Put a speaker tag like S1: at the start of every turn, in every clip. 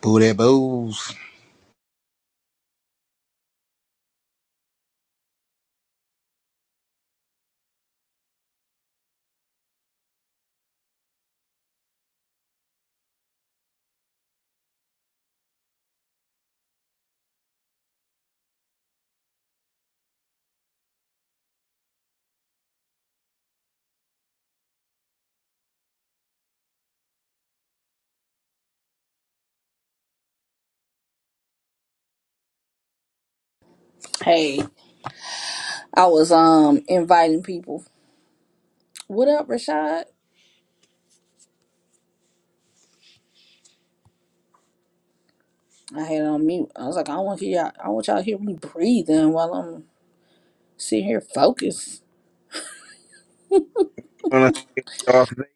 S1: Booty booze.
S2: Hey, I was um inviting people. What up, Rashad? I had it on mute. I was like, I want y'all. I want y'all to hear me breathing while I'm sitting here focused.
S1: Wanna see Darth Vader?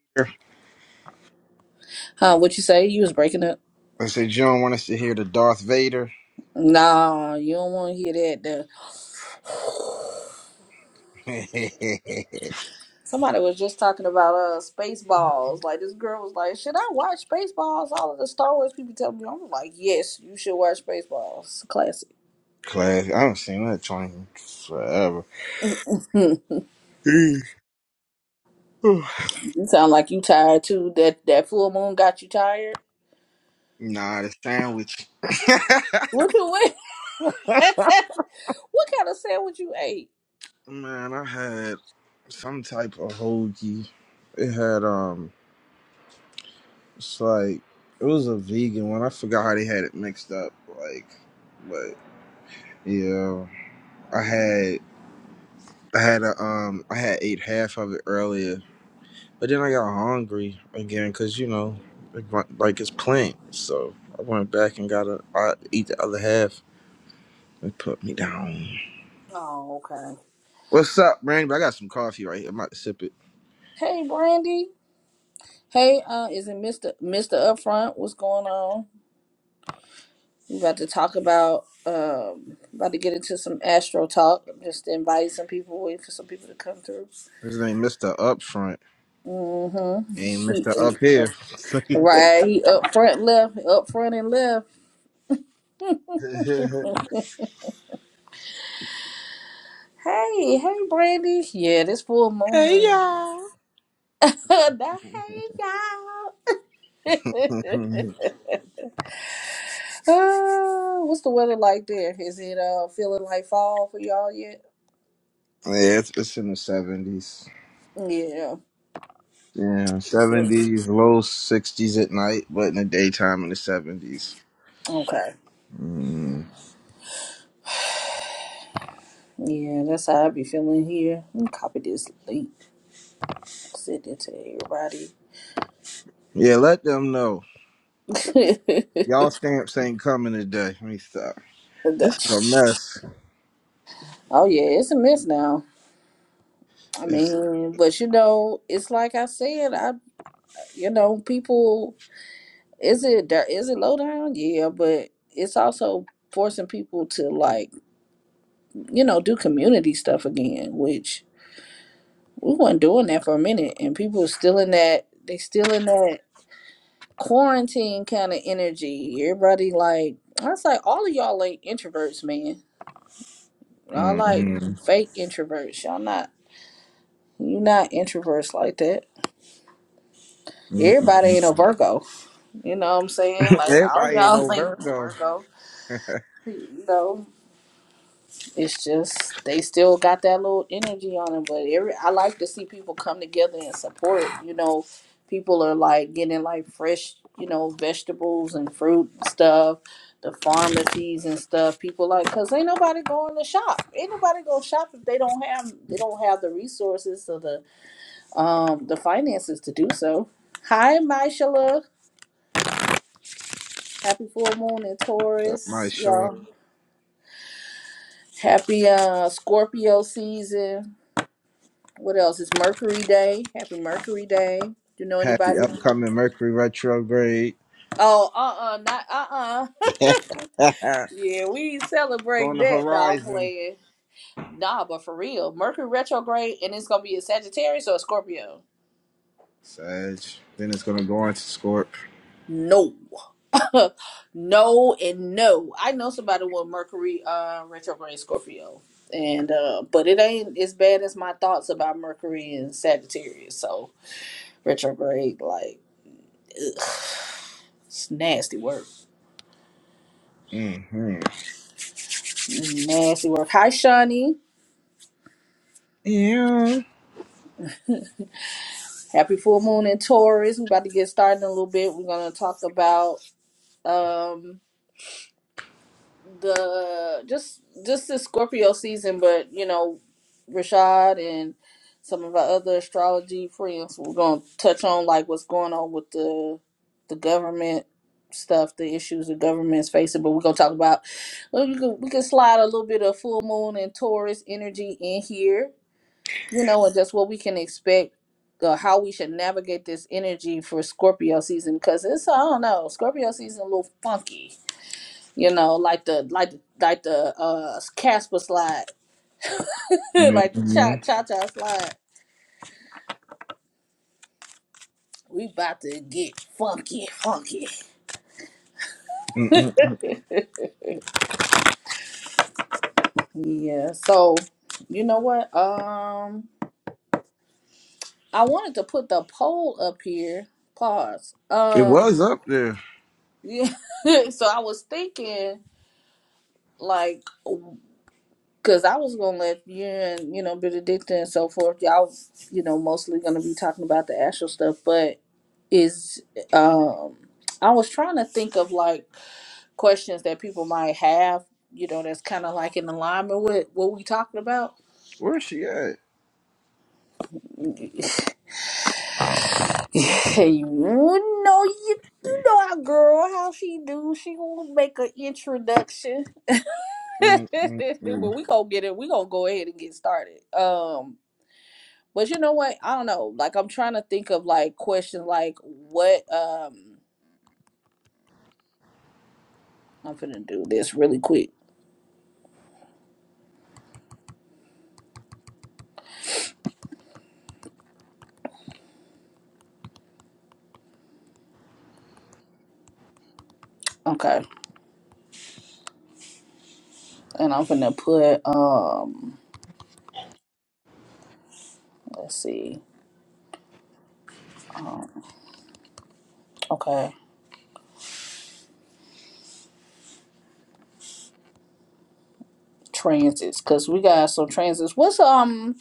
S2: Huh? What you say? You was breaking up.
S1: They say you don't want us to hear the Darth Vader.
S2: Nah, you don't want to hear that. Though.
S1: Class.
S2: Somebody was just talking about uh Spaceballs. Like this girl was like, should I watch Spaceballs? All of the Star Wars people tell me. I'm like, yes, you should watch Spaceballs. It's a classic.
S1: I haven't seen that train forever.
S2: Hmm.
S1: Mm. Whew.
S2: You sound like you tired too. That that full moon got you tired.
S1: Nah, the sandwich.
S2: What you what kind of sandwich you ate?
S1: Man, I had some type of hoagie. It had um, it's like it was a vegan one. I forgot how they had it mixed up. Like, but yeah, I had I had a um, I had ate half of it earlier. But then I got hungry again because you know, like my- like it's plant. So I went back and got a I eat the other half and put me down.
S2: Oh, okay.
S1: What's up, Randy? I got some coffee right here. I'm about to sip it.
S2: Hey, Brandy. Hey, uh, is it Mister Mister Upfront? What's going on? We about to talk about um, about to get into some astro talk. I'm just inviting some people, waiting for some people to come through.
S1: This ain't Mister Up Front.
S2: Mm-hmm.
S1: Ain't Mister Up
S2: He uh,
S1: Here.
S2: right. He up front left, up front and left.
S1: hey
S2: Hey, hey, Brandy. Yeah, this full moon.
S1: y'all.
S2: nah, hey,
S1: yeah,
S2: y'all. Uh, what's the weather like there? Is it uh feeling like fall for y'all yet?
S1: it's, it's in the seventies.
S2: Yeah.
S1: Yeah, seventies, low sixties at night, but in the daytime in the seventies.
S2: Okay.
S1: Mm.
S2: Yeah, that's how I be feeling here. Let me Copy this link. Send it to everybody.
S1: Yeah, let them know. Y'all stamps ain't coming today. Let me stop. This is a mess.
S2: oh yeah, it's a mess now. I
S1: It's
S2: mean, but you know, it's like I said, I you know, people is it there is it low down? Yeah, but it's also forcing people to like, you know, do community stuff again, which we weren't doing that for a minute and people was still in that they still in that quarantine kind of energy everybody like i was like all of y'all ain't introverts man y'all like
S1: mm-mm,
S2: fake introverts y'all not you not introverts like that everybody
S1: mm-mm.
S2: ain't a virgo you know what i'm saying like all
S1: everybody ain't no
S2: y'all ain't a
S1: Virgo.
S2: virgo you know It's just they still got that little energy on them, but every I like to see people come together and support. You know, people are like getting like fresh, you know, vegetables and fruit and stuff, the pharmacies and stuff. People like, cause ain't nobody going to shop. Ain't nobody go shop if they don't have they don't have the resources or the um the finances to do so. Hi, Myshala. Happy full moon in
S1: so my
S2: Taurus,
S1: show up.
S2: y'all. Happy uh Scorpio season What else? It's Mercury Day. Happy Mercury Day. Do you know
S1: happy
S2: anybody?
S1: upcoming Mercury retrograde.
S2: Oh, uh uh not uh uh.
S1: it's on
S2: yeah, we ain't celebrating
S1: the
S2: that. Nah, I'm
S1: horizon.
S2: playing. Nah, but for real, Mercury retrograde and it's gonna be a Sagittarius or a Scorpio.
S1: Sag. Then it's gonna go into Scorp.
S2: No, no, and no. I know somebody with Mercury uh retrograde Scorpio, and uh, but it ain't as bad as my thoughts about Mercury and Sagittarius. So retrograde, like, ugh, it's nasty work.
S1: Mm-hmm.
S2: Nasty work. Hi, Shawnee.
S1: Yeah.
S2: Happy full moon in Taurus. We're about to get started in a little bit. We're gonna talk about um the just just the Scorpio season, but you know, Rashad and some of our other astrology friends. We're gonna touch on like what's going on with the the government stuff, the issues the government's facing. But we're gonna talk about well, we can we can slide a little bit of full moon and Taurus energy in here you know, and just what we can expect, uh, how we should navigate this energy for Scorpio season, because it's I don't know, Scorpio season a little funky, you know, like the like the like the uh Casper slide, like the
S1: Mm-hmm.
S2: cha cha cha slide. We about to get funky, funky.
S1: Mm-mm.
S2: Yeah. So, you know what? Um, I wanted to put the poll up here. Pause.
S1: It
S2: Um.
S1: was up there.
S2: Yeah. so I was thinking, like. Cause I was gonna let you and you know Benedicta and so forth. Y'all, you know, mostly gonna be talking about the actual stuff. But is um, I was trying to think of like questions that people might have. You know, that's kind of like in alignment with what we talking about.
S1: Where's she at?
S2: you know, you you know our girl, how she do. She gonna make an introduction. but
S1: Mm-mm.
S2: we gonna get it. We gonna go ahead and get started. Um, But you know what? I don't know. Like I'm trying to think of like questions like what um I'm finna do this really quick. Okay. And I'm finna put um let's see. Um okay. Transits, cause we got some transits. What's um?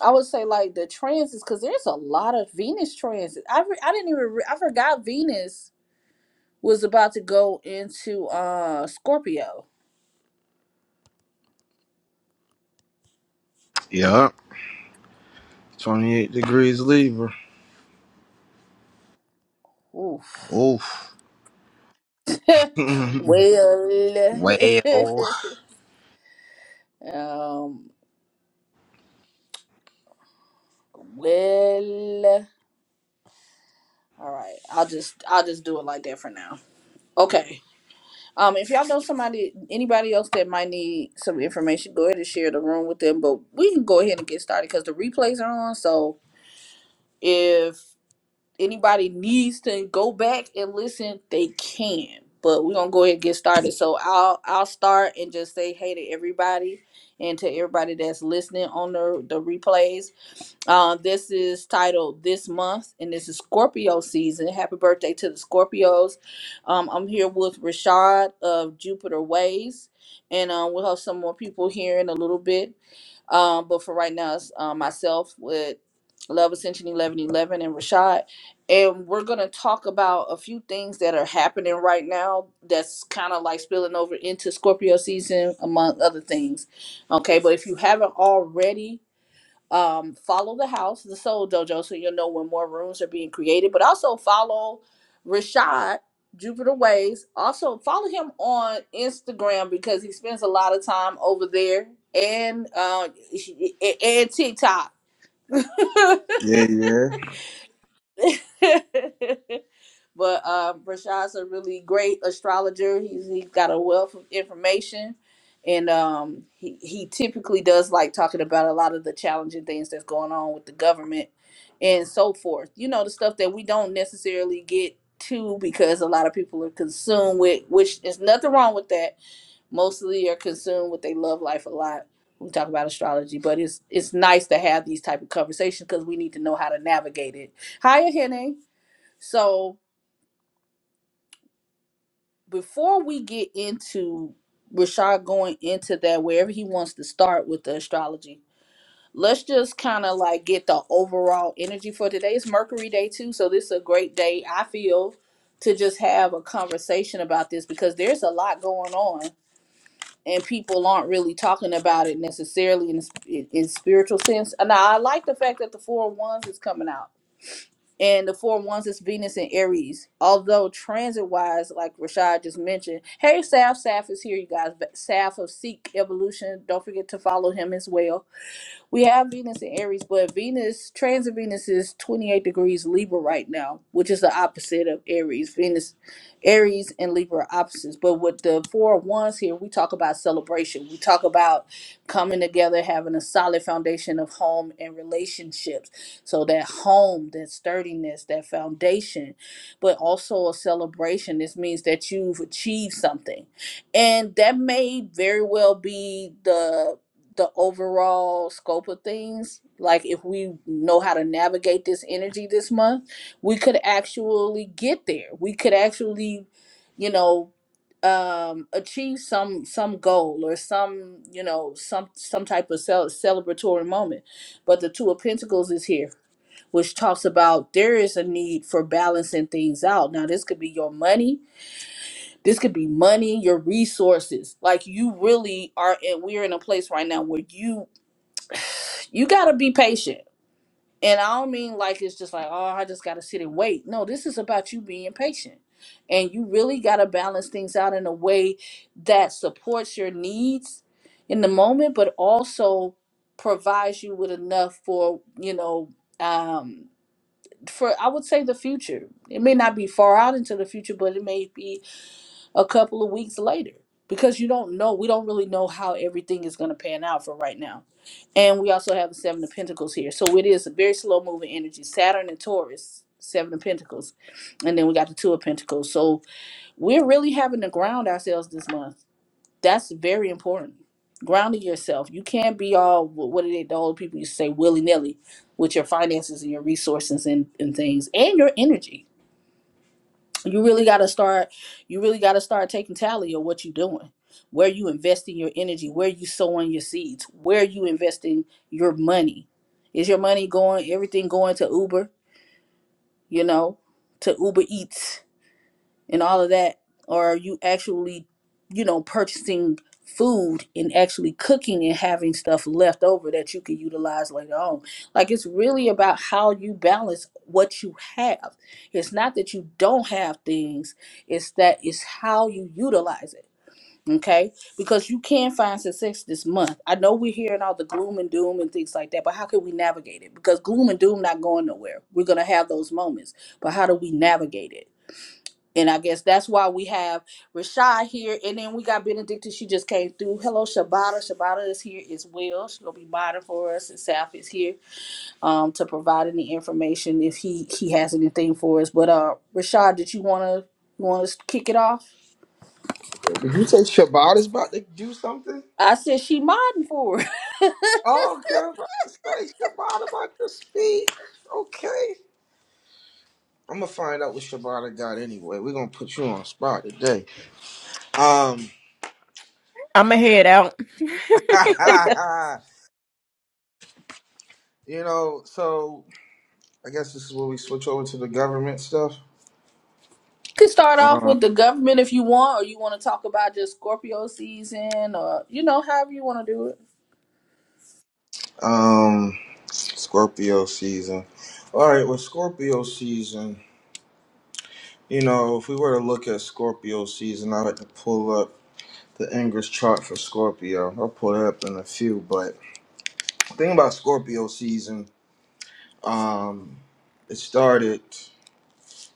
S2: I would say like the transits, cause there's a lot of Venus transits. I re- I didn't even re- I forgot Venus was about to go into uh Scorpio.
S1: Yup. 28 degrees Libra.
S2: Oof.
S1: Oof.
S2: well,
S1: Well,
S2: um, Well, all right. I'll just I'll just do it like that for now. Okay. Um, if y'all know somebody, anybody else that might need some information, go ahead and share the room with them. But we can go ahead and get started because the replays are on. So if anybody needs to go back and listen, they can. But we're gonna go ahead and get started. So I'll I'll start and just say hey to everybody and to everybody that's listening on the the replays. Uh, this is titled This Month, and this is Scorpio season. Happy birthday to the Scorpios. Um, I'm here with Rashad of Jupiter Ways, and um, we'll have some more people here in a little bit. Um, but for right now, it's uh, myself with Love Ascension 1111 and Rashad. And we're going to talk about a few things that are happening right now that's kind of like spilling over into Scorpio season, among other things. Okay, but if you haven't already, um, follow the house, the Soul Dojo, so you'll know when more rooms are being created. But also follow Rashad Jupiter Ways. Also follow him on Instagram because he spends a lot of time over there and uh, and TikTok.
S1: Yeah, yeah.
S2: But uh, Rashad's a really great astrologer. He's he's got a wealth of information, and um, he he typically does like talking about a lot of the challenging things that's going on with the government and so forth. You know, the stuff that we don't necessarily get to because a lot of people are consumed with, which is nothing wrong with that. Mostly are consumed with they love life a lot. We talk about astrology, but it's it's nice to have these type of conversations because we need to know how to navigate it. Hiya, Hene. So before we get into Rashad going into that wherever he wants to start with the astrology, let's just kind of like get the overall energy for today. It's Mercury Day too, so this is a great day I feel to just have a conversation about this because there's a lot going on and people aren't really talking about it necessarily in in, in spiritual sense. And I like the fact that the four of wands is coming out and the four ones is Venus and Aries. Although transit wise, like Rashad just mentioned, hey Saf, Saf is here, you guys. But Saf of Seek Evolution, don't forget to follow him as well we have Venus in Aries, but Venus, transit Venus is 28 degrees Libra right now, which is the opposite of Aries. Venus, Aries, and Libra are opposites. But with the four of wands here, we talk about celebration. We talk about coming together, having a solid foundation of home and relationships. So that home, that sturdiness, that foundation, but also a celebration. This means that you've achieved something. And that may very well be the the overall scope of things, like if we know how to navigate this energy this month, we could actually get there. We could actually, you know, um achieve some some goal or some you know some some type of cel- celebratory moment but the two of pentacles is here which talks about there is a need for balancing things out now this could be your money this could be money your resources like you really are and we're in a place right now where you you gotta be patient. And I don't mean like it's just like, oh, I just gotta sit and wait. No, this is about you being patient. And you really gotta balance things out in a way that supports your needs in the moment, but also provides you with enough for, you know, um for I would say the future. It may not be far out into the future, but it may be a couple of weeks later because you don't know we don't really know how everything is going to pan out for right now and we also have the seven of pentacles here so it is a very slow moving energy saturn and taurus seven of pentacles and then we got the two of pentacles so we're really having to ground ourselves this month that's very important grounding yourself you can't be all wh- what did the old people used to say willy-nilly with your finances and your resources and, and things and your energy you really got to start you really got to start taking tally of what you're doing where you investing your energy where you sowing your seeds where you investing your money is your money going everything going to uber you know to uber eats and all of that or are you actually you know purchasing food and actually cooking and having stuff left over that you can utilize later on like it's really about how you balance what you have it's not that you don't have things it's that it's how you utilize it okay because you can find success this month i know we're hearing all the gloom and doom and things like that but how can we navigate it because gloom and doom not going nowhere we're going to have those moments but how do we navigate it and I guess that's why we have Rashad here. And then we got Benedicta. She just came through. Hello, Shabata. Shabata is here as well. She's gonna be modding for us. And Saf is here um to provide any information if he he has anything for us. But uh Rashad, did you wanna you wanna kick it off?
S1: Did you say Shabbat is about to do something?
S2: I said she modding for us.
S1: Oh, okay. I was about to say Shabbat about to speak. Okay. I'm gonna find out what Shabbat got anyway. We're gonna put you on spot today. Um,
S3: I'ma head out.
S1: you know, so I guess this is where we switch over to the government stuff.
S2: You can start off
S1: Um,
S2: with the government if you want, or you want to talk about just Scorpio season, or you know, however you want to do it.
S1: um, Scorpio season. All right, with Scorpio season, you know, if we were to look at Scorpio season, I like to pull up. the ingress chart for Scorpio. I'll pull it up in a few, but the thing about Scorpio season, um, it started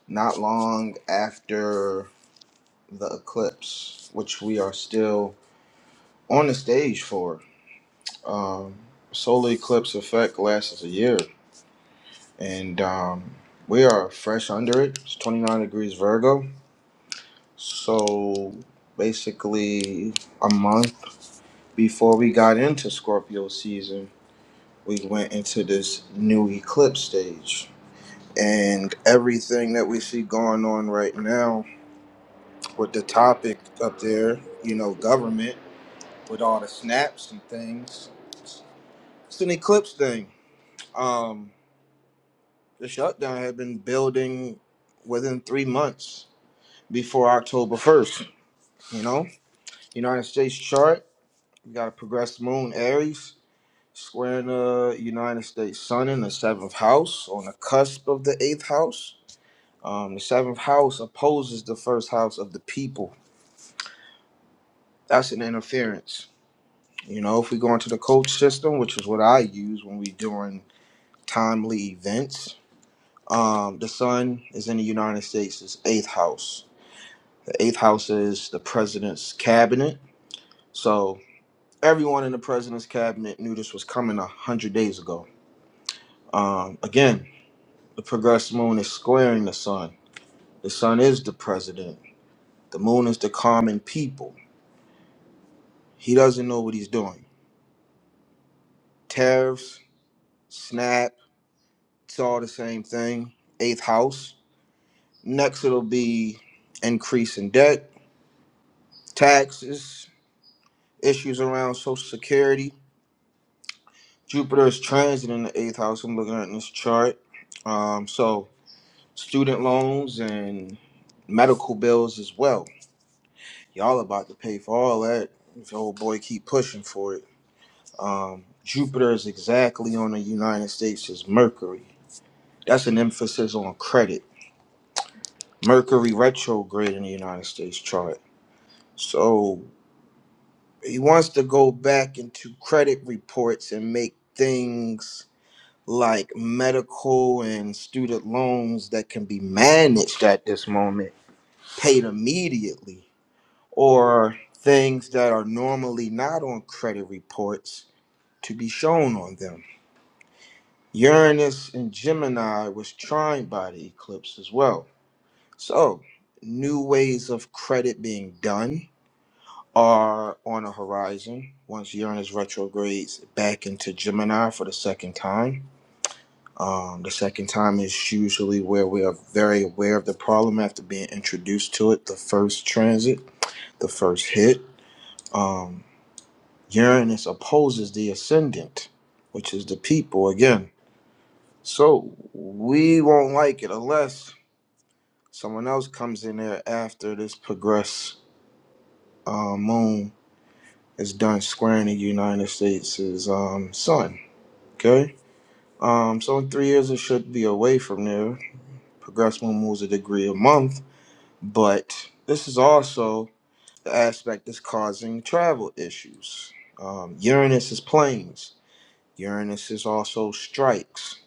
S1: not long after the eclipse, which we are still on the stage for. Um, solar eclipse effect lasts a year, and um, we are fresh under it. It's 29 degrees Virgo, so basically a month before we got into Scorpio season we went into this new eclipse stage. And everything that we see going on right now with the topic up there, you know, government with all the snaps and things, it's an eclipse thing. Um, the shutdown had been building within three months before October 1st, you know? United States chart, you got a progressed moon, Aries, squaring the United States sun in the seventh house, on the cusp of the eighth house Um, the seventh house opposes the first house of the people. That's an interference. You know, if we go into the coach system, which is what I use when we doing timely events, um, the sun is in the United States' is eighth house. The eighth house is the president's cabinet. So everyone in the president's cabinet knew this was coming a hundred days ago. Um, again, the progressed moon is squaring the sun. The sun is the president. The moon is the common people. He doesn't know what he's doing Tariffs, SNAP, it's all the same thing. Eighth house. Next, it'll be increase in debt, taxes, issues around Social Security. Jupiter is transit in the eighth house. I'm looking at this chart. Um, so, student loans and medical bills as well. Y'all about to pay for all that if your old boy keep pushing for it. Um, Jupiter is exactly on the United States as Mercury. That's an emphasis on credit Mercury retrograde in the United States chart. So he wants to go back into credit reports and make things like medical and student loans that can be managed at this moment paid immediately, or things that are normally not on credit reports to be shown on them. Uranus and Gemini was trined by the eclipse as well. So, new ways of credit being done are on the horizon once Uranus retrogrades back into Gemini for the second time. Um, the second time is usually where we are very aware of the problem after being introduced to it, the first transit, the first hit. Um, Uranus opposes the ascendant, which is the people again. So we won't like it unless someone else comes in there after this progress uh, moon is done squaring the United States' um, sun. Okay. Um, so in three years, it should be away from there. Progressmo moves a degree a month, but this is also the aspect that's causing travel issues. Um, Uranus is planes. Uranus is also strikes.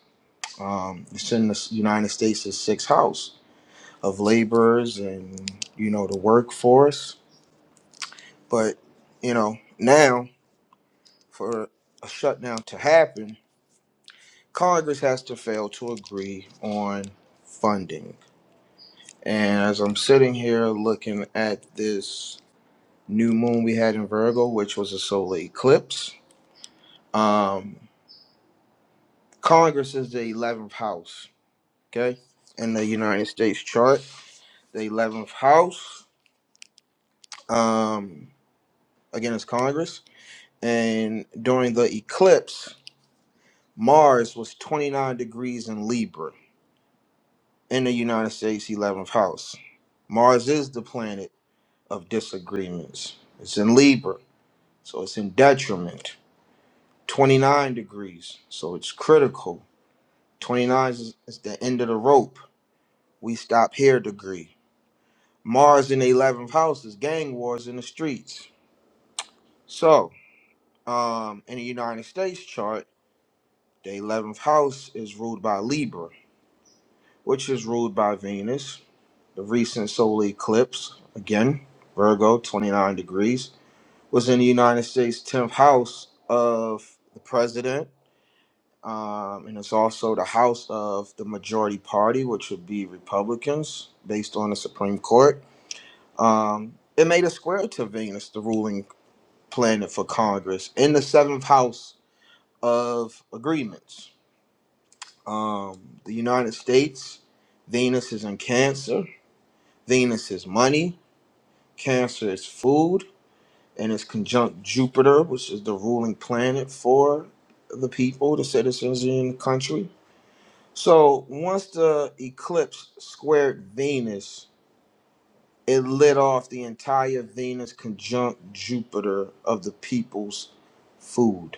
S1: Um, it's in the United States' sixth house of laborers and you know the workforce. But you know now for a shutdown to happen, Congress has to fail to agree on funding And as I'm sitting here looking at this new moon we had in Virgo, which was a solar eclipse, um, Congress is the 11th house, okay? In the United States chart, the 11th house, um, again, it's Congress. And during the eclipse, Mars was 29 degrees in Libra in the United States 11th house. Mars is the planet of disagreements, it's in Libra, so it's in detriment. 29 degrees. So it's critical. 29 is, is the end of the rope. We stop here degree. Mars in the 11th house is gang wars in the streets. So, um, in the United States chart, the 11th house is ruled by Libra, which is ruled by Venus. The recent solar eclipse, again, Virgo, 29 degrees, was in the United States 10th house of the president um, and it's also the house of the majority party, which would be Republicans, based on the Supreme Court. Um, it made a square to Venus, the ruling planet for Congress, in the seventh house of agreements. Um, the United States, Venus is in Cancer, Venus is money, Cancer is food, and it's conjunct Jupiter, which is the ruling planet for the people, the citizens in the country So once the eclipse squared Venus, it lit off the entire Venus conjunct Jupiter of the people's food.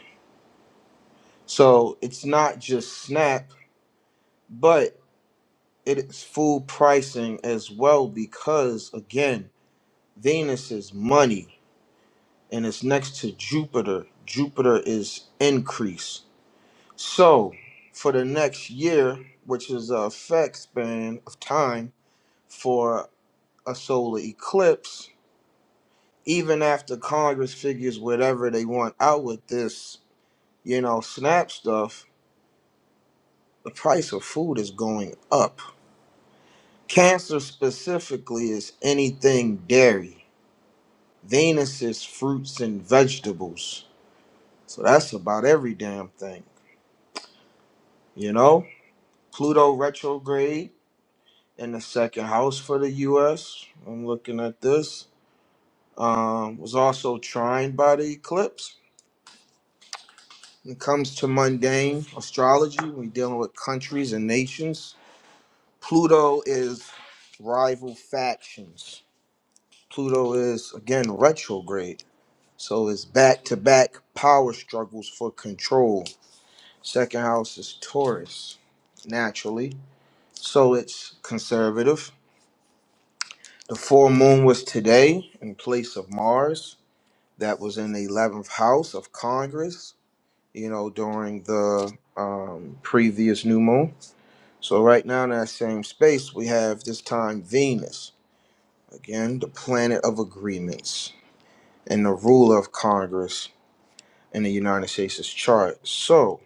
S1: So it's not just SNAP, but it is food pricing as well because again, Venus is money and it's next to Jupiter. Jupiter is increase. So for the next year, which is a effect span of time, for. a solar eclipse, even after Congress figures whatever they want out with this, you know, SNAP stuff, the price of food is going up. Cancer specifically is anything dairy. Venus is fruits and vegetables. So that's about every damn thing, you know? Pluto retrograde in the second house for the US. I'm looking at this. Um, was also trined by the eclipse. When it comes to mundane astrology, we're dealing with countries and nations. Pluto is rival factions. Pluto is, again, retrograde. So it's back to back power struggles for control. Second house is Taurus, naturally. So it's conservative. The full moon was today in place of Mars. That was in the 11th house of Congress, you know, during the um, previous new moon. So right now in that same space, we have this time Venus, again, the planet of agreements and the ruler of Congress in the United States' chart. So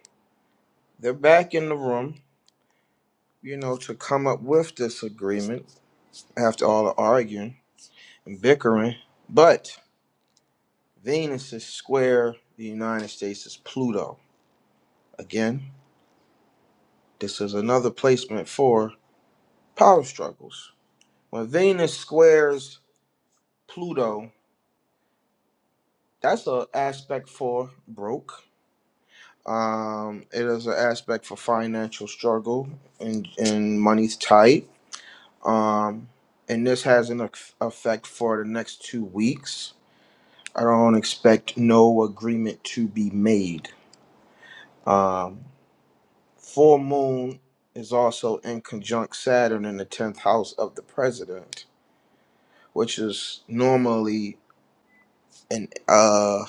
S1: they're back in the room, you know, to come up with this agreement after all the arguing and bickering. But Venus is square the United States' is Pluto. Again, this is another placement for power struggles. When Venus squares Pluto, that's an aspect for broke. Um, it is an aspect for financial struggle and and money's tight. Um, and this has an eff- effect for the next two weeks. I don't expect no agreement to be made. Um, full moon is also in conjunct Saturn in the tenth house of the president, which is normally an uh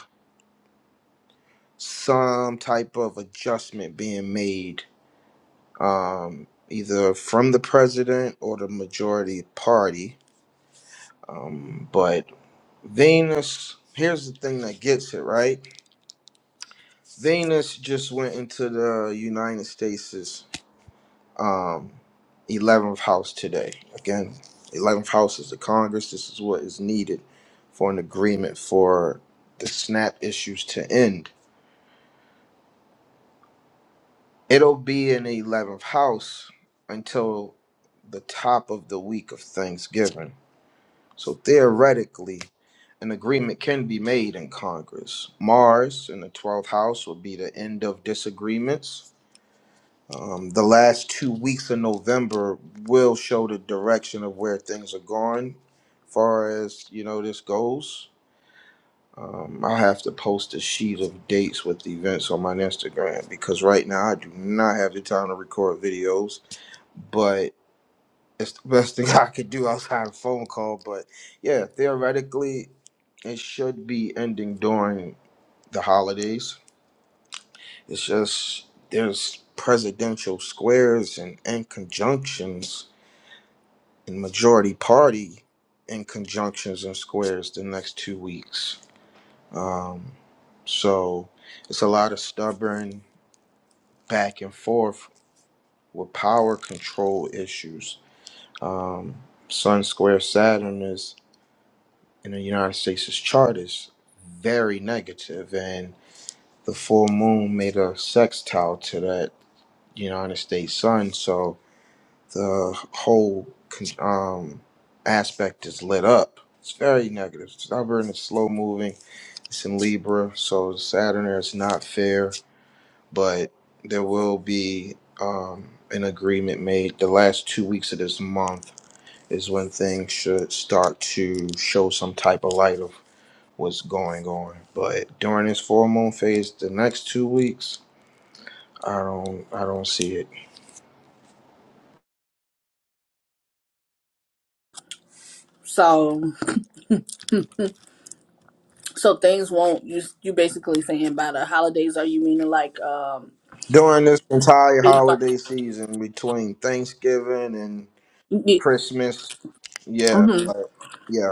S1: some type of adjustment being made um, either from the president or the majority party. Um, but Venus, here's the thing that gets it right. Venus just went into the United States' um, 11th house today. Again, 11th house is the Congress. This is what is needed for an agreement for the SNAP issues to end. It'll be in the 11th house until the top of the week of Thanksgiving So theoretically, an agreement can be made in Congress. Mars in the 12th house will be the end of disagreements. Um, the last two weeks of November will show the direction of where things are going, far as you know this goes. Um, I'll have to post a sheet of dates with events on my Instagram because right now I do not have the time to record videos. But it's the best thing I could do outside a phone call, but yeah, theoretically, it should be ending during the holidays. It's just there's presidential squares and, and conjunctions and majority party in conjunctions and squares the next two weeks. Um, so it's a lot of stubborn back and forth with power control issues. Um, Sun Square Saturn is in the United States' chart is very negative, and the full moon made a sextile to that United States sun, so the whole con- um, aspect is lit up. It's very negative. Stubborn, it's slow moving. It's in Libra, so Saturn is not fair, but there will be um, an agreement made. The last two weeks of this month is when things should start to show some type of light of what's going on. But during this full moon phase, the next two weeks, I don't I don't see it.
S2: So So things won't you you basically saying by the holidays are you meaning like um
S1: During this entire
S2: big
S1: holiday season between Thanksgiving and
S2: mm-hmm,
S1: Christmas, yeah, but yeah,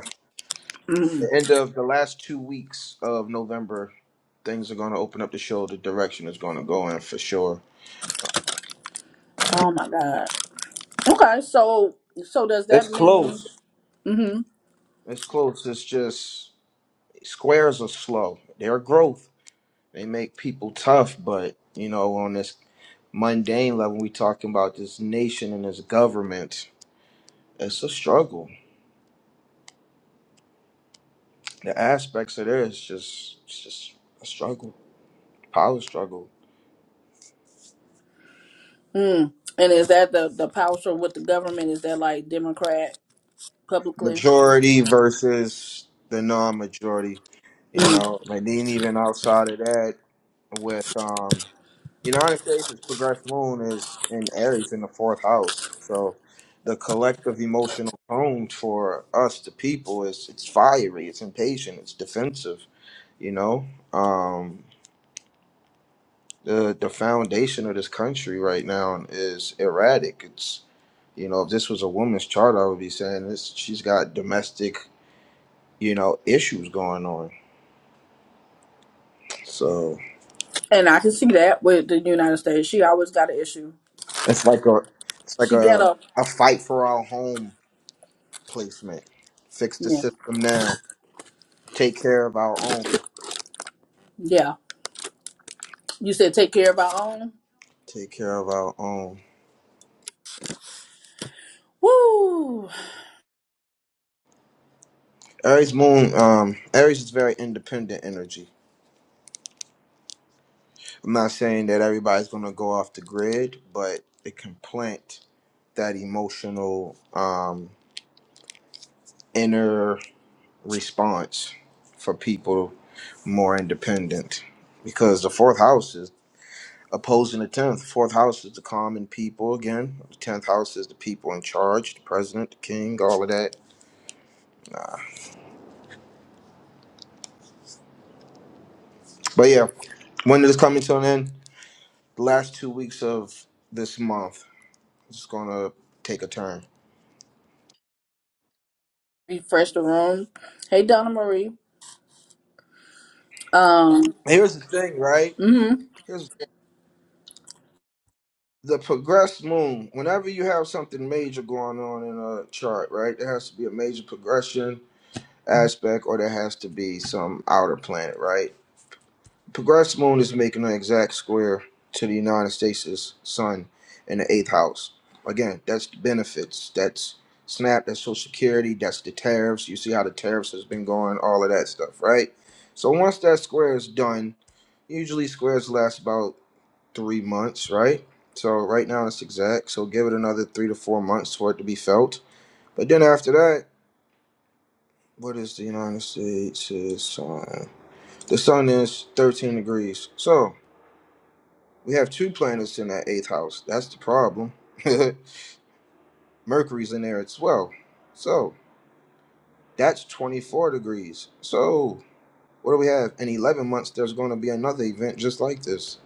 S2: hmm
S1: the end of the last two weeks of November, things are going to open up to show the direction it's going to go in for sure. Uh,
S2: oh
S1: it-
S2: my god okay so so does
S1: It's
S2: that mean
S1: close.
S2: mm-hmm,
S1: It's close. It's just squares are slow. Their growth they make people tough, but you know on this mundane level, we talking about this nation and this government. It's a struggle. The aspects of this just it's just a struggle, power struggle.
S2: mm. and is that the the power struggle with the government is that like Democrat publicly
S1: Majority versus the non-majority. You
S2: mm.
S1: know, like then even outside of that, with um, United States' its progressive moon is in Aries in the fourth house. So the collective emotional tone for us, the people, is it's fiery, it's impatient, it's defensive. You know, um, the the foundation of this country right now is erratic. It's you know, if this was a woman's chart, I would be saying this. She's got domestic, you know, issues going on. So
S2: and I can see that with the United States she always got an issue
S1: it's like a it's like
S2: she get
S1: a
S2: up
S1: a fight for our home placement. Fix the
S2: yeah
S1: system now. Take care of our own.
S2: yeah you said take care of our own
S1: Take care of our own.
S2: woo
S1: Aries moon, um, Aries is very independent energy. I'm not saying that everybody's gonna go off the grid, but it can plant that emotional um, inner response for people more independent because the fourth house is opposing the tenth. Fourth house is the common people again. The tenth house is the people in charge, the president, the king, all of that. But yeah, when it is coming to an end. The last two weeks of this month is gonna take a turn.
S2: refresh the room hey Donna Marie um
S1: Here's the thing, right?
S2: mhm.
S1: Here's the progressed moon whenever you have something major going on in a chart right there has to be a major progression aspect or there has to be some outer planet right Progress moon is making an exact square to the United States' sun in the eighth house. Again, that's the benefits. That's SNAP, that's Social Security, that's the tariffs. You see how the tariffs has been going, all of that stuff, right? So once that square is done, usually squares last about three months, right? So right now it's exact. So give it another three to four months for it to be felt. But then after that, what is the United States' sun? The sun is 13 degrees. So We have two planets in that eighth house. That's the problem. Mercury's in there as well. So that's 24 degrees. So what do we have? In 11 months, there's going to be another event just like this.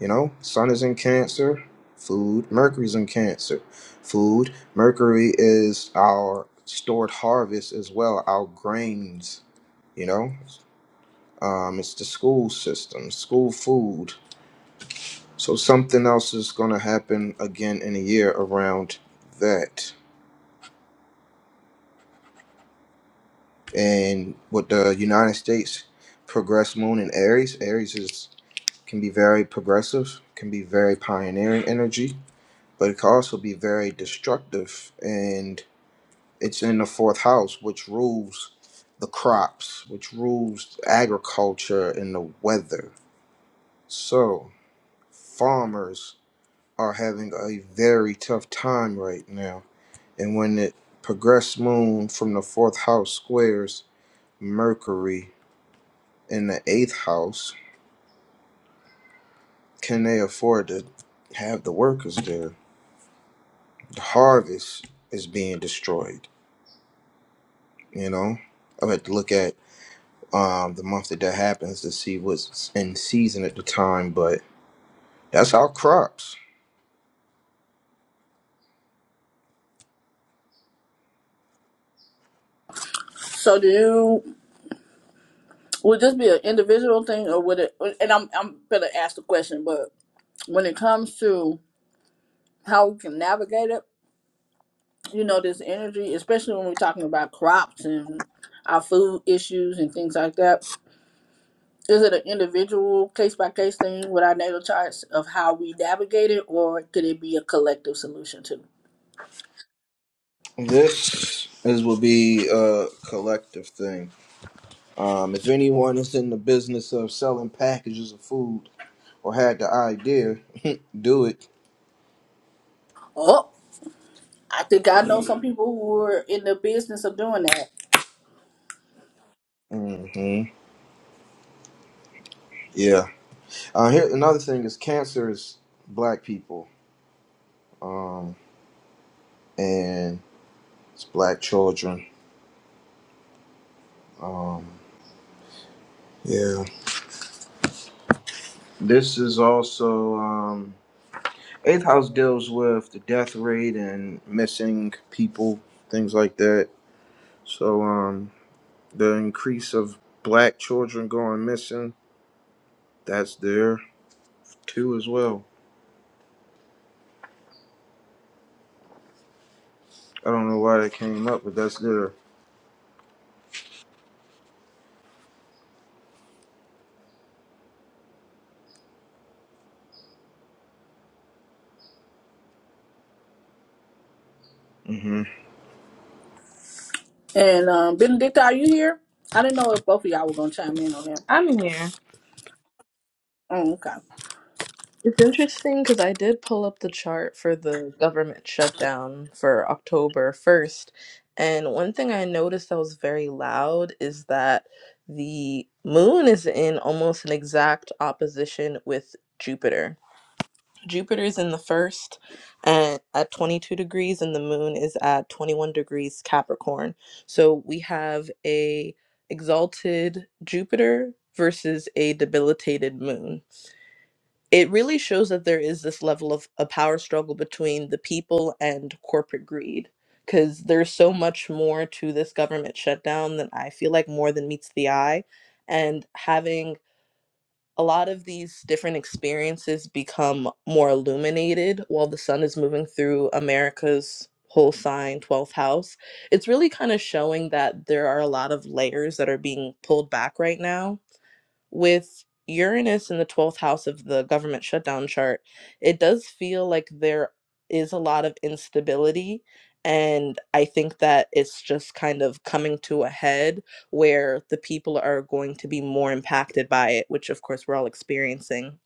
S1: You know, Sun is in Cancer, food. Mercury's in Cancer, food. Mercury is our stored harvest as well, our grains. You know, um, it's the school system, school food. So something else is going to happen again in a year around that. And with the United States progress moon in Aries, Aries is can be very progressive, can be very pioneering energy, but it can also be very destructive. And it's in the fourth house, which rules the crops, which rules agriculture and the weather. So farmers are having a very tough time right now and when it progressed moon from the fourth house squares Mercury in the eighth house, can they afford to have the workers there? The harvest is being destroyed, you know? I had to look at um, the month that that happens to see what's in season at the time, but that's our crops.
S2: So do you would this be an individual thing or would it and I'm I'm gonna ask the question, but when it comes to how we can navigate it, you know, this energy, especially when we're talking about crops and our food issues and things like that, is it an individual case by case thing with our natal charts of how we navigate it or could it be a collective solution too?
S1: This is will be a collective thing. Um, if anyone is in the business of selling packages of food or had the idea, do it.
S2: Oh, I think I know some people who are in the business of doing that.
S1: hmm Yeah. Uh, here, another thing is cancer is black people, um, and it's black children. Um, yeah. This is also um, eighth house deals with the death rate and missing people, things like that. So um, the increase of black children going missing, that's there too as well. I don't know why that came up, but that's good. hmm
S2: And um Benedicta, are you here? I didn't know if both of y'all were gonna chime in on that.
S4: I'm here.
S2: Oh, Okay.
S4: It's interesting because I did pull up the chart for the government shutdown for October 1st. And one thing I noticed that was very loud is that the moon is in almost an exact opposition with Jupiter. Jupiter is in the first and at 22 degrees, and the moon is at 21 degrees Capricorn. So we have a exalted Jupiter versus a debilitated moon it really shows that there is this level of a power struggle between the people and corporate greed because there's so much more to this government shutdown than I feel like more than meets the eye. And having a lot of these different experiences become more illuminated while the sun is moving through America's whole sign, 12th house, it's really kind of showing that there are a lot of layers that are being pulled back right now with Uranus in the 12th house of the government shutdown chart, it does feel like there is a lot of instability. And I think that it's just kind of coming to a head where the people are going to be more impacted by it, which of course we're all experiencing.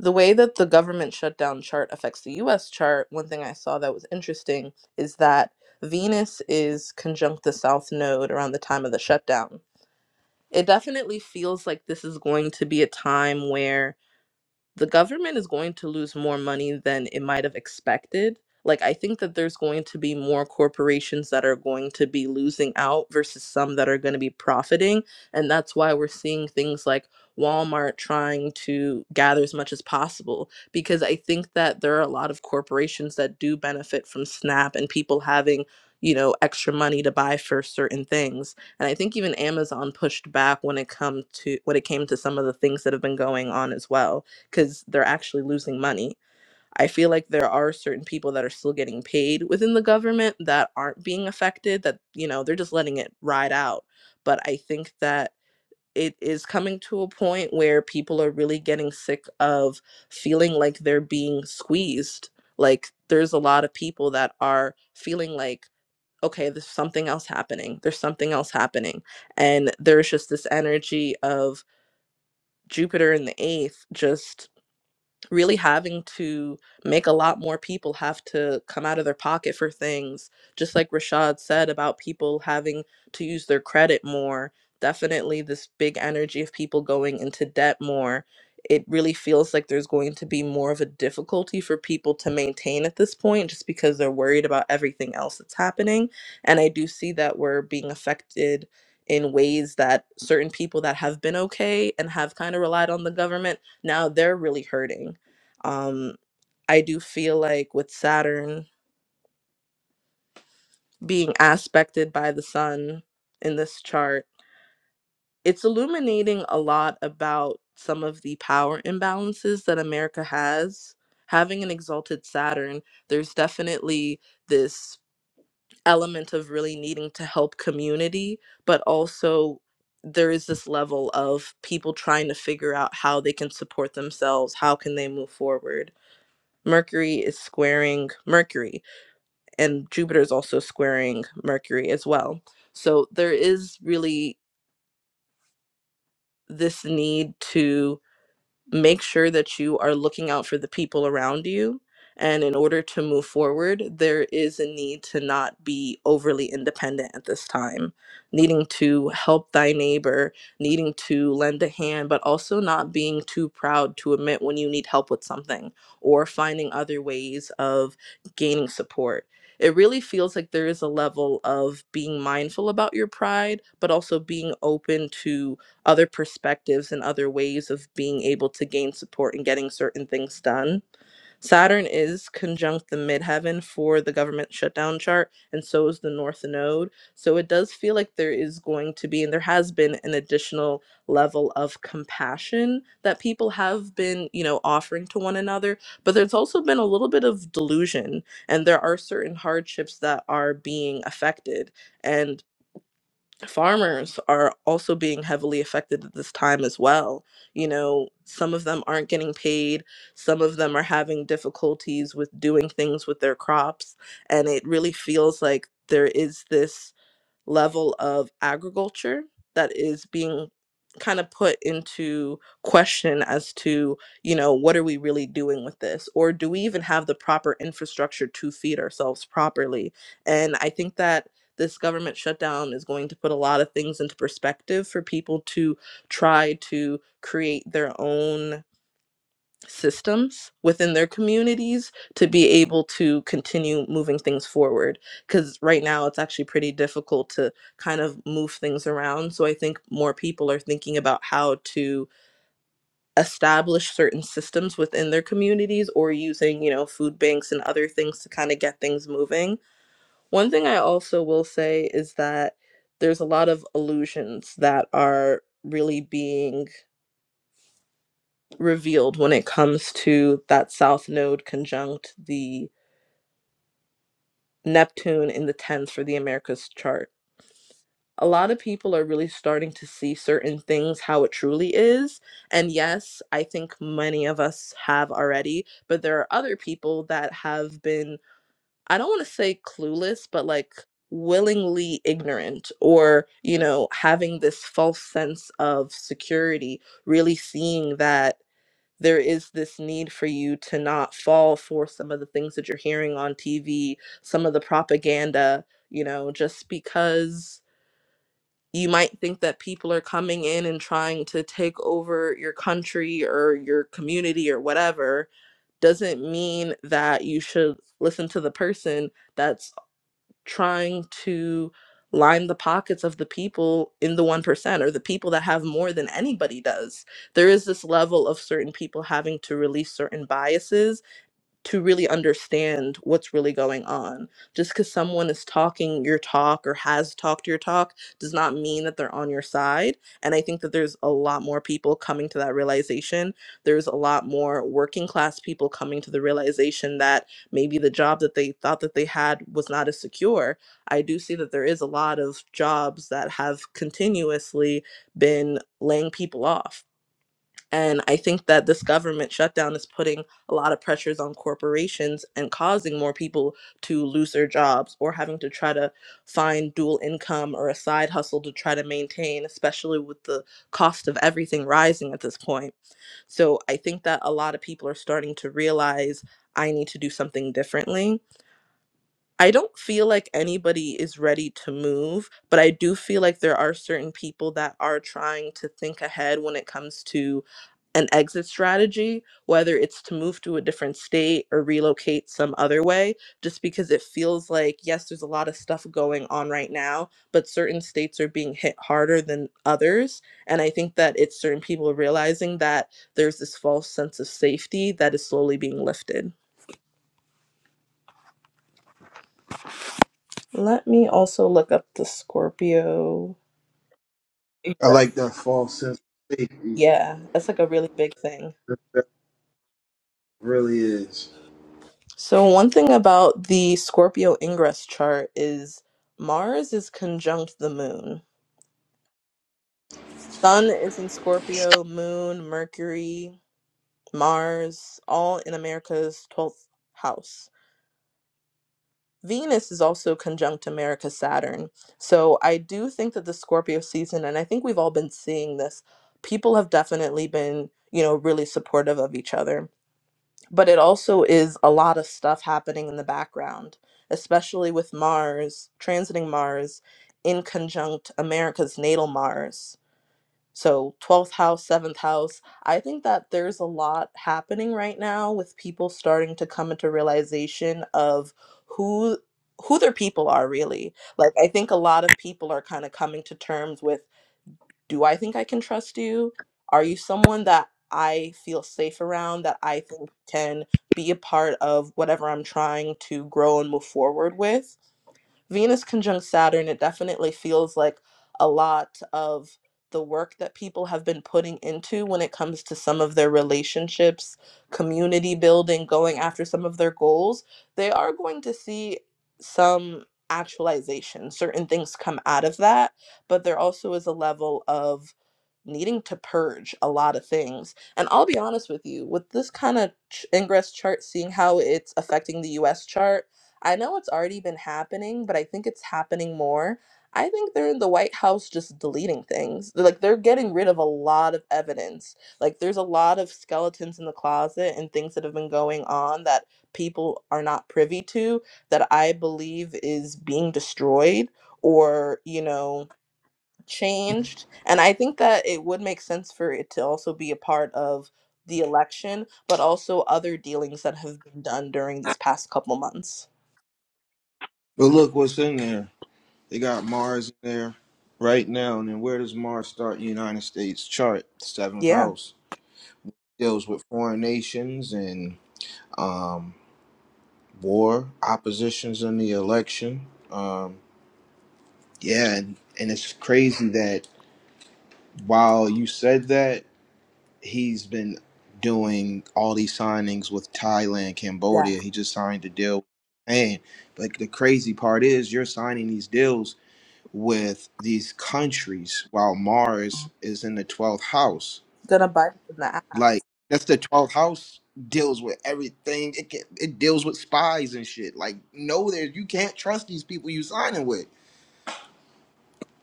S4: The way that the government shutdown chart affects the US chart, one thing I saw that was interesting is that Venus is conjunct the South Node around the time of the shutdown. It definitely feels like this is going to be a time where the government is going to lose more money than it might have expected. Like, I think that there's going to be more corporations that are going to be losing out versus some that are going to be profiting. And that's why we're seeing things like Walmart trying to gather as much as possible, because I think that there are a lot of corporations that do benefit from SNAP and people having, you know, extra money to buy for certain things. And I think even Amazon pushed back when it come to when it came to some of the things that have been going on as well because they're actually losing money. I feel like there are certain people that are still getting paid within the government that aren't being affected, that, you know, they're just letting it ride out. But I think that it is coming to a point where people are really getting sick of feeling like they're being squeezed. Like, there's a lot of people that are feeling like, okay, there's something else happening. There's something else happening. And there's just this energy of, Jupiter in the eighth just really having to make a lot more people have to come out of their pocket for things just like rashad said about people having to use their credit more definitely this big energy of people going into debt more it really feels like there's going to be more of a difficulty for people to maintain at this point just because they're worried about everything else that's happening and i do see that we're being affected in ways that certain people that have been okay and have kind of relied on the government now they're really hurting um, I do feel like with Saturn being aspected by the sun in this chart, it's illuminating a lot about some of the power imbalances that America has. Having an exalted Saturn, there's definitely this element of really needing to help community, but also there is this level of people trying to figure out how they can support themselves, how can they move forward. Mercury is squaring Mercury, and Jupiter is also squaring Mercury as well. So there is really this need to make sure that you are looking out for the people around you. And in order to move forward, there is a need to not be overly independent at this time, needing to help thy neighbor, needing to lend a hand, but also not being too proud to admit when you need help with something or finding other ways of gaining support. It really feels like there is a level of being mindful about your pride, but also being open to other perspectives and other ways of being able to gain support and getting certain things done. Saturn is conjunct the midheaven for the government shutdown chart, and so is the North Node. So it does feel like there is going to be, and there has been, an additional level of compassion that people have been, you know, offering to one another. But there's also been a little bit of delusion, and there are certain hardships that are being affected. and farmers are also being heavily affected at this time as well. You know, some of them aren't getting paid, some of them are having difficulties with doing things with their crops, and it really feels like there is this level of agriculture that is being kind of put into question as to you know what are we really doing with this or do we even have the proper infrastructure to feed ourselves properly and i think that this government shutdown is going to put a lot of things into perspective for people to try to create their own systems within their communities to be able to continue moving things forward because right now it's actually pretty difficult to kind of move things around so i think more people are thinking about how to establish certain systems within their communities or using you know food banks and other things to kind of get things moving one thing i also will say is that there's a lot of illusions that are really being revealed when it comes to that South Node conjunct the Neptune in the 10th for the Americas chart. A lot of people are really starting to see certain things how it truly is. And yes, I think many of us have already, but there are other people that have been, I don't want to say clueless, but like willingly ignorant or, you know, having this false sense of security, really seeing that there is this need for you to not fall for some of the things that you're hearing on TV, some of the propaganda, you know, just because you might think that people are coming in and trying to take over your country or your community or whatever, doesn't mean that you should listen to the person that's trying to line the pockets of the people in the 1% or the people that have more than anybody does. There is this level of certain people having to release certain biases to really understand what's really going on. Just because someone is talking your talk or has talked your talk does not mean that they're on your side. And I think that there's a lot more people coming to that realization. There's a lot more working class people coming to the realization that maybe the job that they thought that they had was not as secure. I do see that there is a lot of jobs that have continuously been laying people off and I think that this government shutdown is putting a lot of pressures on corporations and causing more people to lose their jobs or having to try to find dual income or a side hustle to try to maintain, especially with the cost of everything rising at this point. So I think that a lot of people are starting to realize I need to do something differently. I don't feel like anybody is ready to move, but I do feel like there are certain people that are trying to think ahead when it comes to an exit strategy, whether it's to move to a different state or relocate some other way, just because it feels like, yes, there's a lot of stuff going on right now, but certain states are being hit harder than others. And I think that it's certain people realizing that there's this false sense of safety that is slowly being lifted. Let me also look up the Scorpio.
S1: I like
S4: Ingress.
S1: that false sense of safety.
S4: Yeah, that's like a really big thing.
S1: That that really is.
S4: So, one thing about the Scorpio ingress chart is Mars is conjunct the moon. Sun is in Scorpio, moon, Mercury, Mars, all in America's 12th house. Venus is also conjunct America Saturn. So I do think that the Scorpio season, and I think we've all been seeing this, people have definitely been, you know, really supportive of each other. But it also is a lot of stuff happening in the background, especially with Mars, transiting Mars in conjunct America's natal Mars. So, 12th house, 7th house. I think that there's a lot happening right now with people starting to come into realization of who who their people are really. Like I think a lot of people are kind of coming to terms with do I think I can trust you? Are you someone that I feel safe around that I think can be a part of whatever I'm trying to grow and move forward with? Venus conjunct Saturn, it definitely feels like a lot of the work that people have been putting into when it comes to some of their relationships, community building, going after some of their goals, they are going to see some actualization. Certain things come out of that, but there also is a level of needing to purge a lot of things. And I'll be honest with you, with this kind of ch- ingress chart, seeing how it's affecting the US chart I know it's already been happening, but I think it's happening more. I think they're in the White House just deleting things. They're, Like they're getting rid of a lot of evidence. Like there's a lot of skeletons in the closet and things that have been going on that people are not privy to that I believe is being destroyed or, you know, changed. And I think that it would make sense for it to also be a part of the election, but also other dealings that have been done during these past couple months.
S1: But look what's in there. They got Mars in there right now. And then where does Mars start? in the United States chart, seventh
S4: Yeah.
S1: house. Deals with foreign nations and um, war, oppositions in the election. Um, yeah, and, and it's crazy that while you said that, he's been doing all these signings with Thailand,
S4: Yeah,
S1: Cambodia. He just signed a deal with Japan. Like the crazy part is you're signing these deals with these countries while Mars is in the 12th house.
S4: he's gonna buy in the app.
S1: Like that's the 12th house deals with everything. It can, it deals with spies and shit. Like no there you can't trust these people you signing with.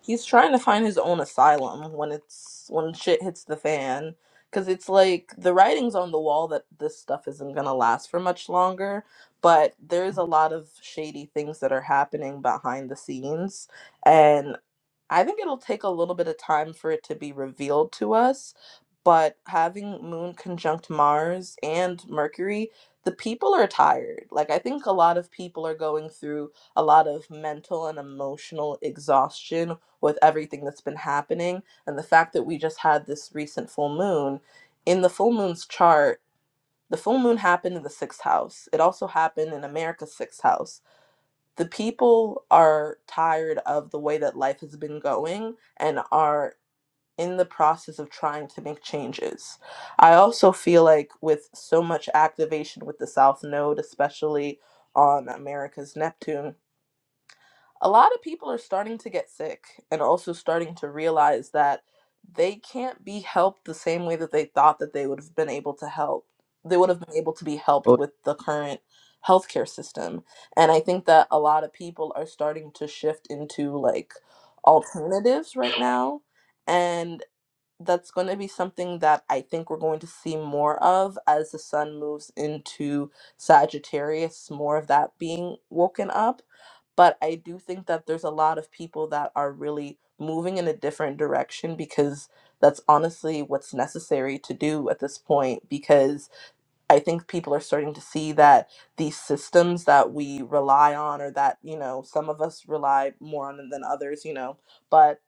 S4: He's trying to find his own asylum when it's when shit hits the fan. Cause it's like the writing's on the wall that this stuff isn't gonna last for much longer. But there's a lot of shady things that are happening behind the scenes, and. I think it'll take a little bit of time for it to be revealed to us, but having Moon conjunct Mars and Mercury, the people are tired. Like, I think a lot of people are going through a lot of mental and emotional exhaustion with everything that's been happening. And the fact that we just had this recent full moon in the full moon's chart, the full moon happened in the sixth house. It also happened in America's sixth house the people are tired of the way that life has been going and are in the process of trying to make changes. I also feel like with so much activation with the South Node, especially on America's Neptune, a lot of people are starting to get sick and also starting to realize that they can't be helped the same way that they thought that they would have been able to help they would have been able to be helped
S1: Oh,
S4: with the current healthcare system and i think that a lot of people are starting to shift into like alternatives right now and that's going to be something that i think we're going to see more of as the sun moves into sagittarius more of that being woken up but I do think that there's a lot of people that are really moving in a different direction because that's honestly what's necessary to do at this point. Because I think people are starting to see that these systems that we rely on, or that, you know, some of us rely more on than others, you know, but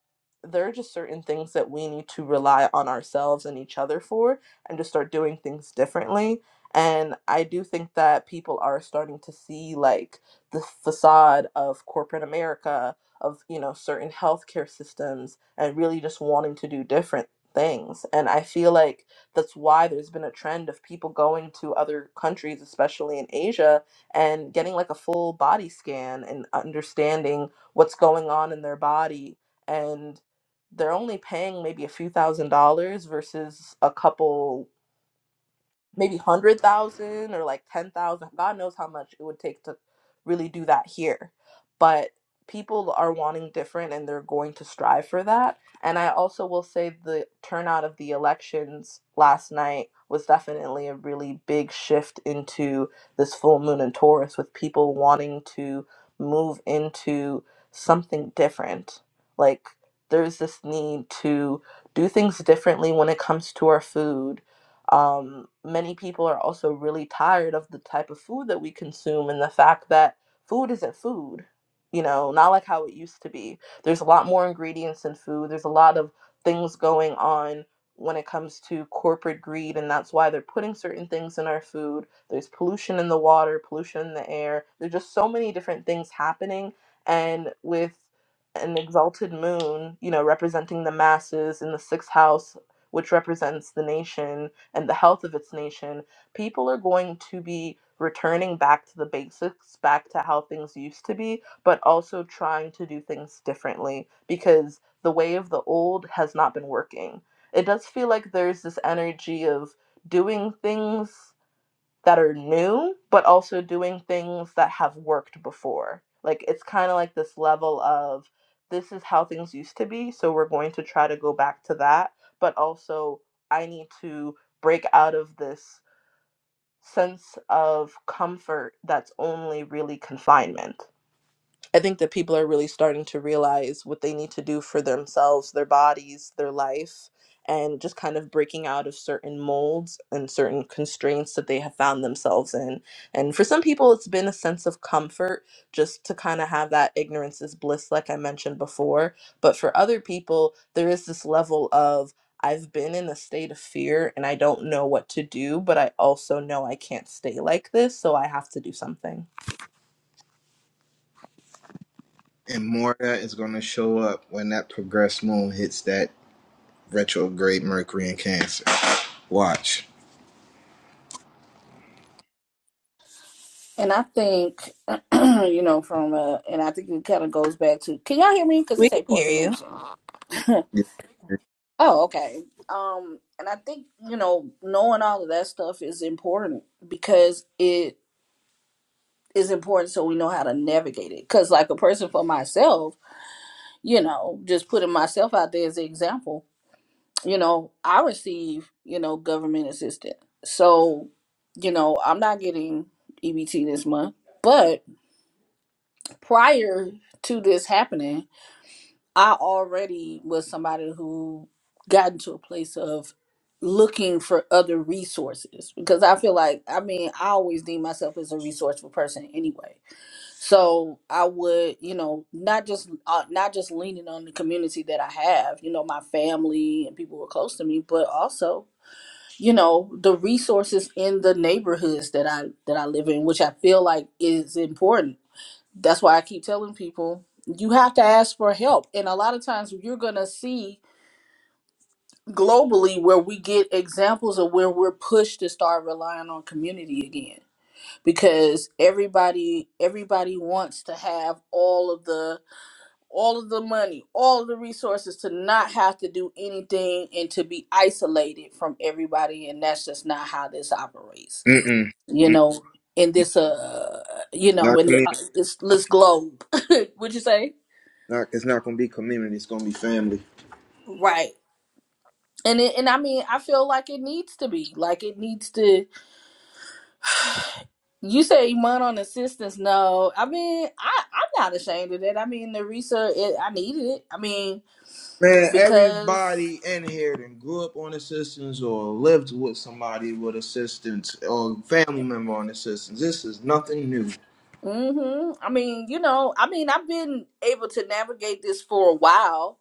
S4: there are just certain things that we need to rely on ourselves and each other for and just start doing things differently. And I do think that people are starting to see like the facade of corporate America, of, you know, certain healthcare systems, and really just wanting to do different things. And I feel like that's why there's been a trend of people going to other countries, especially in Asia, and getting like a full body scan and understanding what's going on in their body. And they're only paying maybe a few thousand dollars versus a couple maybe hundred thousand or like ten thousand. God knows how much it would take to really do that here. But people are wanting different and they're going to strive for that. And I also will say the turnout of the elections last night was definitely a really big shift into this full moon in Taurus with people wanting to move into something different. Like there's this need to do things differently when it comes to our food um, many people are also really tired of the type of food that we consume and the fact that food isn't food, you know, not like how it used to be. There's a lot more ingredients in food, there's a lot of things going on when it comes to corporate greed, and that's why they're putting certain things in our food. There's pollution in the water, pollution in the air. There's just so many different things happening. And with an exalted moon, you know, representing the masses in the sixth house, which represents the nation, and the health of its nation, people are going to be returning back to the basics, back to how things used to be, but also trying to do things differently because the way of the old has not been working. It does feel like there's this energy of doing things that are new, but also doing things that have worked before. Like it's kind of like this level of this is how things used to be, so we're going to try to go back to that, but also I need to break out of this sense of comfort that's only really confinement. I think that people are really starting to realize what they need to do for themselves, their bodies, their life, and just kind of breaking out of certain molds and certain constraints that they have found themselves in. And for some people, it's been a sense of comfort just to kind of have that ignorance is bliss, like I mentioned before. But for other people, there is this level of, I've been in a state of fear and I don't know what to do, but I also know I can't stay like this, so I have to do something.
S1: And more of that is going to show up when that progressed moon hits that retrograde Mercury in Cancer. Watch.
S2: And I think, you know, from uh, and I think it kind of goes back to, can y'all hear me? Because
S4: We
S2: this
S4: can
S2: ain't poor
S4: hear you.
S2: connection.
S1: Yeah.
S2: oh, okay. Um, and I think you know, knowing all of that stuff is important because it is important so we know how to navigate it. Because like a person for myself, you know, just putting myself out there as an example, you know, I receive you know government assistance, so you know I'm not getting EBT this month, but prior to this happening, I already was somebody who got into a place of looking for other resources because I feel like I mean I always deem myself as a resourceful person anyway. So I would, you know, not just uh, not just leaning on the community that I have, you know, my family and people who are close to me, but also, you know, the resources in the neighborhoods that I that I live in, which I feel like is important that's why I keep telling people you have to ask for help. And a lot of times you're going to see globally where we get examples of where we're pushed to start relying on community again because everybody everybody wants to have all of the all of the money, all of the resources to not have to do anything and to be isolated from everybody and that's just not how this operates.
S1: Mm-mm.
S2: You
S1: Mm.
S2: know, in this uh you know,
S1: Not
S2: in uh,
S1: community.
S2: this this globe. Would you say?
S1: Not, it's not gonna be community. It's gonna be family.
S2: Right. And it, and I mean, I feel like it needs to be. Like it needs to you say money on assistance. No. I mean, I I'm not ashamed of that. I mean, the research it, I needed it. I mean,
S1: Man,
S2: because
S1: everybody in here that grew up on assistance or lived with somebody with assistance or family member on assistance. This is nothing new.
S2: hmm I mean, you know, I mean, I've been able to navigate this for a while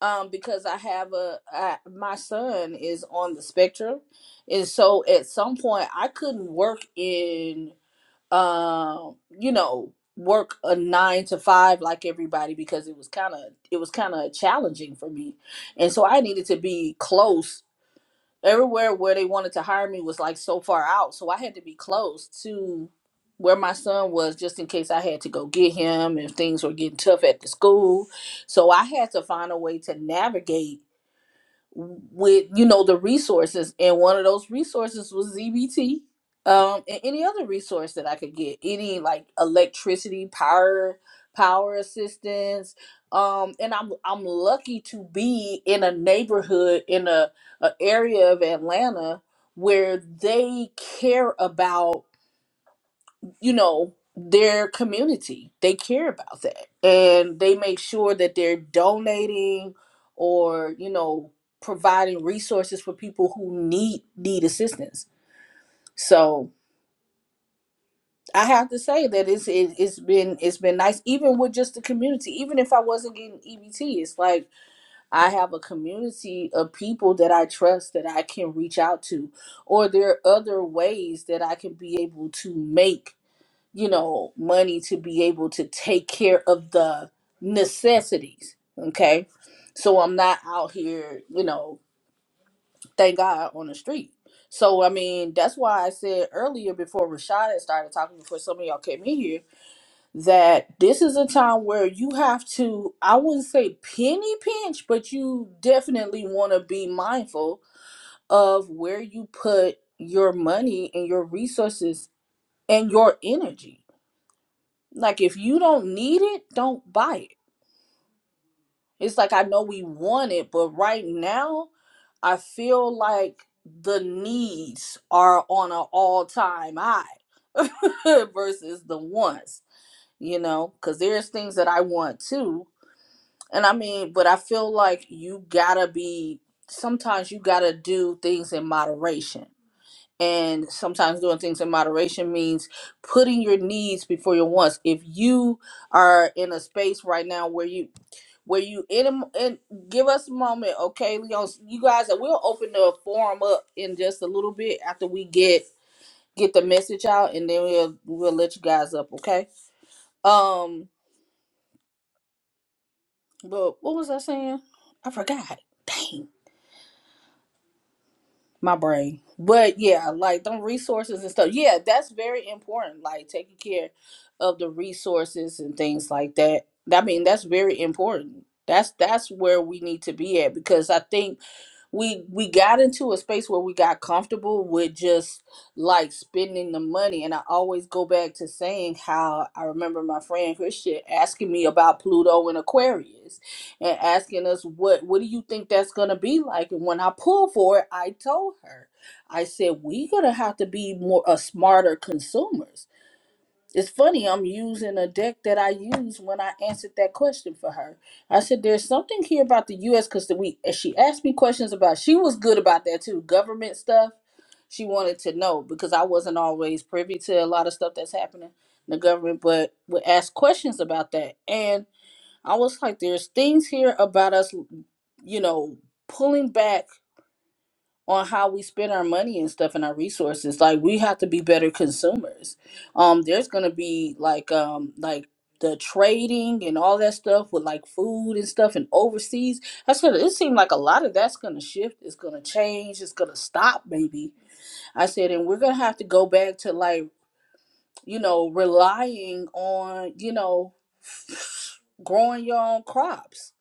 S2: um because I have a I, my son is on the spectrum. And so at some point I couldn't work in um, you know, work a nine to five like everybody because it was kind of it was kind of challenging for me, and so I needed to be close. Everywhere where they wanted to hire me was like so far out, so I had to be close to where my son was just in case I had to go get him if things were getting tough at the school. So I had to find a way to navigate with you know the resources and one of those resources was ZBT um and any other resource that I could get any like electricity power power assistance um and I'm I'm lucky to be in a neighborhood in a, a area of Atlanta where they care about you know their community they care about that and they make sure that they're donating or you know providing resources for people who need need assistance so i have to say that it's it, it's been it's been nice even with just the community even if i wasn't getting ebt it's like i have a community of people that i trust that i can reach out to or there are other ways that i can be able to make you know, money to be able to take care of the necessities. Okay. So I'm not out here, you know, thank God on the street. So, I mean, that's why I said earlier before Rashad had started talking, before some of y'all came in here, that this is a time where you have to, I wouldn't say penny pinch, but you definitely want to be mindful of where you put your money and your resources and your energy Like if you don't need it, don't buy it. It's like I know we want it, but right now I feel like the needs are on an all-time high versus the wants, you know, cuz there's things that I want too. And I mean, but I feel like you got to be sometimes you got to do things in moderation and sometimes doing things in moderation means putting your needs before your wants if you are in a space right now where you where you in a, and give us a moment okay Leon. you guys and we'll open the forum up in just a little bit after we get get the message out and then we'll we'll let you guys up okay um but what was i saying i forgot dang my brain. But yeah, like them resources and stuff. Yeah, that's very important. Like taking care of the resources and things like that. I mean, that's very important. That's that's where we need to be at because I think we we got into a space where we got comfortable with just like spending the money and i always go back to saying how i remember my friend christian asking me about pluto and aquarius and asking us what what do you think that's going to be like and when i pulled for it i told her i said we're going to have to be more a smarter consumers it's funny, I'm using a deck that I used when I answered that question for her. I said, There's something here about the US because we and she asked me questions about she was good about that too. Government stuff. She wanted to know because I wasn't always privy to a lot of stuff that's happening in the government, but would ask questions about that. And I was like, There's things here about us, you know, pulling back on how we spend our money and stuff and our resources. Like we have to be better consumers. Um, there's gonna be like um like the trading and all that stuff with like food and stuff and overseas. That's gonna it seemed like a lot of that's gonna shift, it's gonna change, it's gonna stop maybe. I said, and we're gonna have to go back to like, you know, relying on, you know, growing your own crops.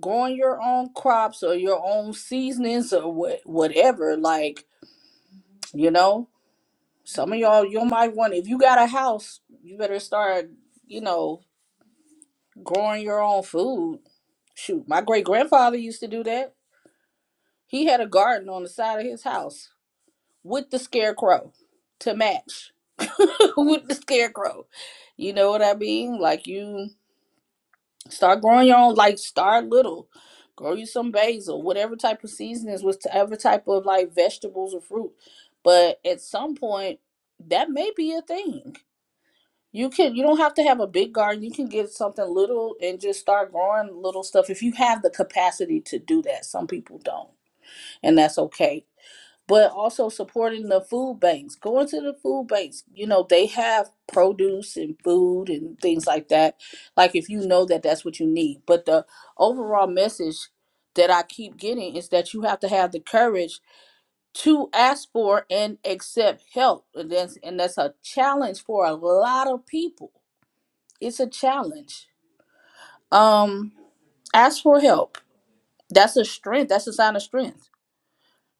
S2: Growing your own crops or your own seasonings or what whatever, like, you know? Some of y'all, you might want, if you got a house, you better start, you know, growing your own food. Shoot, my great grandfather used to do that. He had a garden on the side of his house with the scarecrow to match. with the scarecrow. You know what I mean? Like you start growing your own, like start little. Grow you some basil, whatever type of seasonings, whatever type of like vegetables or fruit. But at some point, that may be a thing. You can you don't have to have a big garden. You can get something little and just start growing little stuff if you have the capacity to do that. Some people don't, and that's okay. But also supporting the food banks, going to the food banks, you know, they have produce and food and things like that. Like if you know that that's what you need. But the overall message that I keep getting is that you have to have the courage to ask for and accept help. And that's, and that's a challenge for a lot of people it's a challenge. Um, ask for help. That's a strength. That's a sign of strength,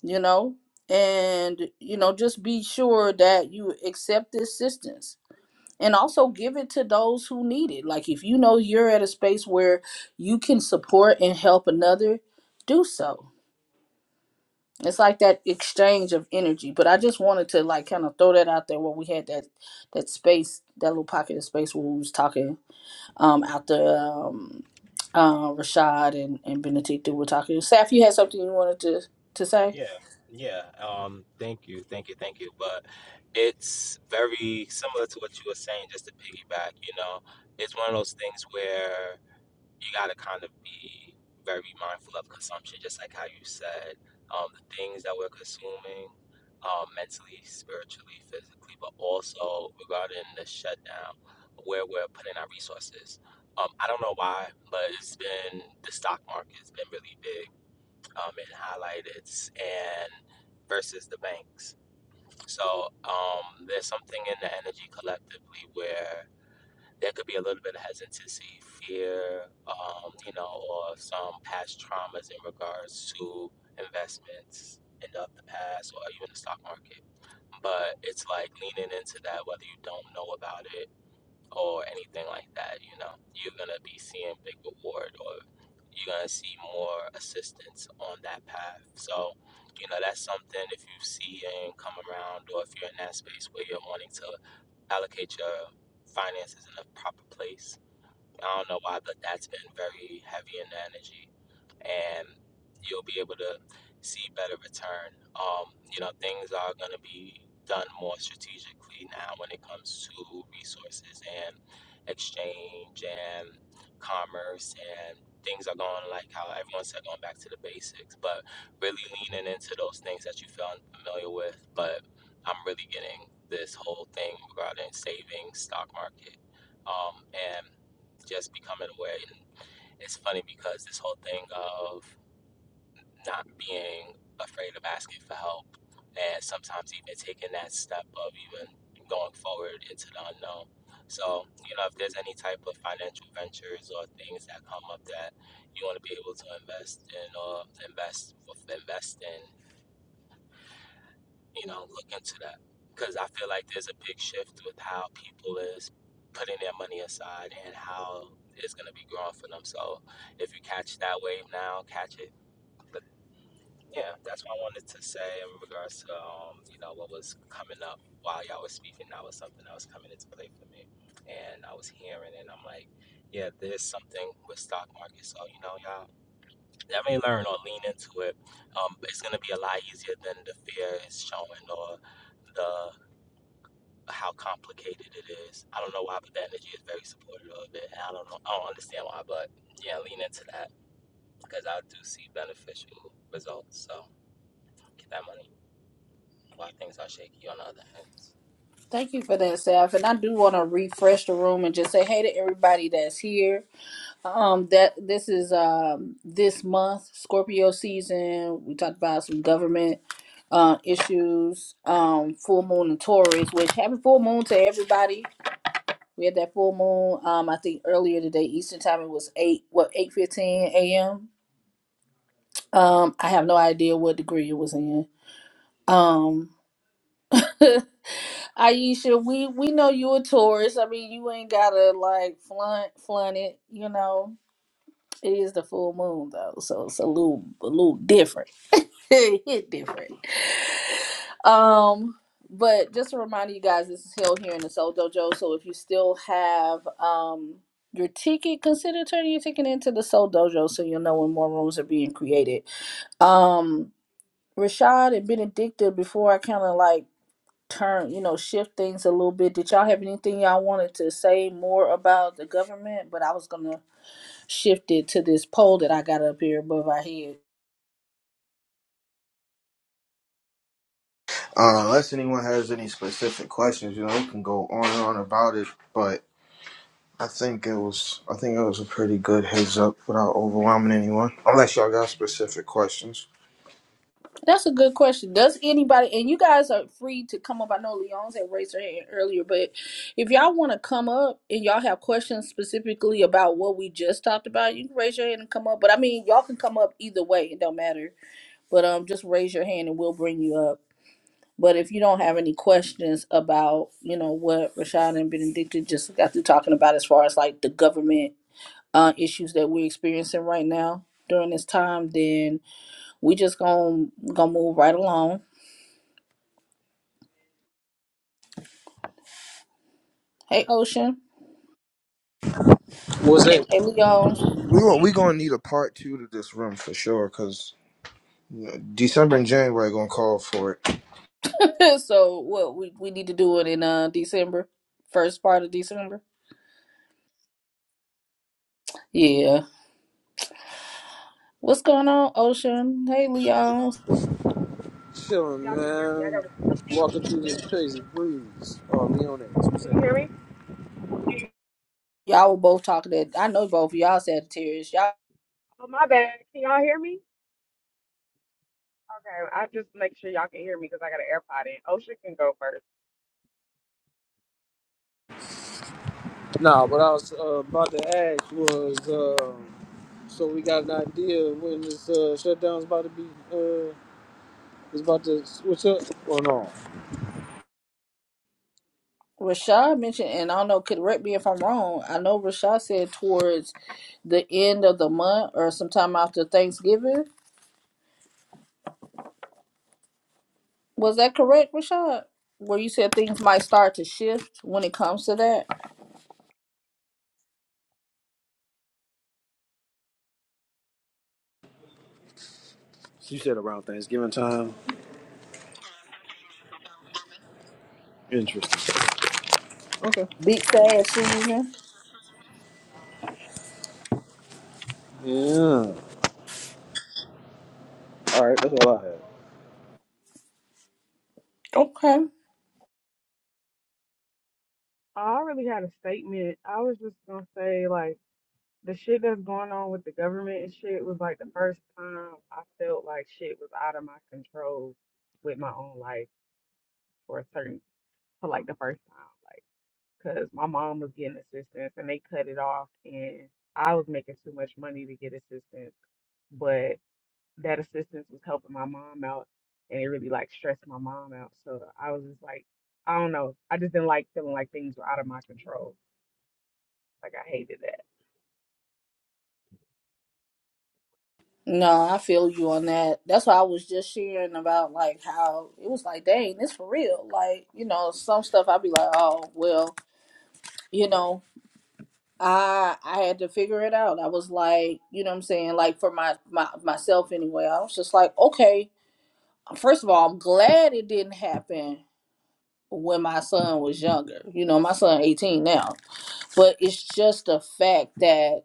S2: you know. And you know, just be sure that you accept the assistance and also give it to those who need it. Like if you know you're at a space where you can support and help another, do so. It's like that exchange of energy. But I just wanted to like kind of throw that out there where we had that that space, that little pocket of space where we was talking um, after um, uh, Rashad and, and Benedicta were talking. Saf, you had something you wanted to, to say?
S5: Yeah, yeah. Um, thank you, thank you, thank you. But it's very similar to what you were saying, just to piggyback, you know, it's one of those things where you gotta kind of be very mindful of consumption, just like how you said, um, the things that we're consuming, um, mentally, spiritually, physically, but also regarding the shutdown, where we're putting our resources. Um, I don't know why, but it's been the stock market's been really big um, and highlighted and versus the banks. So um, there's something in the energy collectively where there could be a little bit of hesitancy, fear, um, you know, or some past traumas in regards to investments in the, the past or even the stock market. But it's like leaning into that, whether you don't know about it or anything like that. You know, you're gonna be seeing big reward, or you're gonna see more assistance on that path. So, you know, that's something if you see and come around, or if you're in that space where you're wanting to allocate your finances in the proper place. I don't know why, but that's been very heavy in the energy and you'll be able to see better return. Um, you know, things are going to be done more strategically now when it comes to resources and exchange and commerce and things are going like how everyone said going back to the basics, but really leaning into those things that you feel unfamiliar with. But I'm really getting this whole thing regarding saving stock market um, and just becoming aware. and it's funny because this whole thing of not being afraid of asking for help and sometimes even taking that step of even going forward into the unknown. So, you know, if there's any type of financial ventures or things that come up that you want to be able to invest in or invest invest in, you know, look into that. Because I feel like there's a big shift with how people is putting their money aside and how it's going to be growing for them. So, if you catch that wave now, catch it But yeah, that's what I wanted to say in regards to um, you know what was coming up while y'all was speaking. That was something that was coming into play for me, and I was hearing, and I'm like, yeah, there's something with stock market. So you know, y'all definitely learn or lean into it. Um, it's gonna be a lot easier than the fear is showing or the how complicated it is. I don't know why, but the energy is very supportive of it. And I don't know, I don't understand why, but yeah, lean into that because I do see beneficial results. So get that money. while things are shaky on the other ends.
S2: Thank you for that, Saf. And I do want to refresh the room and just say hey to everybody that's here. Um, that this is um this month Scorpio season. We talked about some government uh, issues. Um, full moon and Taurus. Which happy full moon to everybody. We had that full moon. Um, I think earlier today, Eastern time, it was eight what eight fifteen a.m. Um, I have no idea what degree it was in. Um, Aisha, we we know you a Taurus. I mean, you ain't gotta like flaunt flaunt it. You know, it is the full moon though, so it's a little a little different. it hit different. Um, but just a reminder, you guys, this is held here in the Soul Dojo. So if you still have um your ticket, consider turning your ticket into the Soul Dojo, so you'll know when more rooms are being created. Um. Rashad and Benedicta, before I kind of like turn, you know, shift things a little bit, did y'all have anything y'all wanted to say more about the government? But I was going to shift it to this poll that I got up here above our head.
S1: Uh, unless anyone has any specific questions, you know, we can go on and on about it. But I think it was, I think it was a pretty good heads up without overwhelming anyone. Unless y'all got specific questions,
S2: That's a good question. Does anybody, and you guys are free to come up. I know Leon's had raised her hand earlier, but if y'all want to come up and y'all have questions specifically about what we just talked about, you can raise your hand and come up. But I mean, y'all can come up either way. It don't matter. But um, just raise your hand and we'll bring you up. But if you don't have any questions about, you know, what Rashad and Benedicta just got through talking about as far as like the government uh, issues that we're experiencing right now during this time, then we just gonna gonna move right along. Hey Ocean.
S6: What's up?
S2: Hey Leon.
S1: we gon- we gonna need a part two to this room for sure. cause. December and January gonna call for it.
S2: so what we, we need to do it in uh December. First part of December. Yeah. What's going on, Ocean? Hey Leon.
S6: Chilling,
S7: Y'all can hear me. I
S6: man.
S7: got my AirPod.
S6: Walking through this crazy breeze. Oh, me on that. What's
S7: Can you hear
S6: that?
S7: me?
S2: Y'all were both talking that I know both of y'all Sagittarius. Y'all
S7: Oh my bad. Can y'all hear me? Okay, I just make sure y'all can hear me because I got an AirPod in. OSHA can go first.
S6: Nah, what I was uh, about to ask was, uh, so we got an idea when this uh, shutdown's about to be, uh, is about to switch up or no?
S2: Rashad mentioned, and I don't know, correct me if I'm wrong. I know Rashad said towards the end of the month or sometime after Thanksgiving. Was that correct, Rashad? Where you said things might start to shift when it comes to that
S6: You said around Thanksgiving time. Interesting. Okay.
S2: big sad season.
S6: Yeah. All right, that's all I had.
S2: Okay.
S7: I really had a statement. I was just gonna say like the shit that's going on with the government and shit was like the first time I felt like shit was out of my control with my own life for a certain for like the first time, like because my mom was getting assistance and they cut it off and I was making too much money to get assistance, but. that assistance was helping my mom out and it really like stressed my mom out. So I was just like, I don't know. I just didn't like feeling like things were out of my control. Like I hated that.
S2: No, I feel you on that. That's why I was just sharing about like how it was like, dang, this for real. Like, you know, some stuff I'd be like, oh, well, you know. I I had to figure it out. I was like, you know what I'm saying? Like for my, my myself anyway. I was just like, okay, first of all, I'm glad it didn't happen when my son was younger. You know, my son 18 now. But it's just the fact that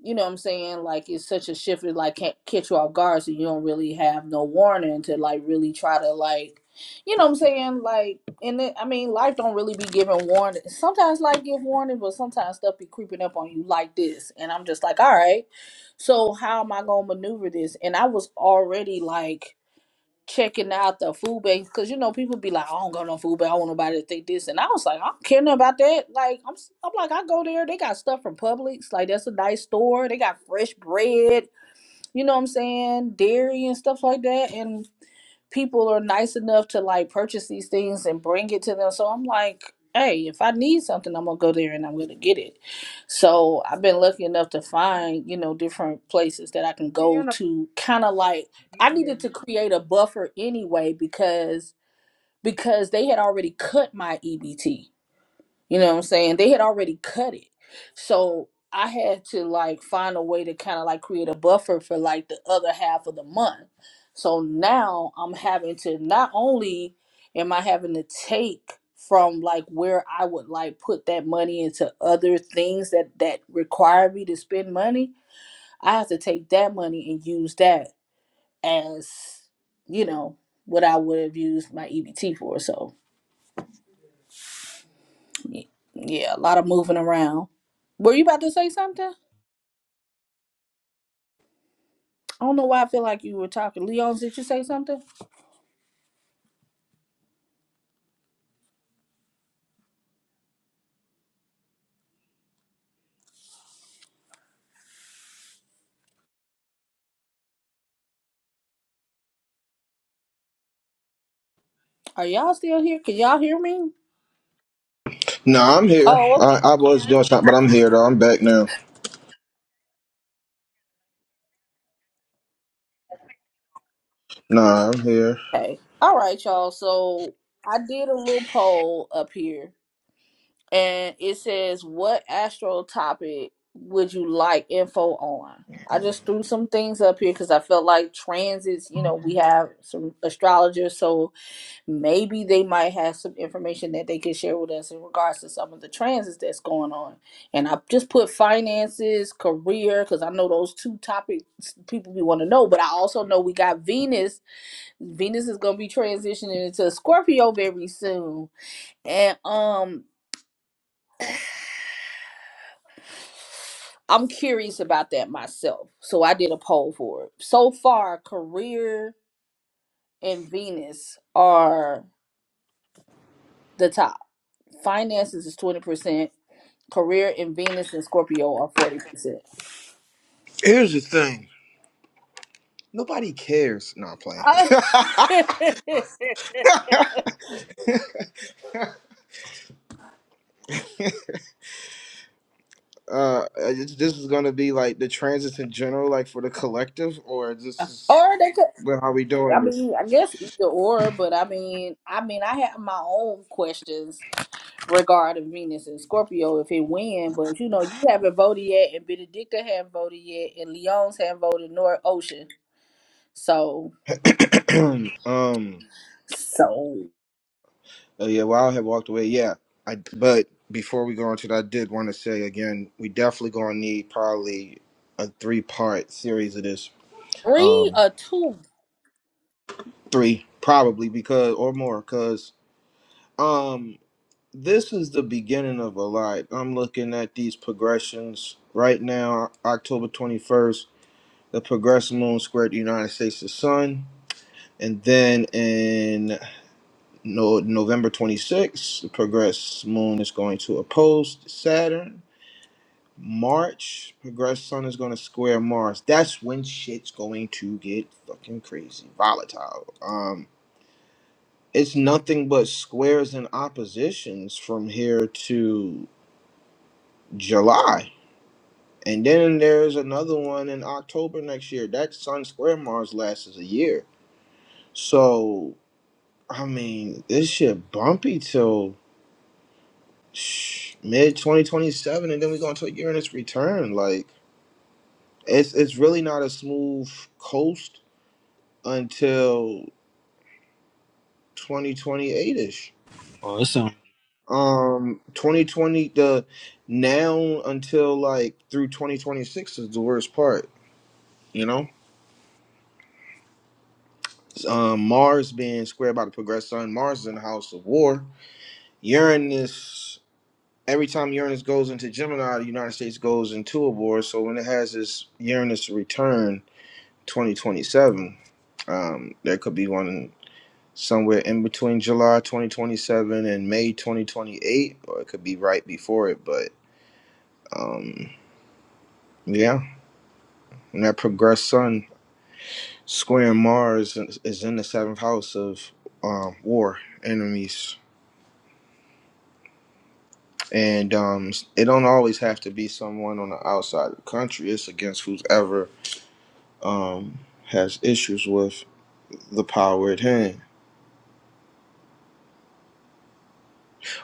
S2: you know what I'm saying? Like it's such a shift it like can't catch you off guard so you don't really have no warning to like really try to like you know what I'm saying? Like and it, I mean life don't really be giving warning. Sometimes life give warning, but sometimes stuff be creeping up on you like this. And I'm just like, all right, so how am I gonna maneuver this? And I was already like checking out the food banks because you know people be like, I don't go no food bank. I want nobody to think this, and I was like, I don't care nothing about that. Like I'm, s- I'm like I go there. They got stuff from Publix. Like that's a nice store. They got fresh bread. You know what I'm saying? Dairy and stuff like that. And people are nice enough to like purchase these things and bring it to them. So I'm like, hey, if I need something, I'm gonna go there and I'm gonna get it. So I've been lucky enough to find, you know, different places that I can
S7: Seeing a
S2: go
S7: bunch
S2: to kind of like
S7: of
S2: I needed to
S7: videos.
S2: create a buffer anyway because because they had already cut my EBT. You know what I'm saying? They had already cut it. So I had to like find a way to kind of like create a buffer for like the other half of the month. So now I'm having to not only am I having to take from like where I would like put that money into other things that that require me to spend money, I have to take that money and use that as, you know, what I would have used my EBT for. So Y- Yeah, a lot of moving around. Were you about to say something? I don't know why I feel like you were talking. Leon, did you say something? Are y'all still here? Can y'all hear me?
S1: Nah, I'm here.
S2: Oh,
S1: I, I was doing something, but I'm here though. I'm back now. Nah, I'm here.
S2: okay. All right, y'all. So I did a little poll up here, and it says, "What astro topic would you like info on?" I just threw some things up here because I felt like transits. You know, we have some astrologers, so maybe they might have some information that they could share with us in regards to some of the transits that's going on. And I just put finances, career, because I know those two topics people we want to know. But I also know we got Venus. Venus is gonna be transitioning into Scorpio very soon. And um I'm curious about that myself. So I did a poll for it. So far, career and Venus are the top. Finances is 20%. career in Venus and Scorpio are forty percent.
S1: Here's the thing. Nobody cares. No, I'm playing. uh, it's- this is gonna be like the transits in general, like for the collective, or this is
S2: Or they could.
S1: well, how we
S2: I
S1: doing this?
S2: mean, I guess either or, but I mean, I mean, I have my own questions regarding Venus and Scorpio if it win, but you know, you haven't voted yet, and Benedicta haven't voted yet, and Leon's haven't voted, nor Ocean. So,
S1: um,
S2: so
S1: Oh yeah, well I have walked away. Yeah, I. But before we go into that, I did want to say again, we definitely gonna need probably a three part series of this.
S2: three
S1: Um,
S2: or two?
S1: three probably because or more because um this is the beginning of a lot. I'm looking at these progressions right now. October 21st, the progressive moon squared the United States the sun, and then in no November 26th, the progress moon is going to oppose Saturn March, progressed sun is going to square Mars. That's when shit's going to get fucking crazy, volatile. Um, it's nothing but squares and oppositions from here to July. And then there's another one in October next year. That sun square Mars lasts a year. So, I mean, this shit bumpy till shh, mid 2027 and then we're going to Uranus return like it's it's really not a smooth coast until 2028ish.
S6: Oh, that sounds.
S1: Um, 2020 the now until like through 2026 is the worst part. You know, um, Mars being squared by the progressed sun. Mars is in the house of war. Uranus. Every time Uranus goes into Gemini, the United States goes into a war. So when it has this Uranus return, 2027, um, there could be one. somewhere in between July 2027 and May 2028, or it could be right before it. But um, yeah, and that progressed sun square Mars is in the seventh house of um, war enemies. And um, it don't always have to be someone on the outside of the country. It's against whoever um, has issues with the power at hand.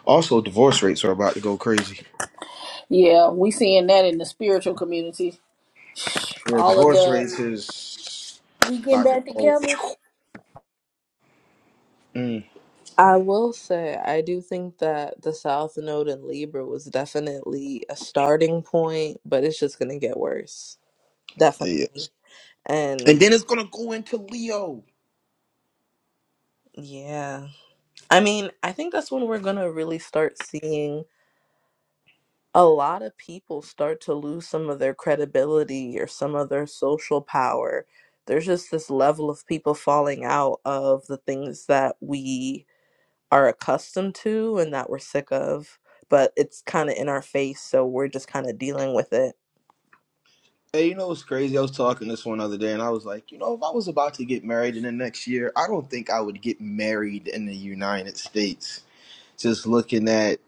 S1: Also, divorce rates are about to go crazy.
S2: Yeah, we seeing that in the spiritual community.
S1: Yeah,
S2: All of
S1: divorce
S2: the
S1: rates is
S2: we getting
S1: about to
S2: back
S1: go.
S2: together.
S1: Mm,
S4: I will say, I do think that the South Node in Libra was definitely a starting point, but it's just going to get worse.
S1: yes.
S4: Definitely.
S1: And
S4: And
S1: then it's gonna go into Leo.
S4: yeah, I mean, I think that's when we're going to really start seeing a lot of people start to lose some of their credibility or some of their social power. There's just this level of people falling out of the things that we are accustomed to and that we're sick of, but it's kind of in our face, so we're just kind of dealing with it.
S1: Hey, you know what's crazy? I was talking this one other day, and I was like, you know, if I was about to get married in the next year, I don't think I would get married in the United States. Just looking at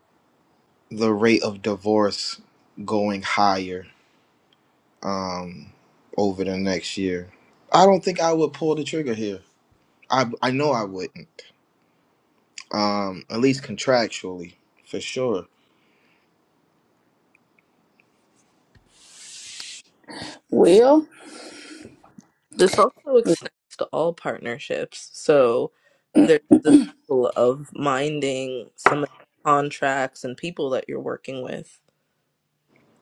S1: the rate of divorce going higher um, over the next year, I don't think I would pull the trigger here. I I know I wouldn't. Um, at least contractually, for sure.
S2: Well,
S4: This also extends to all partnerships. So there's the level of minding some of the contracts and people that you're working with.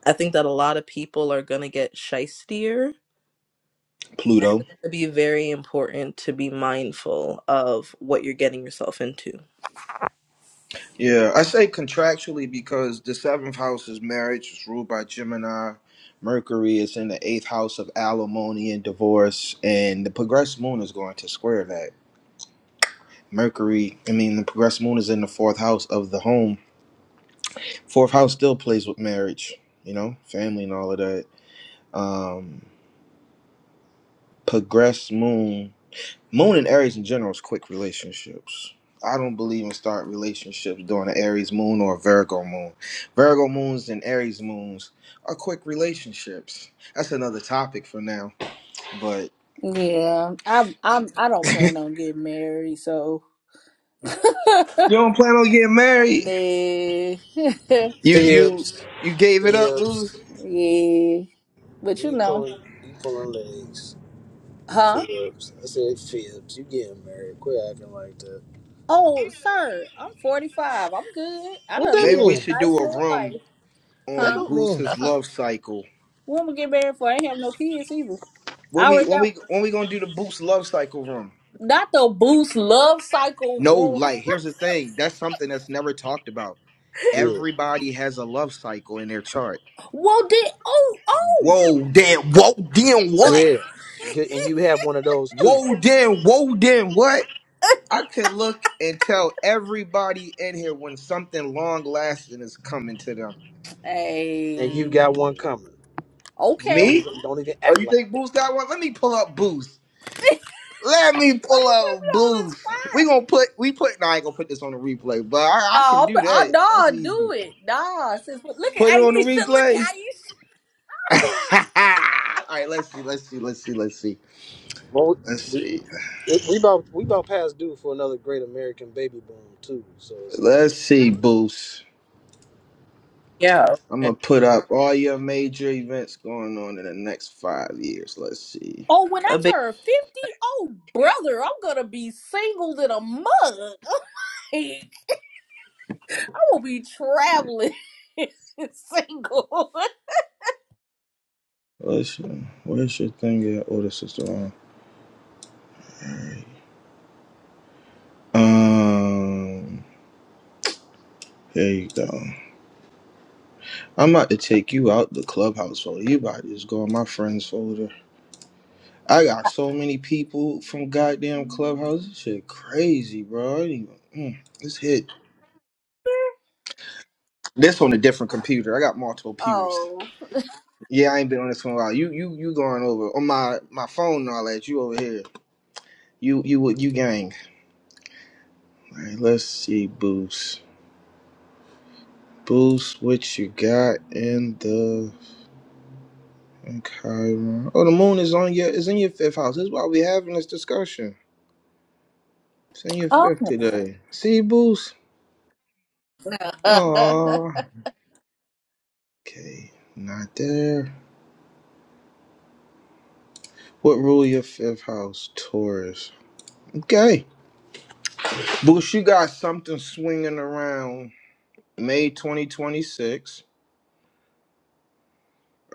S4: I think that a lot of people are going to get shystier. And
S1: Pluto.
S4: it's going to be very important to be mindful of what you're getting yourself into.
S1: Yeah, I say contractually because the seventh house is marriage, it's ruled by Gemini. Mercury is in the eighth house of alimony and divorce, and the progressed moon is going to square that. Mercury, I mean, the progressed moon is in the fourth house of the home. Fourth house still plays with marriage, you know, family and all of that. Um, progressed moon Moon and Aries in general is quick relationships. I don't believe in start relationships during an Aries moon or a Virgo moon. Virgo moons and Aries moons are quick relationships. That's another topic for now. But
S2: Yeah, I'm. I'm. I don't
S1: you
S2: plan on getting married, so
S1: don't plan on getting
S2: nah.
S1: married. You you
S6: Phibs.
S1: you gave it up, Booth.
S6: Phibs.
S2: yeah, but you
S6: You
S2: know,
S6: pulling, you pulling legs.
S2: huh?
S6: Phibs. I said Phibs. You getting married. Quit acting like that.
S2: Oh, sir, I'm 45. I'm good. I
S6: What
S2: done
S6: that
S1: Maybe
S2: lived
S1: we
S2: a
S6: mean?
S1: should do
S2: nice
S1: a
S2: little
S1: room
S2: life,
S6: That
S1: on
S2: huh?
S6: don't mean
S1: Booth's
S6: nothing.
S1: love cycle.
S2: When am I get married for? I ain't have no kids either.
S1: When
S2: I
S1: we
S2: already
S1: when
S2: got
S1: we when we gonna do the Booth's love cycle room?
S2: not the boost love cycle
S1: No,
S2: rule.
S1: like here's the thing. That's something that's never talked about.
S6: Yeah,
S1: Everybody has a love cycle in their chart.
S2: Well, did oh oh.
S1: Whoa, then whoa, then what?
S6: yeah. Good, And you have one of those too,
S1: Whoa, then whoa, then what? I can look and tell everybody in here when something long lasting is coming to them.
S6: and you got
S2: Hey,
S6: one coming. Just
S2: okay. Why
S6: Don't
S2: you
S1: Me?
S6: even don't even
S1: Oh,
S6: act
S1: you
S6: like
S1: think
S6: that.
S1: Boost got one? Let me pull up Boost. Let me
S2: put me
S1: pull up
S2: on the
S1: Boost.
S2: spot?
S1: We gonna put we put. No, I ain't gonna put this on the replay, but I, I can
S2: No,
S1: do
S2: I'm, I,
S1: that. That's
S2: no, do
S1: easy.
S2: it. Nah, sis, but look at
S1: Put it
S2: Aisha.
S1: on the
S2: Look
S1: replay.
S2: at Aisha.
S1: All right, let's see, let's see, let's see, let's see,
S6: Well,
S1: let's
S6: we
S1: see.
S6: we about we about past due for another great American baby boom too. So it's like it
S1: Let's see, Boost.
S4: Yeah.
S1: I'm
S4: okay.
S1: gonna put up all your major events going on in the next five years. Let's see.
S2: Oh, when I
S4: A big,
S2: turn 50, oh brother, I'm going to be single in a mug. I'm going to be traveling single.
S1: Where's your, where's your thing at? Oh, this is the wrong. Um, here you go. I'm about to take you out the clubhouse folder. You about to just go in my friends folder. I got so many people from goddamn clubhouse. This shit crazy, bro. I didn't even, mm, this hit. This on a different computer. I got multiple computers.
S2: Oh.
S1: Yeah, I ain't been on this one a while. You you you going over on my my phone and all that. You over here. You you what you gang. All right, let's see, Boost. Boost, what you got in the in Chiron? Oh, the moon is on your is in your fifth house. That's why we having this discussion. It's in your
S2: Oh.
S1: fifth today. See, Boost. Oh, okay, not there. What rule your fifth house, Taurus? Okay, Boost, you got something swinging around May twenty twenty six.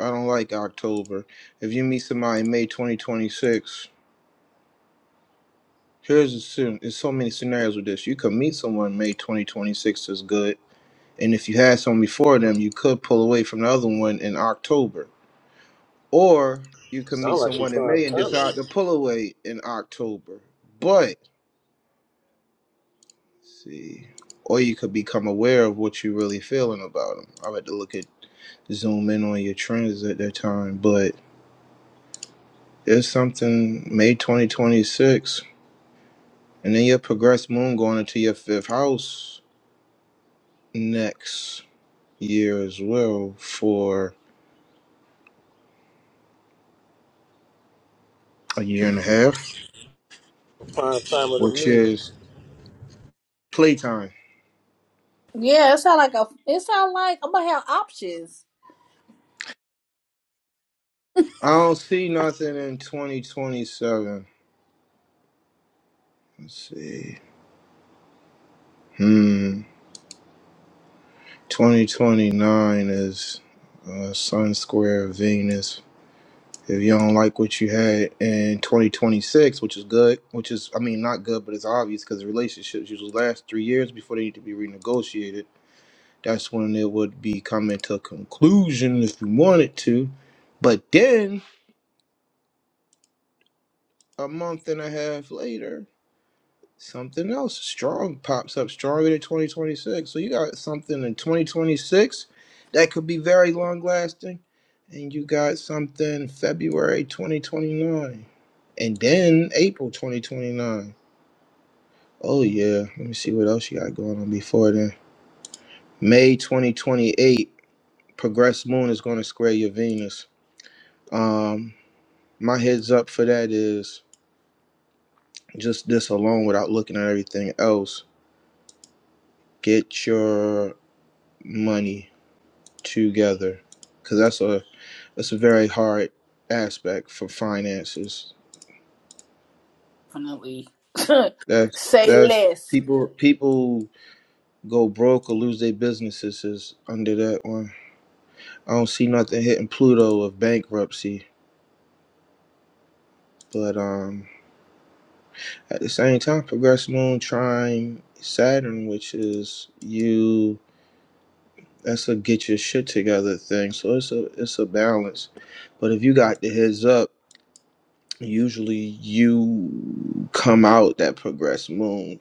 S1: I don't like October. If you meet somebody in May 2026, here's a soon. There's so many scenarios with this. You could meet someone in May 2026 is good, and if you had someone before them, you could pull away from the other one in October, or you could meet
S6: sound like she
S1: someone in
S6: prime
S1: May and
S6: timer,
S1: decide to pull away in October. But see, or you could become aware of what you're really feeling about them. I had to look at zoom in on your trends at that time, but it's something May 2026. And then you'll progress moon going into your fifth house next year as well for a year and a half,
S6: prime timer to
S1: which
S6: me.
S1: is playtime.
S2: yeah, it sound like a, it sound like I'm going to have options.
S1: I don't see nothing in 2027. Let's see. Hmm. 2029 is uh, Sun Square Venus. If you don't like what you had in 2026, which is good, which is, I mean, not good, but it's obvious because relationships usually last three years before they need to be renegotiated That's when it would be coming to a conclusion if you wanted to. But then a month and a half later, something else strong pops up, stronger than 2026. So you got something in 2026 that could be very long lasting, and you got something February 2029, and then April 2029. Oh yeah, let me see what else you got going on before then. May 2028, progress moon is going to square your Venus. Um, my heads up for that is just this alone without looking at everything else get your money together because that's a that's a very hard aspect for finances
S2: Definitely.
S1: that's
S2: Say
S1: that's
S2: less.
S1: people people go broke or lose their businesses is under that one i don't see nothing hitting pluto of bankruptcy but um at the same time progress moon trying saturn which is you that's a get your shit together thing. So it's a it's a balance. But if you got the heads up, usually you come out that progressed moon,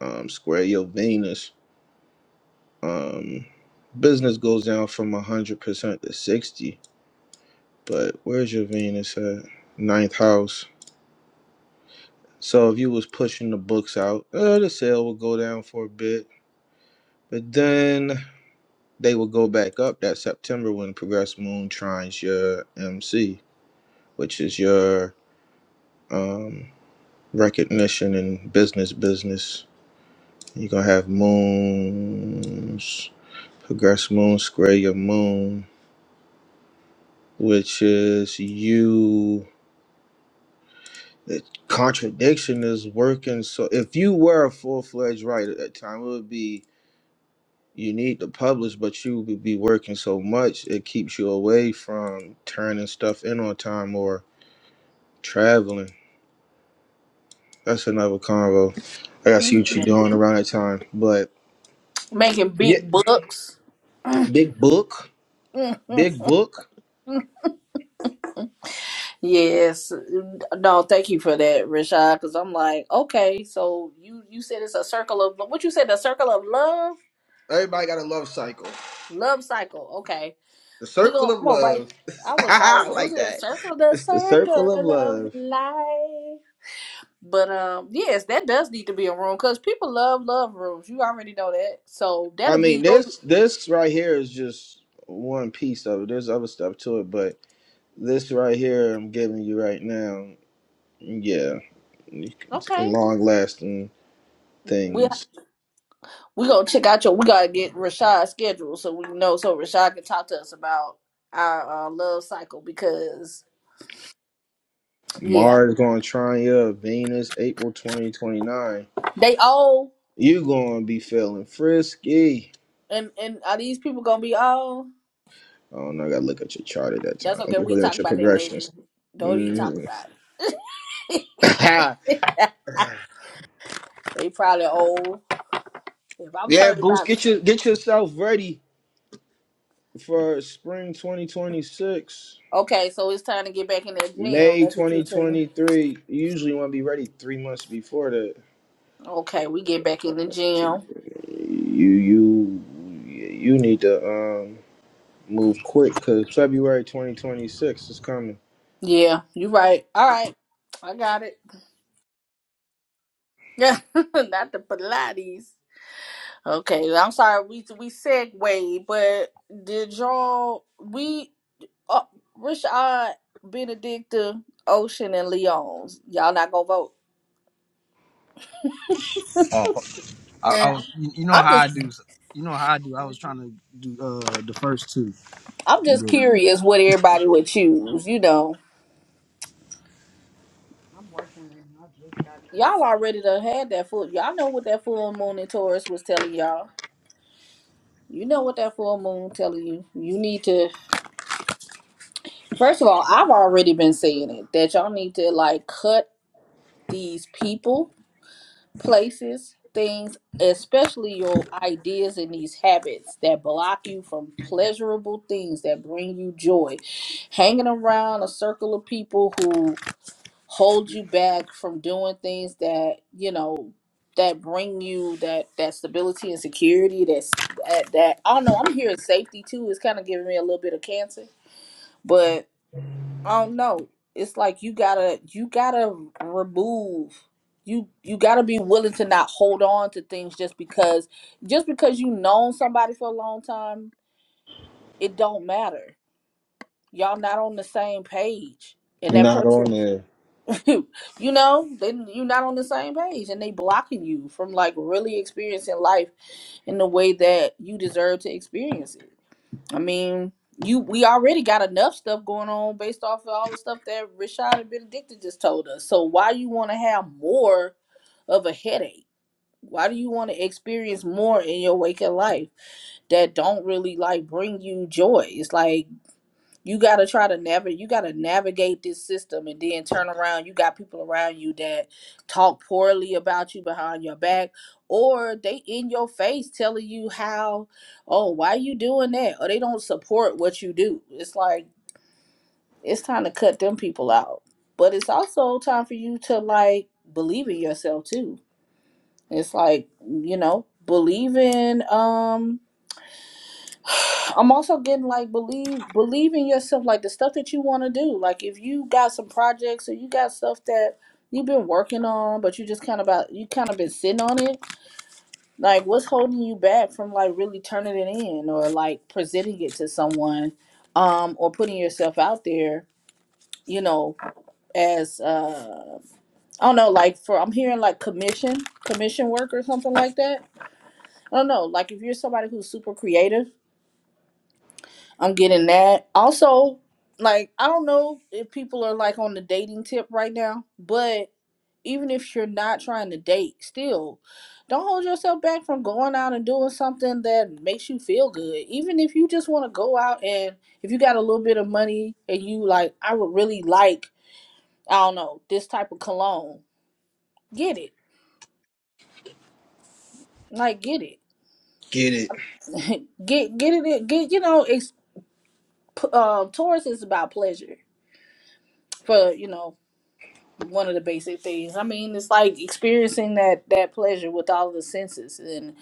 S1: um, square your Venus. Um, business goes down from a hundred percent to sixty. But where's your Venus at? Ninth house. So if you was pushing the books out, uh, the sale would go down for a bit, but then they will go back up that September when progressed moon trines your MC. which is your um, recognition and business business. You're gonna have moons, progress moon, square your moon, which is you. The contradiction is working. So if you were a full fledged writer at that time, it would be you need to publish, but you would be working so much it keeps you away from turning stuff in on time or traveling. That's another convo. I gotta see what you're doing around that time, but.
S2: Making
S1: yeah.
S2: big bucks.
S1: Big Book, Big Book.
S2: Yes. No, thank you for that, Rashad, because I'm like, okay, so you you said it's a circle of what you said, the circle of love?
S1: Everybody got a love cycle.
S2: Love cycle. Okay.
S1: The
S2: We
S1: circle
S2: gonna
S1: of
S2: I'm gonna write
S1: love.
S2: I was like,
S1: I
S2: what
S1: like
S2: is the
S1: that.
S2: circle? The
S1: It's the
S2: circle
S1: circle of
S2: of
S1: love.
S2: life. But um yes, that does need to be a room because people love love rooms. You already know that. So
S1: I
S2: that'll
S1: mean,
S2: be your
S1: this this right here is just one piece of it. There's other stuff to it, but this right here I'm giving you right now. Yeah,
S2: okay.
S1: long lasting
S2: We
S1: things.
S2: we gonna check out your we gotta get Rashad's schedule so we know so Rashad can talk to us about our uh, love cycle because Yeah.
S1: Mars going to try you. Venus, April 2029.
S2: They old
S1: you going to be feeling frisky.
S2: and and are these people gonna be old?
S1: I don't know. I gotta look at your chart at that
S2: That's
S1: time. I'm
S2: okay.
S1: just
S2: We
S1: looking
S2: talk
S1: at your
S2: about that later.
S1: progressions.
S2: Don't even talk
S1: Mm.
S2: about it. they probably old. If I'm
S1: yeah,
S2: turning
S1: Boost,
S2: about
S1: get your get yourself ready for spring 2026,
S2: okay, so it's time to get back in that gym.
S1: May
S2: That's what you saying.
S1: 2023. You usually want to be ready three months before that.
S2: Okay, we get back in the
S1: You
S2: gym.
S1: you you need to um move quick because February 2026 is coming.
S2: Yeah, you right. All right. I got it. Yeah, not the Pilates. Okay, I'm sorry we we segue, but did y'all we Uh, Rashad, Benedicta, Ocean, and Leon's. Y'all not gonna vote.
S6: Oh,
S7: My
S6: I, I
S7: bad.
S6: was.
S7: I'm
S6: You, you know
S2: I'm
S6: how
S7: working.
S2: just
S6: I do. You know how I do.
S7: I'm
S6: I was
S7: working.
S6: trying to do uh the first two.
S2: I'm just
S6: But
S2: curious what everybody would choose, you know.
S7: I'm working right now. I just got home.
S2: Y'all already done had that full. Y'all know what that full moon in Taurus was telling y'all. You know what that full moon telling you. You need to. First of all, I've already been saying it that y'all need to like cut these people places, things, especially your ideas and these habits that block you from pleasurable things that bring you joy. Hanging around a circle of people who hold you back from doing things that, you know, that bring you that that stability and security that's that, that I don't know I'm hearing safety too is kind of giving me a little bit of cancer but. I don't know. It's like you gotta you gotta remove you you gotta be willing to not hold on to things just because just because you known somebody for a long time, it don't matter. Y'all not on the same page. And that
S1: Not
S2: person
S1: on there.
S2: you know, they you're not on the same page and they blocking you from like really experiencing life in the way that you deserve to experience it. I mean, you we already got enough stuff going on based off of all the stuff that Rashad and Benedicta just told us. So why you want to have more of a headache? Why do you want to experience more in your waking life that don't really like bring you joy? It's like you got to try to navigate. You got to navigate this system, and then turn around. You got people around you that talk poorly about you behind your back, or they in your face telling you how, oh, why you doing that, or they don't support what you do. It's like it's time to cut them people out. But it's also time for you to like believe in yourself too. It's like you know, believe in um I'm also getting like believe believe in yourself, like the stuff that you want to do. Like if you got some projects or you got stuff that you've been working on, but you just kind of about you kind of been sitting on it. Like what's holding you back from like really turning it in or like presenting it to someone, um, or putting yourself out there. You know, as uh, I don't know, like for I'm hearing like commission commission work or something like that. I don't know, like if you're somebody who's super creative I'm getting that. Also, like I don't know if people are like on the dating tip right now, but even if you're not trying to date, still don't hold yourself back from going out and doing something that makes you feel good. Even if you just want to go out and if you got a little bit of money and you like, I would really like, I don't know, this type of cologne. Get it. Like get it.
S1: Get it.
S2: get get it get you know, it's um Taurus is about pleasure for you know one of the basic things. I mean, it's like experiencing that that pleasure with all the senses, and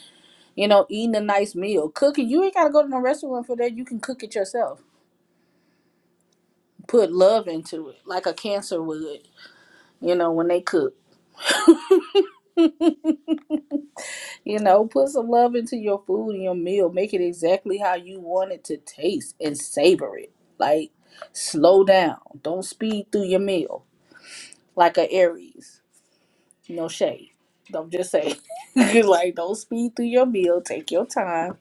S2: you know, eating a nice meal, cooking. You ain't gotta go to no restaurant for that. You can cook it yourself. Put love into it, like a cancer would. You know, when they cook, you know, put some love into your food and your meal. Make it exactly how you want it to taste and savor it. Like, slow down. Don't speed through your meal like a Aries. No shade. Don't just say like don't speed through your meal. Take your time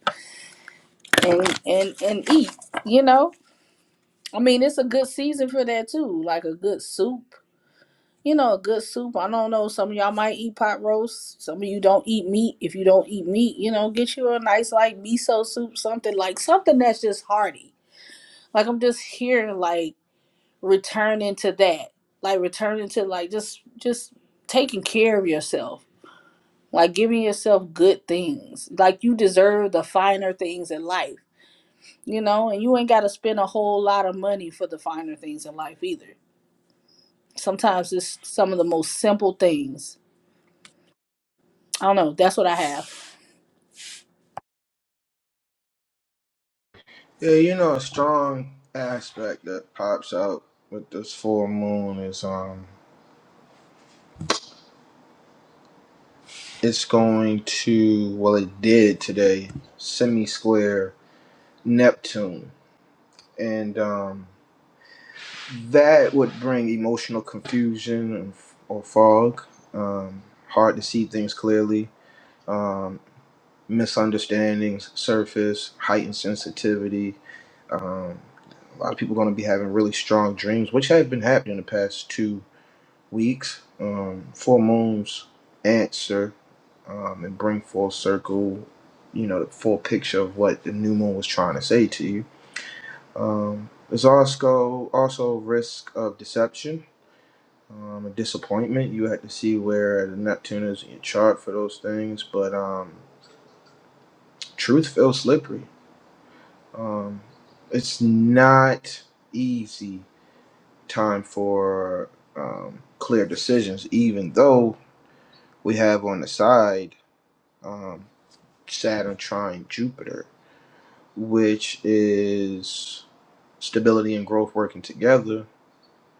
S2: and and and eat. You know. I mean, it's a good season for that too. Like a good soup. You know, a good soup. I don't know. Some of y'all might eat pot roast. Some of you don't eat meat. If you don't eat meat, you know, get you a nice like miso soup, something like something that's just hearty. Like I'm just here, like returning to that, like returning to like just just taking care of yourself like giving yourself good things like you deserve the finer things in life you know and you ain't got to spend a whole lot of money for the finer things in life either sometimes it's some of the most simple things i don't know that's what i have
S1: Yeah, you know, a strong aspect that pops out with this full moon is um, it's going to well, it did today semi square Neptune, and um, that would bring emotional confusion and- or fog, um, hard to see things clearly, um, misunderstandings surface, heightened sensitivity. Um, a lot of people going to be having really strong dreams, which have been happening the past two weeks, um, full moons answer um, and bring full circle, you know, the full picture of what the new moon was trying to say to you. Um, there's also also risk of deception um, and disappointment. You have to see where the Neptune is in your chart for those things, but um, truth feels slippery. Um, it's not easy time for um, clear decisions, even though we have on the side. um, Saturn trine Jupiter, which is stability and growth working together,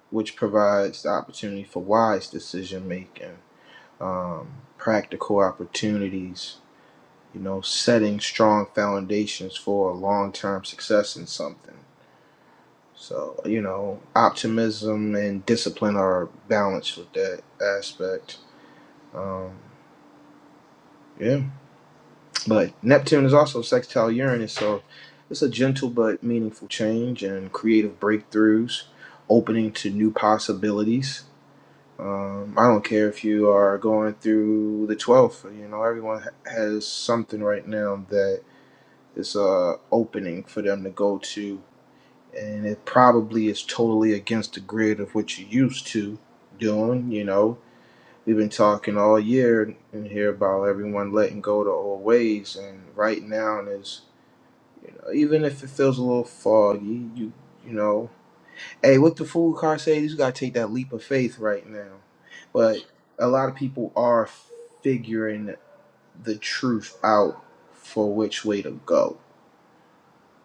S1: which provides the opportunity for wise decision making, um, practical opportunities, you know, setting strong foundations for long term success in something. So, you know, optimism and discipline are balanced with that aspect. Um, yeah. But Neptune is also sextile Uranus, so it's a gentle but meaningful change and creative breakthroughs, opening to new possibilities. Um, I don't care if you are going through the 12th, you know, everyone has something right now that is uh, opening for them to go to, and it probably is totally against the grid of what you're used to doing, you know. We've been talking all year in here about everyone letting go to old ways, and right now is you know, even if it feels a little foggy, you you know, hey, what the fool car say? You just gotta take that leap of faith right now. But a lot of people are figuring the truth out for which way to go.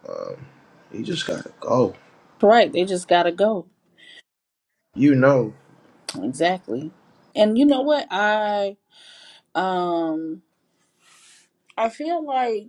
S1: Um, you just gotta go.
S2: right they just gotta go
S1: You know,
S2: exactly and you know what i um i feel like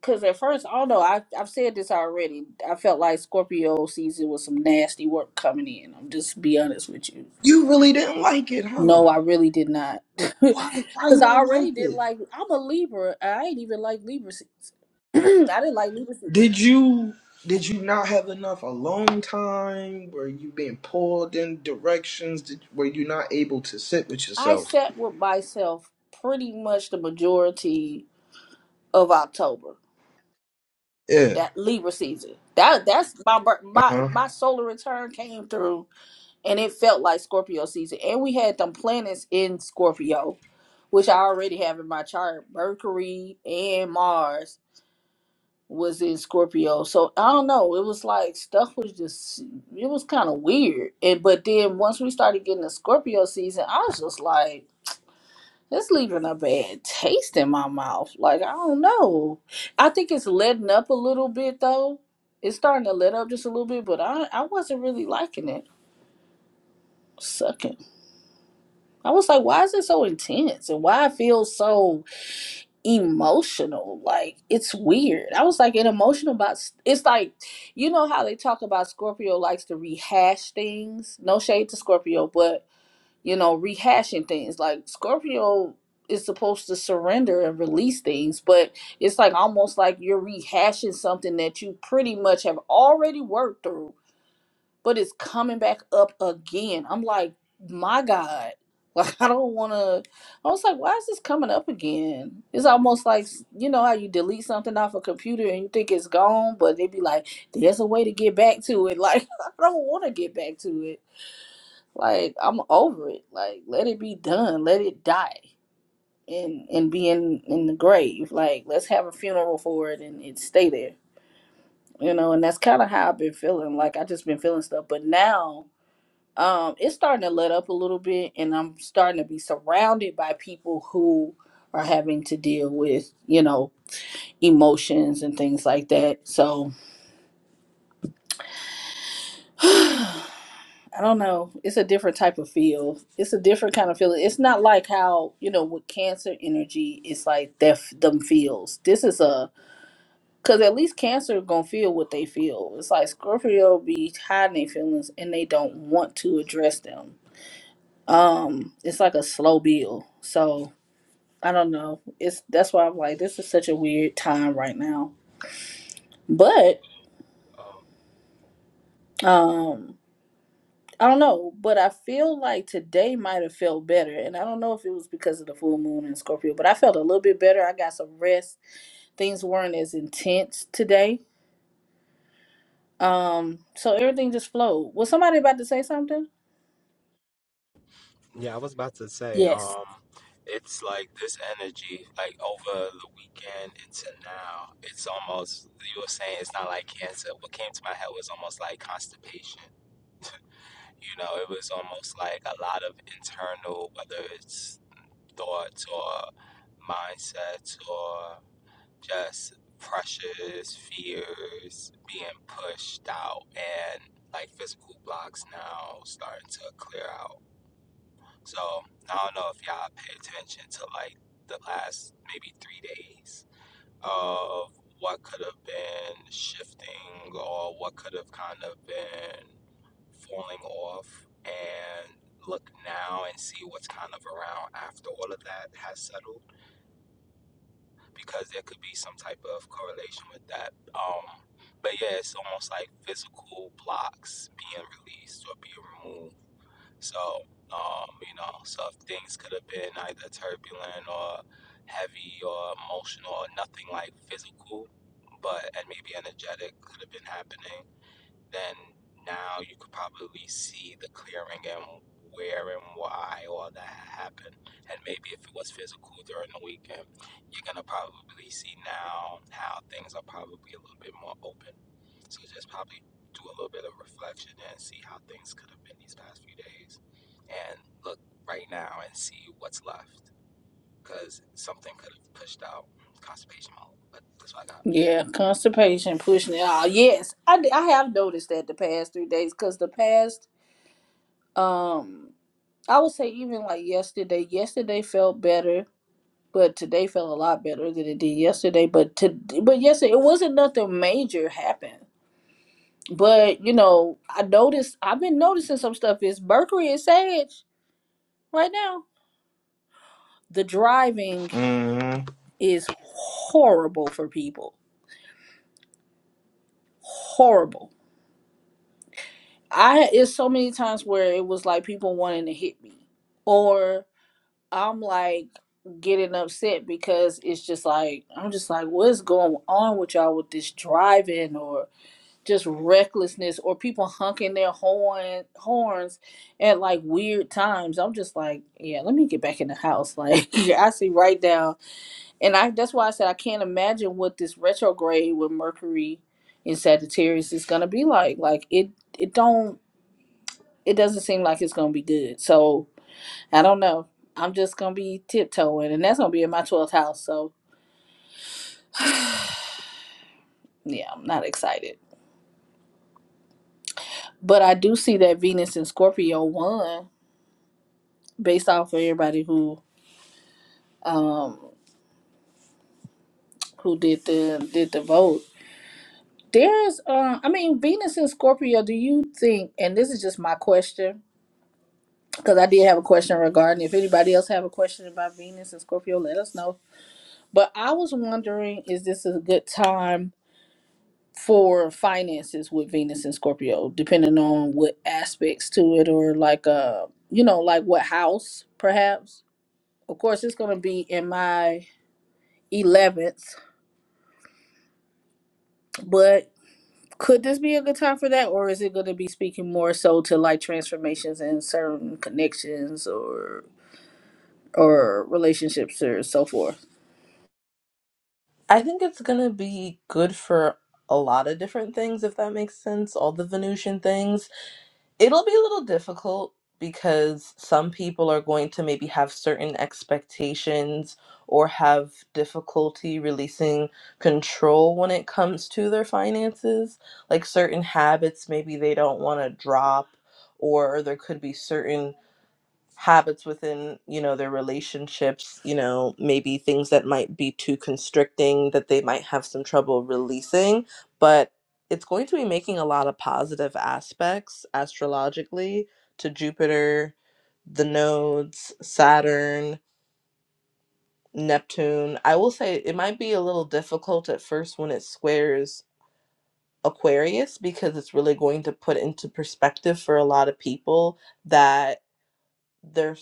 S2: because at first i don't know I, i've said this already i felt like scorpio season was some nasty work coming in i'm just be honest with you
S1: you really didn't like it, huh?
S2: No, I really did not.
S1: Why? Why
S2: Because
S1: you
S2: I
S1: didn't
S2: already
S1: like
S2: did
S1: it?
S2: like, I'm a Libra. and I ain't even like Libra season. I didn't like Libra season.
S1: Did you? Did you not have enough alone time? Were you being pulled in directions? Did, were you not able to sit with
S2: I
S1: yourself?
S2: sat with myself pretty much the majority of October,
S1: Yeah.
S2: that Libra season. That that's my bir- my
S1: Uh-huh.
S2: my solar return came through, and it felt like Scorpio season. And we had them planets in Scorpio, which I already have in my chart: Mercury and Mars was in Scorpio. So I don't know. It was like stuff was just it was kind of weird. And but then once we started getting the Scorpio season, I was just like, it's leaving a bad taste in my mouth. Like I don't know. I think it's letting up a little bit though. It's starting to let up just a little bit, but I I wasn't really liking it. Sucking. I was like, why is it so intense? And why I feel so emotional. Like it's weird. I was like, an emotional about. It's like, you know how they talk about Scorpio likes to rehash things. No shade to Scorpio, but you know, rehashing things. Like Scorpio is supposed to surrender and release things, but it's like almost like you're rehashing something that you pretty much have already worked through but it's coming back up again. I'm like, my God. Like I don't want to. I was like, why is this coming up again? It's almost like you know how you delete something off a computer and you think it's gone, but they be like, there's a way to get back to it. Like I don't want to get back to it. Like I'm over it. Like let it be done. Let it die and and be in in the grave. Like let's have a funeral for it and it stay there. You know, and that's kind of how I've been feeling. Like I just been feeling stuff, but now um it's starting to let up a little bit and i'm starting to be surrounded by people who are having to deal with you know emotions and things like that so i don't know it's a different type of feel it's a different kind of feeling it's not like how you know with cancer energy it's like that them feels this is a because at least cancer gonna feel what they feel it's like scorpio be hiding their feelings and they don't want to address them um it's like a slow build so I don't know. It's that's why I'm like, this is such a weird time right now. But
S5: Um,
S2: um I don't know, but I feel like today might have felt better. And I don't know if it was because of the full moon in Scorpio, but I felt a little bit better. I got some rest. Things weren't as intense today. Um, so everything just flowed. Was somebody about to say something?
S5: yeah, I was about to say,
S2: Yes.
S5: um, it's like this energy, like over the weekend into now, it's almost, you were saying it's not like cancer. What came to my head was almost like constipation. You know, it was almost like a lot of internal, whether it's thoughts or mindsets or just pressures, fears being pushed out and like physical blocks now starting to clear out So I don't know if y'all pay attention to like the last maybe three days of what could have been shifting or what could have kind of been falling off and look now and see what's kind of around after all of that has settled because there could be some type of correlation with that. Um but yeah, it's almost like physical blocks being released or being removed so, um, you know, so if things could have been either turbulent or heavy or emotional or nothing like physical, but and maybe energetic could have been happening then now you could probably see the clearing and where and why all that happened. And maybe if it was physical during the weekend, you're gonna probably see now how things are probably a little bit more open. So just probably do a little bit of reflection and see how things could have been these past few days. And look right now and see what's left. Because something could have pushed out constipation mode. But that's what I got.
S2: Yeah, constipation, pushing it out. Yes, I, d- I have noticed that the past three days because the past, um, I would say even like yesterday. Yesterday felt better, but today felt a lot better than it did yesterday. But to but yesterday it wasn't nothing major happened. But you know, I noticed I've been noticing some stuff. Is Mercury and Sag right now? The driving
S1: hmm
S2: is horrible for people. Horrible. I it's so many times where it was like people wanting to hit me, or I'm like getting upset because it's just like I'm just like what's going on with y'all with this driving or just recklessness or people honking their horn horns at like weird times. I'm just like, yeah, let me get back in the house. Like yeah, I see right now. And I that's why I said I can't imagine what this retrograde with Mercury in Sagittarius is gonna be like. Like it it don't it doesn't seem like it's gonna be good. So I don't know. I'm just gonna be tiptoeing, and that's gonna be in my twelfth house. So yeah, I'm not excited. But I do see that Venus and Scorpio won based off of everybody who um who did the did the vote. There's uh, I mean Venus and Scorpio. Do you think? And this is just my question because I did have a question regarding. If anybody else have a question about Venus and Scorpio, let us know. But I was wondering, is this a good time? for finances with Venus and Scorpio, depending on what aspects to it or like uh you know, like what house perhaps. Of course it's gonna be in my eleventh, but could this be a good time for that or is it gonna be speaking more so to like transformations and certain connections or or relationships or so forth?
S4: I think it's going to be good for a lot of different things, if that makes sense. All the Venusian things. It'll be a little difficult because some people are going to maybe have certain expectations or have difficulty releasing control when it comes to their finances. Like certain habits, maybe they don't want to drop, or there could be certain habits within you know their relationships you know maybe things that might be too constricting that they might have some trouble releasing but it's going to be making a lot of positive aspects astrologically to jupiter the nodes saturn neptune i will say it might be a little difficult at first when it squares aquarius because it's really going to put into perspective for a lot of people that their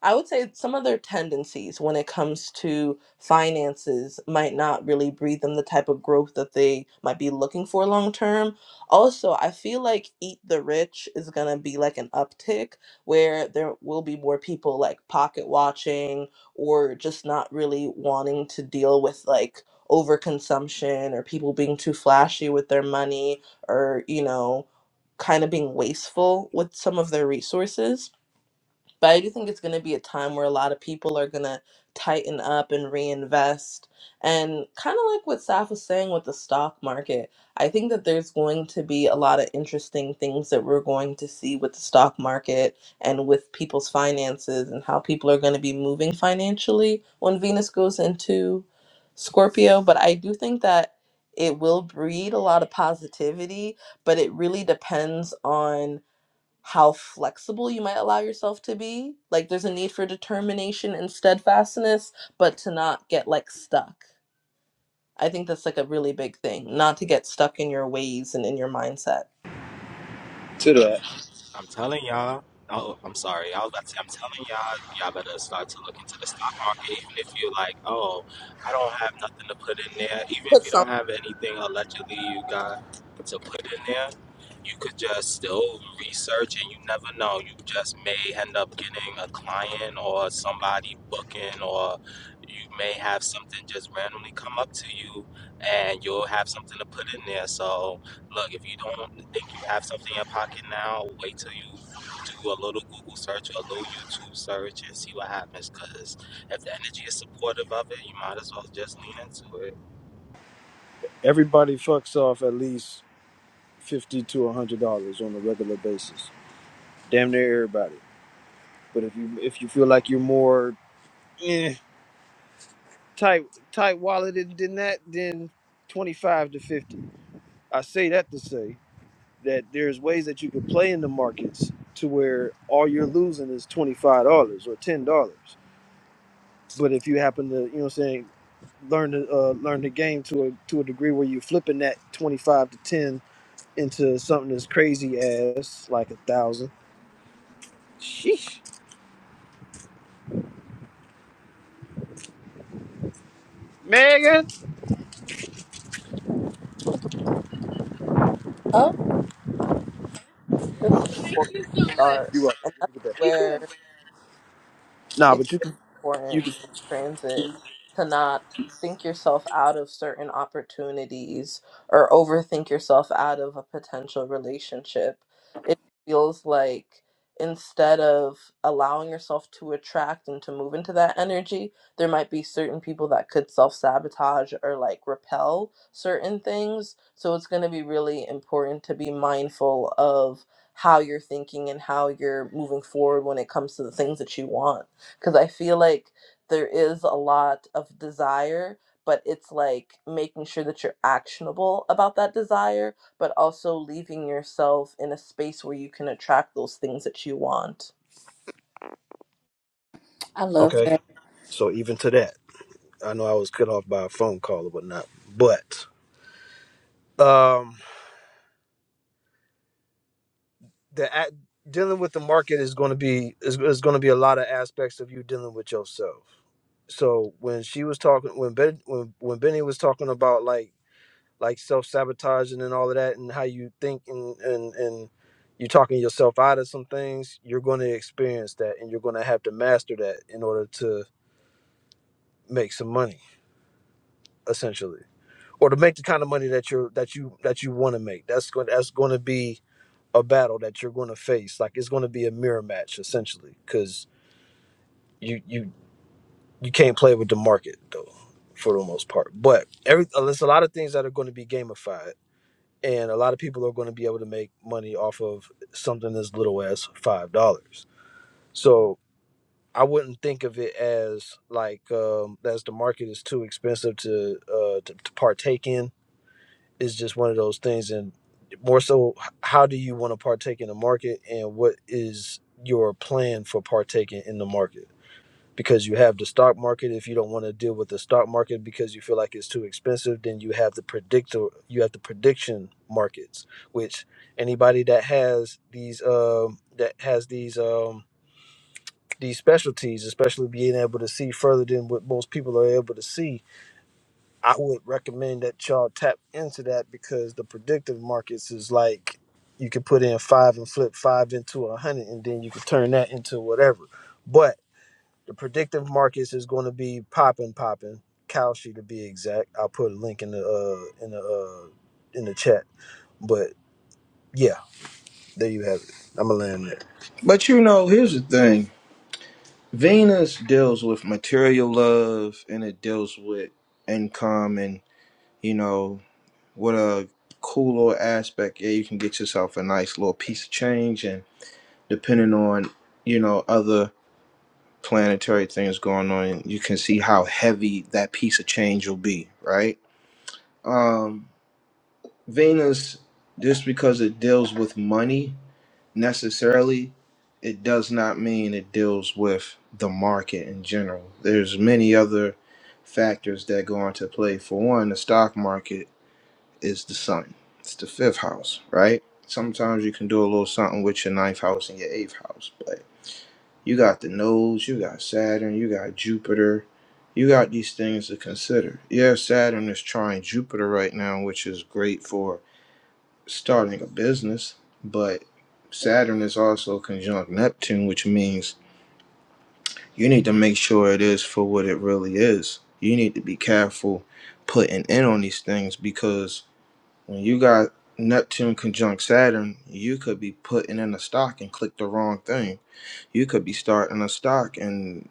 S4: I would say some of their tendencies when it comes to finances might not really breed them the type of growth that they might be looking for long term. Also, I feel like Eat the Rich is going to be like an uptick where there will be more people like pocket watching or just not really wanting to deal with like overconsumption or people being too flashy with their money or, you know, kind of being wasteful with some of their resources. But I do think it's going to be a time where a lot of people are going to tighten up and reinvest. And kind of like what Saf was saying with the stock market, I think that there's going to be a lot of interesting things that we're going to see with the stock market and with people's finances and how people are going to be moving financially when Venus goes into Scorpio. But I do think that it will breed a lot of positivity, but it really depends on how flexible you might allow yourself to be. Like there's a need for determination and steadfastness, but to not get like stuck. I think that's like a really big thing, not to get stuck in your ways and in your mindset.
S6: To that,
S5: I'm telling y'all. Oh, I'm sorry. I was about to say, I'm telling y'all, y'all better start to look into the stock market, even if you're like, oh, I don't have nothing to put in there. Even if
S4: Put
S5: you don't
S4: something
S5: have anything allegedly you got to put in there, you could just still research and you never know. You just may end up getting a client or somebody booking, or you may have something just randomly come up to you and you'll have something to put in there. So, Look, if you don't think you have something in your pocket now, wait till you do a little Google search or a little YouTube search and see what happens. Because if the energy is supportive of it, you might as well just lean into it.
S6: everybody fucks off at least fifty to a hundred dollars on a regular basis. damn near everybody. But if you if you feel like you're more eh, tight tight walleted than that, then 25 to 50. I say that to say that there's ways that you can play in the markets to where all you're losing is $25 or $10. But if you happen to, you know what I'm saying, learn to uh, learn the game to a to a degree where you're flipping that 25 to 10 into something as crazy as like a thousand. Sheesh. Megan.
S2: Oh,
S4: just important to start.
S6: You
S4: And that's
S6: welcome.
S4: where
S6: Nah, but
S4: it's
S6: you
S4: really
S6: can you can
S4: important in transit to not think yourself out of certain opportunities or overthink yourself out of a potential relationship. It feels like instead of allowing yourself to attract and to move into that energy, there might be certain people that could self sabotage or like repel certain things. So it's going to be really important to be mindful of how you're thinking and how you're moving forward when it comes to the things that you want because I feel like there is a lot of desire, but it's like making sure that you're actionable about that desire, but also leaving yourself in a space where you can attract those things that you want.
S2: I love
S6: Okay.
S2: that.
S6: So even to that, I know I was cut off by a phone call or whatnot, but um, the act, dealing with the market is going to be is, is going to be a lot of aspects of you dealing with yourself. So when she was talking, when Ben, when when Benny was talking about like like self sabotaging and all of that, and how you think and and and you talking yourself out of some things, you're going to experience that, and you're going to have to master that in order to make some money, essentially or to make the kind of money that you're that you that you want to make. That's going that's going to be a battle that you're going to face. Like it's going to be a mirror match essentially because you you you can't play with the market though for the most part. But every uh, there's a lot of things that are going to be gamified, and a lot of people are going to be able to make money off of something as little as five dollars. So I wouldn't think of it as like um, as the market is too expensive to uh, to, to partake in is just one of those things and more so how do you want to partake in the market and what is your plan for partaking in the market because you have the stock market if you don't want to deal with the stock market because you feel like it's too expensive then you have the predictor you have the prediction markets which anybody that has these um that has these um these specialties especially being able to see further than what most people are able to see I would recommend that y'all tap into that because the predictive markets is like you can put in five and flip five into a hundred, and then you can turn that into whatever. But the predictive markets is going to be popping, popping. Kalshi to be exact. I'll put a link in the uh in the uh in the chat. But yeah, there you have it. I'm gonna land there.
S1: But you know, here's the thing. Venus deals with material love and it deals with income and, you know, what a cool little aspect. Yeah, you can get yourself a nice little piece of change and depending on, you know, other planetary things going on, you can see how heavy that piece of change will be, right? Um Venus just because it deals with money necessarily it does not mean it deals with the market in general there's many other factors that go into play for one the stock market is the sun it's the fifth house right sometimes you can do a little something with your ninth house and your eighth house but you got the nodes you got saturn you got jupiter you got these things to consider yeah saturn is trying jupiter right now which is great for starting a business, but Saturn is also conjunct Neptune, which means you need to make sure it is for what it really is. You need to be careful putting in on these things because when you got Neptune conjunct Saturn, you could be putting in a stock and click the wrong thing. You could be starting a stock and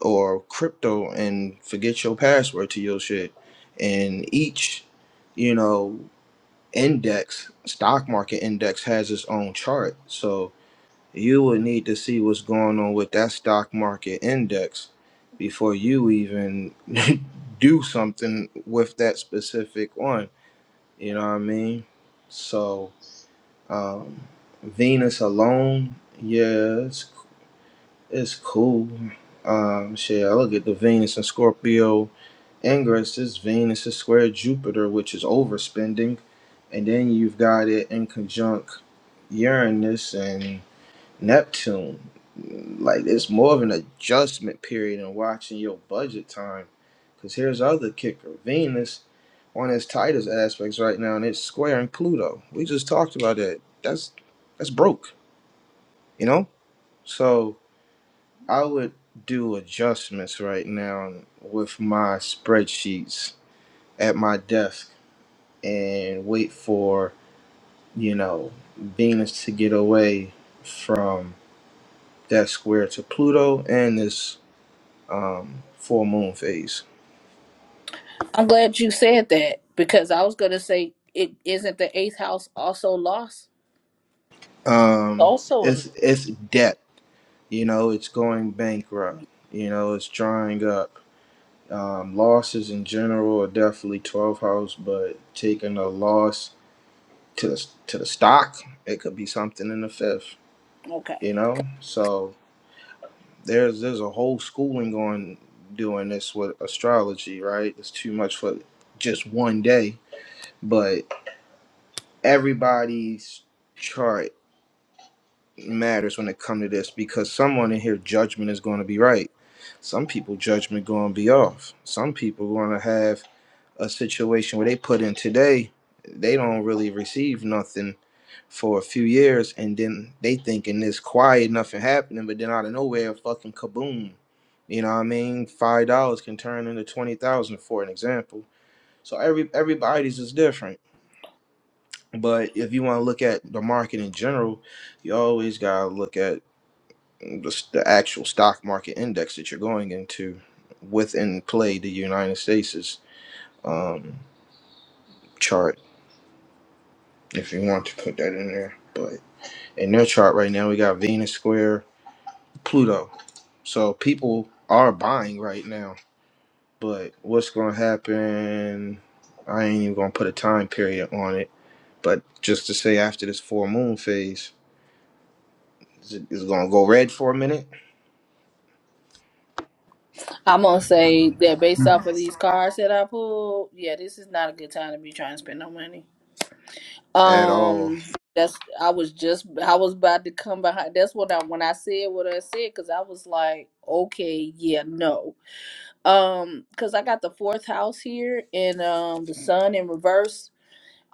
S1: or crypto and forget your password to your shit. And each, you know, index, stock market index has its own chart. So you would need to see what's going on with that stock market index before you even do something with that specific one. You know what I mean? So um, Venus alone, yeah, it's, it's cool. Um, shit, I look at the Venus and Scorpio Anger is this Venus is square Jupiter, which is overspending, and then you've got it in conjunct Uranus and Neptune. Like it's more of an adjustment period in watching your budget time. Cause here's the other kicker: Venus on its tightest aspects right now, and it's squaring Pluto. We just talked about that. That's that's broke, you know. So I would do adjustments right now with my spreadsheets at my desk and wait for, you know, Venus to get away from that square to Pluto and this um, full moon phase.
S2: I'm glad you said that because I was gonna say it isn't the eighth house also lost.
S1: Um,
S4: also in
S1: it's it's debt, you know, it's going bankrupt, you know, it's drying up. Um, losses in general are definitely 12 house, but taking a loss to the, to the stock, it could be something in the fifth,
S2: Okay.
S1: you know? So there's there's a whole schooling on doing this with astrology, right? It's too much for just one day, but everybody's chart matters when it comes to this because someone in here judgment is going to be right. Some people judgment going to be off. Some people going to have a situation where they put in today, they don't really receive nothing for a few years, and then they thinking it's quiet, nothing happening, but then out of nowhere, fucking kaboom. You know what I mean? Five dollars can turn into twenty thousand for an example. So every everybody's is different. But if you want to look at the market in general, you always gotta look at the, the actual stock market index that you're going into within play the United States' um, chart if you want to put that in there. But in their chart right now, we got Venus square Pluto. So people are buying right now. But what's going to happen? I ain't even going to put a time period on it. But just to say, after this full moon phase, is it is going to go red for a minute
S2: I'm gonna say that based off of these cards that I pulled, yeah, this is not a good time to be trying to spend no money.
S1: at all?
S2: Um, that's I was just I was about to come behind. That's what I when I said what I said because I was like, okay, yeah, no. Um, because I got the fourth house here and um the sun in reverse.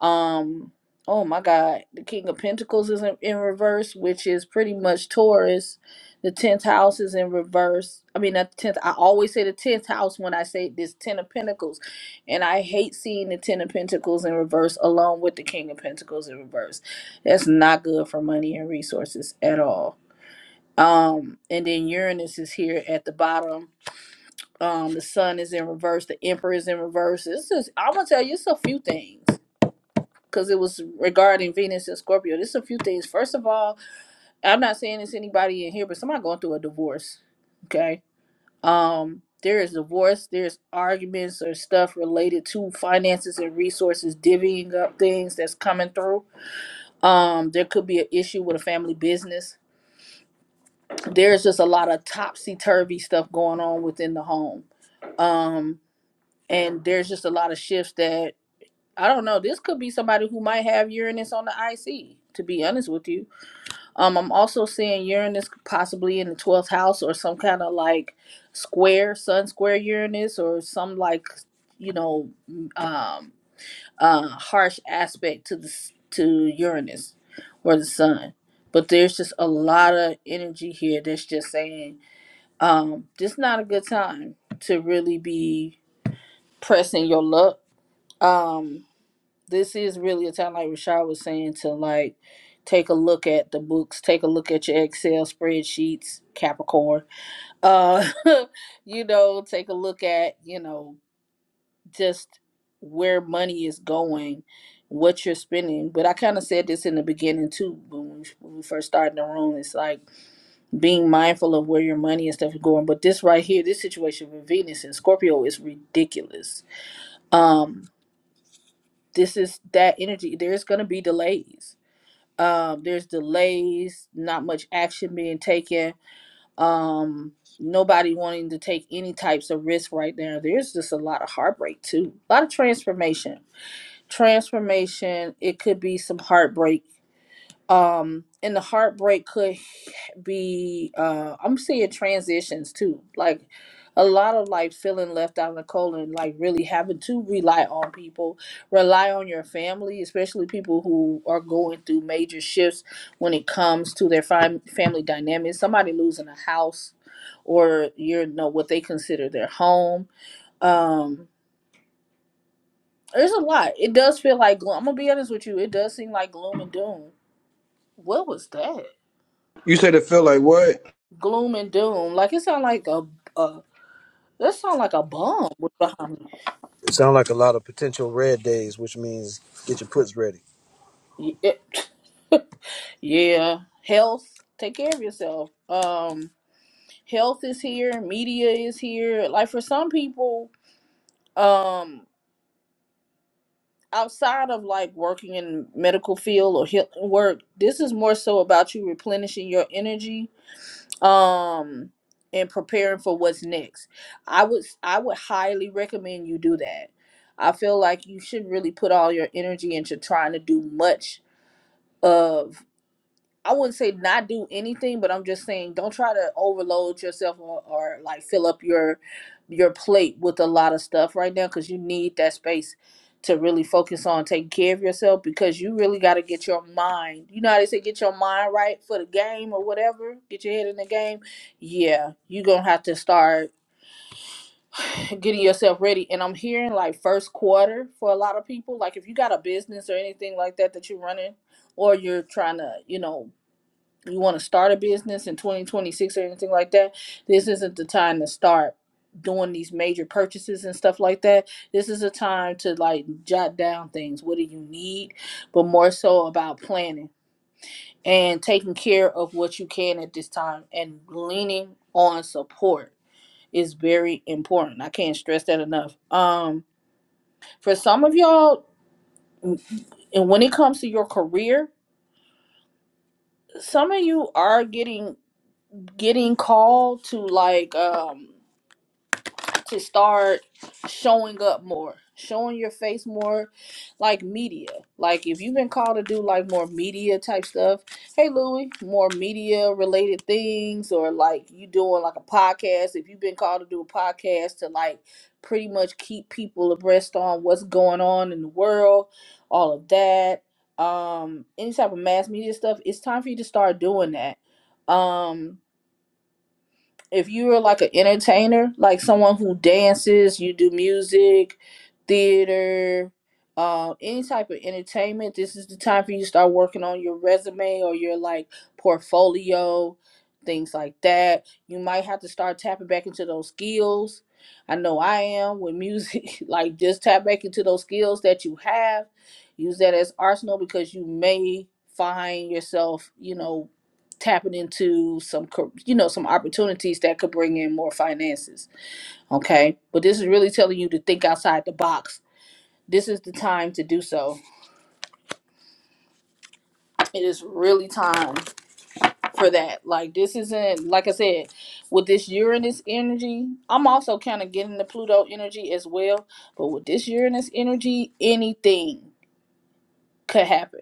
S2: Um, oh my God, the King of Pentacles is in, in reverse, which is pretty much Taurus. The tenth house is in reverse. I mean, not the tenth. I always say the tenth house when I say this Ten of Pentacles, and I hate seeing the Ten of Pentacles in reverse along with the King of Pentacles in reverse. That's not good for money and resources at all. Um, and then Uranus is here at the bottom. Um, the Sun is in reverse. The Emperor is in reverse. It's just I'm gonna tell you, it's a few things because it was regarding Venus and Scorpio. There's a few things. First of all, I'm not saying it's anybody in here, but somebody going through a divorce. Okay. Um, there is divorce, there's arguments or stuff related to finances and resources, divvying up things that's coming through. Um, there could be an issue with a family business. There's just a lot of topsy turvy stuff going on within the home. Um, and there's just a lot of shifts that I don't know. This could be somebody who might have Uranus on the IC, to be honest with you Um, I'm also seeing Uranus possibly in the 12th house or some kind of like square, sun square Uranus or some like, you know, um, uh, harsh aspect to the, s- to Uranus or the sun. But there's just a lot of energy here that's just saying, um, this not a good time to really be pressing your luck. Um, this is really a time like Rashad was saying to like take a look at the books, take a look at your Excel spreadsheets, Capricorn. Uh you know, take a look at, you know, just where money is going, what you're spending. But I kind of said this in the beginning too when we, when we first started the room. It's like being mindful of where your money and stuff is going. But this right here, this situation with Venus and Scorpio is ridiculous. Um, this is that energy. There's gonna be delays Um, there's delays, not much action being taken. Um, nobody wanting to take any types of risk right now. There's just a lot of heartbreak too. A lot of transformation. Transformation. It could be some heartbreak um and the heartbreak could be uh i'm seeing transitions too like a lot of like feeling left out in the cold and like really having to rely on people rely on your family especially people who are going through major shifts when it comes to their fam- family dynamics somebody losing a house or you know what they consider their home um there's a lot it does feel like gloom i'm gonna be honest with you it does seem like gloom and doom what was that
S1: You said it felt like what?
S2: gloom and doom. Like it sound like a, a that sound like a bomb was behind
S6: It sounds like a lot of potential red days, which means get your puts ready.
S2: me. Yeah. yeah. Health. Take care of yourself. Um health is here, media is here. Like for some people, um outside of like working in medical field or healing work, this is more so about you replenishing your energy um and preparing for what's next i would i would highly recommend you do that i feel like you should really put all your energy into trying to do much of I wouldn't say not do anything, but I'm just saying don't try to overload yourself or, or like fill up your your plate with a lot of stuff right now because you need that space to really focus on taking care of yourself because you really got to get your mind. You know how they say get your mind right for the game or whatever, get your head in the game. Yeah, you're gonna have to start getting yourself ready. And I'm hearing like first quarter for a lot of people. Like if you got a business or anything like that that you're running, or you're trying to, you know, you want to start a business in 2026 or anything like that, this isn't the time to start doing these major purchases and stuff like that. This is a time to like jot down things. What do you need? But more so about planning and taking care of what you can at this time and leaning on support is very important. I can't stress that enough. Um for some of y'all and when it comes to your career, some of you are getting getting called to like um to start showing up more, showing your face more, like media. Like if you've been called to do like more media type stuff, hey Louie, more media related things, or like you doing like a podcast. If you've been called to do a podcast to like pretty much keep people abreast on what's going on in the world, all of that, um, any type of mass media stuff, it's time for you to start doing that. Um, if you're like an entertainer, like someone who dances, you do music, theater, uh, any type of entertainment, this is the time for you to start working on your resume or your like portfolio, things like that. You might have to start tapping back into those skills. I know I am with music, like just tap back into those skills that you have. Use that as arsenal because you may find yourself, you know, tapping into some you know some opportunities that could bring in more finances okay but this is really telling you to think outside the box this is the time to do so it is really time for that like this isn't like i said with this uranus energy i'm also kind of getting the pluto energy as well but with this uranus energy anything could happen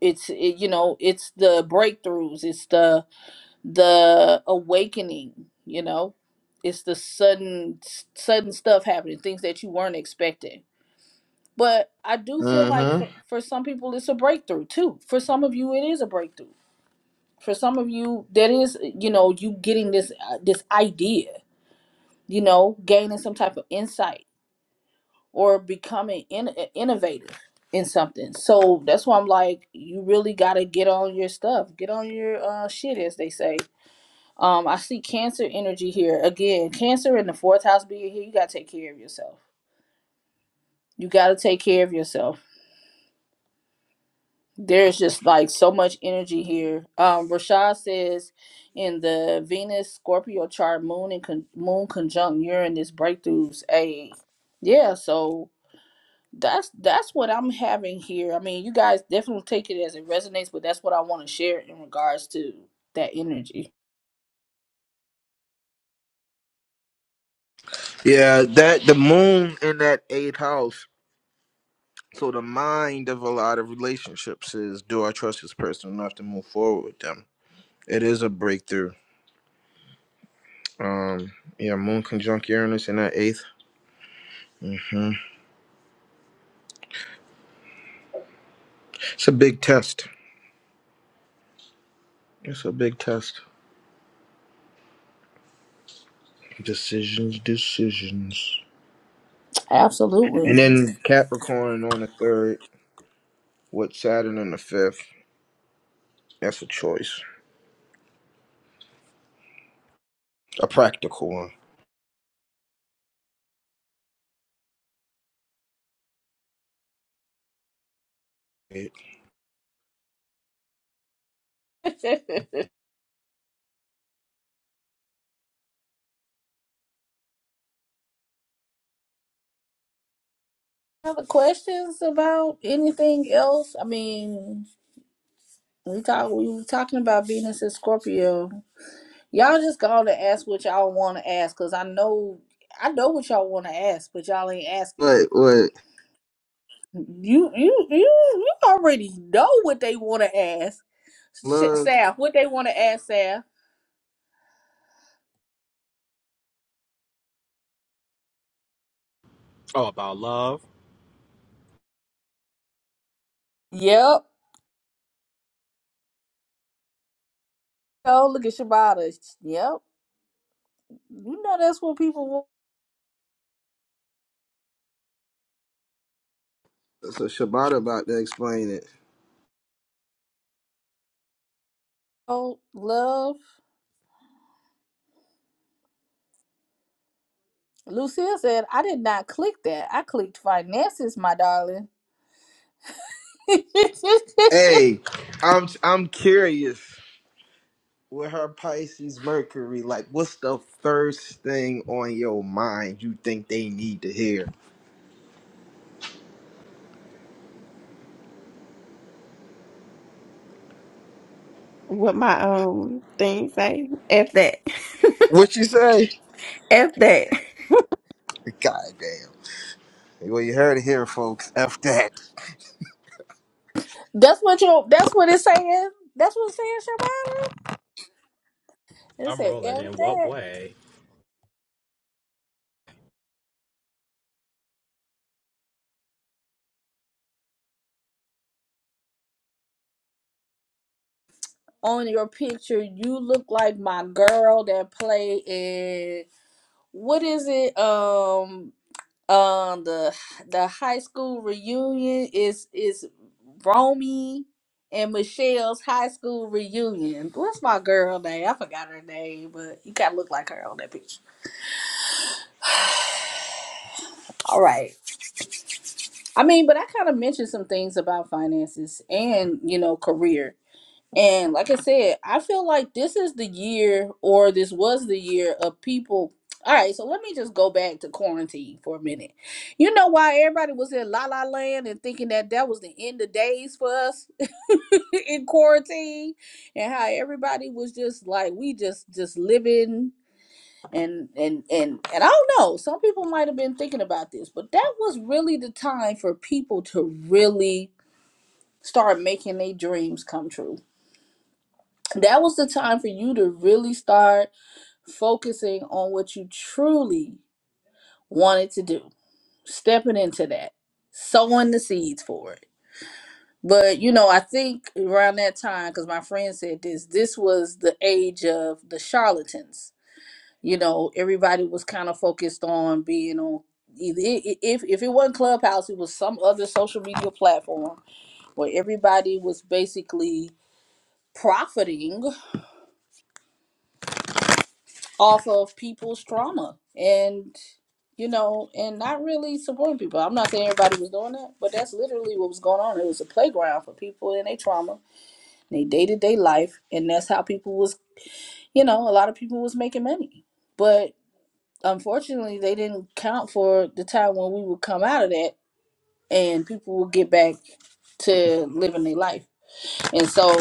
S2: it's it, you know it's the breakthroughs it's the the awakening you know it's the sudden sudden stuff happening things that you weren't expecting but i do feel like
S1: Mm-hmm.
S2: for, for some people it's a breakthrough too for some of you it is a breakthrough for some of you that is you know you getting this uh, this idea you know gaining some type of insight or becoming in, innovative in something so that's why i'm like you really got to get on your stuff get on your uh shit as they say Um, I see Cancer energy here again. Cancer in the fourth house being here, you gotta take care of yourself. You gotta take care of yourself. There's just like so much energy here. Um, Rashad says in the Venus Scorpio chart, Moon and con- Moon conjunct Uranus breakthroughs. A yeah, so that's that's what I'm having here. I mean, you guys definitely take it as it resonates, but that's what I want to share in regards to that energy.
S1: Yeah, that the moon in that eighth house. So the mind of a lot of relationships is: Do I trust this person enough to move forward with them? It is a breakthrough. Um, yeah, Moon conjunct Uranus in that 8th Mm-hmm. It's a big test. It's a big test. Decisions, decisions.
S2: Absolutely.
S1: And then Capricorn on the third with Saturn on the fifth. That's a choice, a practical one.
S2: Other questions about anything else? I mean, we talk. We were talking about Venus and Scorpio. Y'all just go on and ask what y'all want to ask, cause I know, I know what y'all want to ask, but y'all ain't asking it.
S1: Wait, wait.
S2: You, you, you, you already know what they want to ask. Shit,
S1: Love.
S2: Saf, what they want to ask, Saf?
S5: Oh, about love?
S2: Yep. Oh, look at Shibata. Yep. You know that's what people want.
S1: So Shabbat about to explain it.
S2: Oh, Love. Lucille said, I did not click that. I clicked finances, my darling.
S1: Hey, I'm I'm curious with her Pisces Mercury. Like, what's the first thing on your mind you think they need to hear?
S3: What my um thing say? F That.
S1: What you say?
S3: F that.
S1: God damn. Well, you heard it here, folks. F that.
S2: that's what you. That's what it's saying. That's what it's saying, Shabana. It
S5: I'm
S2: said,
S5: rolling. In
S2: "If
S5: what
S2: that
S5: way?
S2: on your picture, you look like my girl that play in what is it? Um, um, the the high school reunion is is Romy and Michelle's high school reunion. What's my girl name? I forgot her name, but you gotta look like her on that picture. All right. I mean, but I kind of mentioned some things about finances and, you know, career. And like I said, I feel like this is the year or this was the year of people. All right, so let me just go back to quarantine for a minute. You know why everybody was in la la land and thinking that that was the end of days for us in quarantine and how everybody was just like we just just living and and and and I don't know. Some people might have been thinking about this, but that was really the time for people to really start making their dreams come true. That was the time for you to really start focusing on what you truly wanted to do, stepping into that, sowing the seeds for it. But you know, I think around that time, because my friend said this, this was the age of the charlatans you know everybody was kind of focused on being on either i- i- if if it wasn't clubhouse it was some other social media platform where everybody was basically profiting off of people's trauma and you know and not really supporting people i'm not saying everybody was doing that but that's literally what was going on it was a playground for people in their trauma in their day-to-day life and that's how people was you know a lot of people was making money but unfortunately they didn't count for the time when we would come out of that and people would get back to living their life and so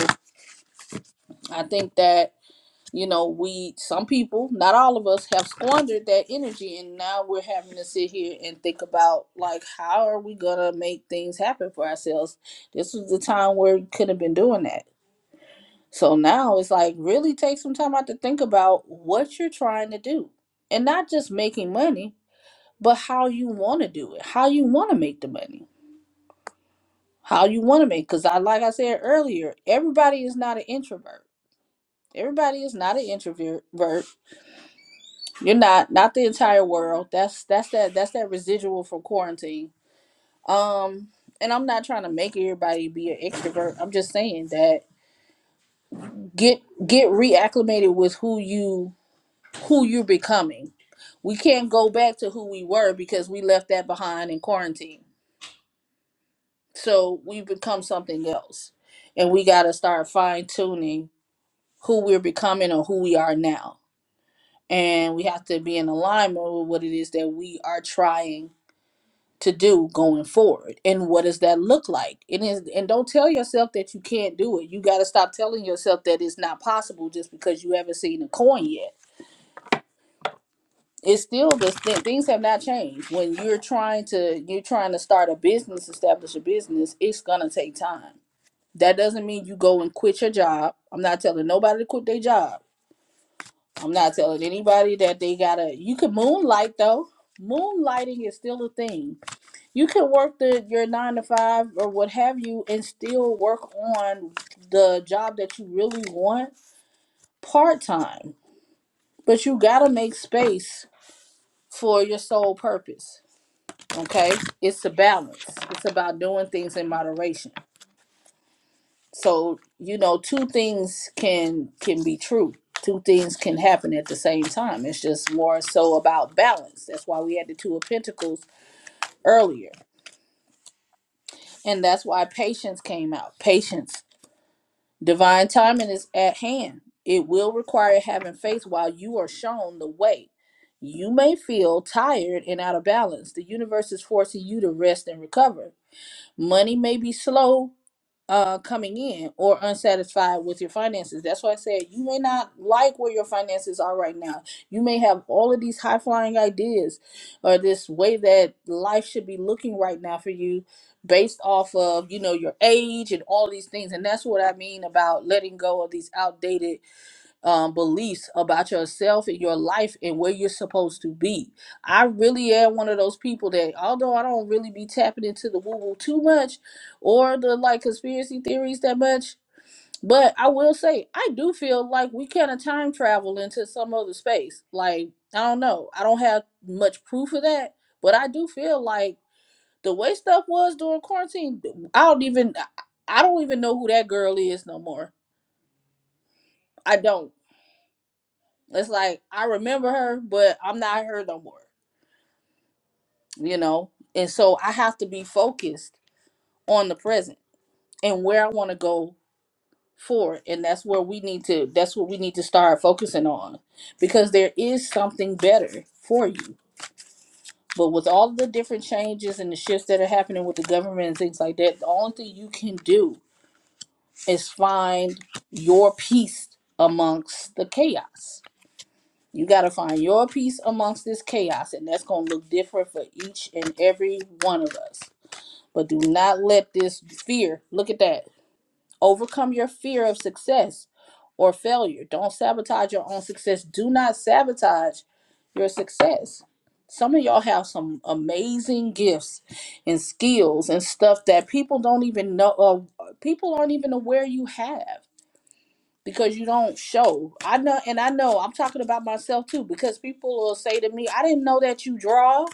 S2: i think that you know we some people not all of us have squandered that energy and now we're having to sit here and think about like how are we gonna make things happen for ourselves this was the time where we could have been doing that so now it's like really take some time out to think about what you're trying to do and not just making money but how you want to do it, how you want to make the money, how you want to make. Because I, like I said earlier, everybody is not an introvert. Everybody is not an introvert. You're not, not the entire world. That's that's that that's that residual from quarantine. Um, and I'm not trying to make everybody be an extrovert. I'm just saying that get get reacclimated with who you who you're becoming. We can't go back to who we were because we left that behind in quarantine So we become something else. And we got to start fine tuning who we're becoming or who we are now. And we have to be in alignment with what it is that we are trying to do going forward. And what does that look like? It is and don't tell yourself that you can't do it. You got to stop telling yourself that it's not possible just because you haven't seen a coin yet. It's still the th- things have not changed. When you're trying to you're trying to start a business, establish a business, it's going to take time That doesn't mean you go and quit your job. I'm not telling nobody to quit their job. I'm not telling anybody that they gotta. You can moonlight though. Moonlighting is still a thing. You can work the your nine to five or what have you, and still work on the job that you really want part time. But you gotta make space for your sole purpose. Okay, it's a balance. It's about doing things in moderation. So, you know, two things can can be true. Two things can happen at the same time. It's just more so about balance. That's why we had the two of pentacles earlier. And that's why patience came out. Patience. Divine timing is at hand. It will require having faith while you are shown the way. You may feel tired and out of balance. The universe is forcing you to rest and recover. Money may be slow, uh coming in or unsatisfied with your finances. That's why I said you may not like where your finances are right now. You may have all of these high flying ideas or this way that life should be looking right now for you based off of, you know, your age and all these things. And that's what I mean about letting go of these outdated um, beliefs about yourself and your life and where you're supposed to be. I really am one of those people that, although I don't really be tapping into the woo woo too much or the like conspiracy theories that much, but I will say I do feel like we kind of time travel into some other space. Like, I don't know. I don't have much proof of that, but I do feel like the way stuff was during quarantine, I don't even, I I don't even know who that girl is no more. I don't. It's like I remember her, but I'm not her no more, you know? And so I have to be focused on the present and where I want to go forward. And that's where we need to that's what we need to start focusing on. Because there is something better for you. But with all the different changes and the shifts that are happening with the government and things like that, the only thing you can do is find your peace amongst the chaos You got to find your peace amongst this chaos, and that's going to look different for each and every one of us. But do not let this fear look at that overcome your fear of success or failure. Don't sabotage your own success. Do not sabotage your success. Some of y'all have some amazing gifts and skills and stuff that people don't even know, uh, people aren't even aware you have because you don't show. I know, and I know I'm talking about myself too, because people will say to me, I didn't know that you draw.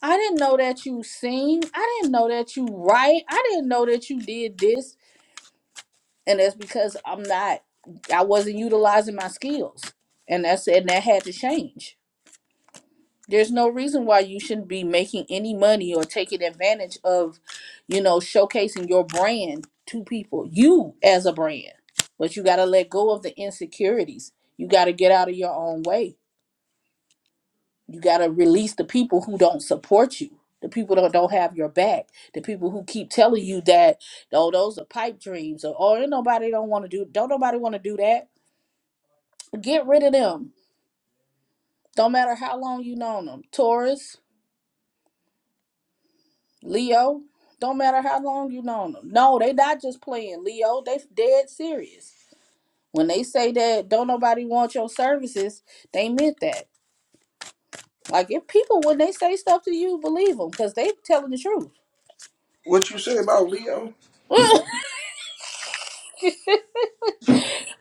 S2: I didn't know that you sing. I didn't know that you write. I didn't know that you did this. And that's because I'm not, I wasn't utilizing my skills. And that's, and that had to change There's no reason why you shouldn't be making any money or taking advantage of, you know, showcasing your brand to people, you as a brand. But you got to let go of the insecurities. You got to get out of your own way. You got to release the people who don't support you, the people that don't have your back, the people who keep telling you that, oh, those are pipe dreams or, oh, ain't nobody don't want to do, don't nobody want to do that. Get rid of them. Don't matter how long you known them. Taurus, Leo, don't matter how long you known them. No, they not just playing, Leo. They dead serious. When they say that don't nobody want your services, they meant that. Like if people when they say stuff to you, believe them because they telling the truth.
S1: What you say about Leo?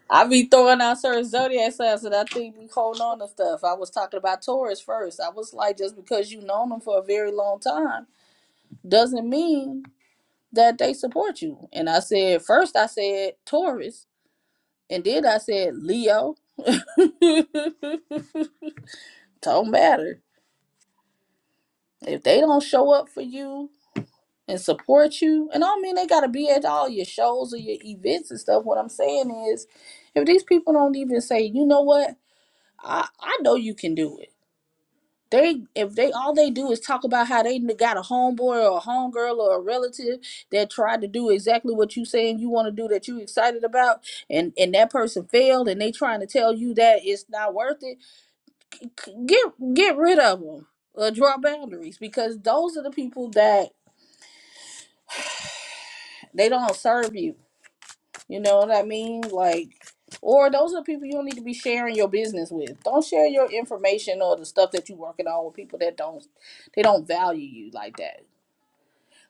S2: I be throwing out certain zodiac signs that I think we holding on to stuff. I was talking about Taurus first. I was like, just because you known them for a very long time doesn't mean that they support you. And I said first, I said Taurus, and then I said Leo, don't matter if they don't show up for you and support you and i don't mean they gotta be at all your shows or your events and stuff what i'm saying is if these people don't even say you know what i i know you can do it they if they all they do is talk about how they got a homeboy or a homegirl or a relative that tried to do exactly what you saying you want to do that you excited about and and that person failed and they trying to tell you that it's not worth it get get rid of them or draw boundaries because those are the people that they don't serve you you know what i mean like or those are the people you don't need to be sharing your business with don't share your information or the stuff that you're working on with people that don't they don't value you like that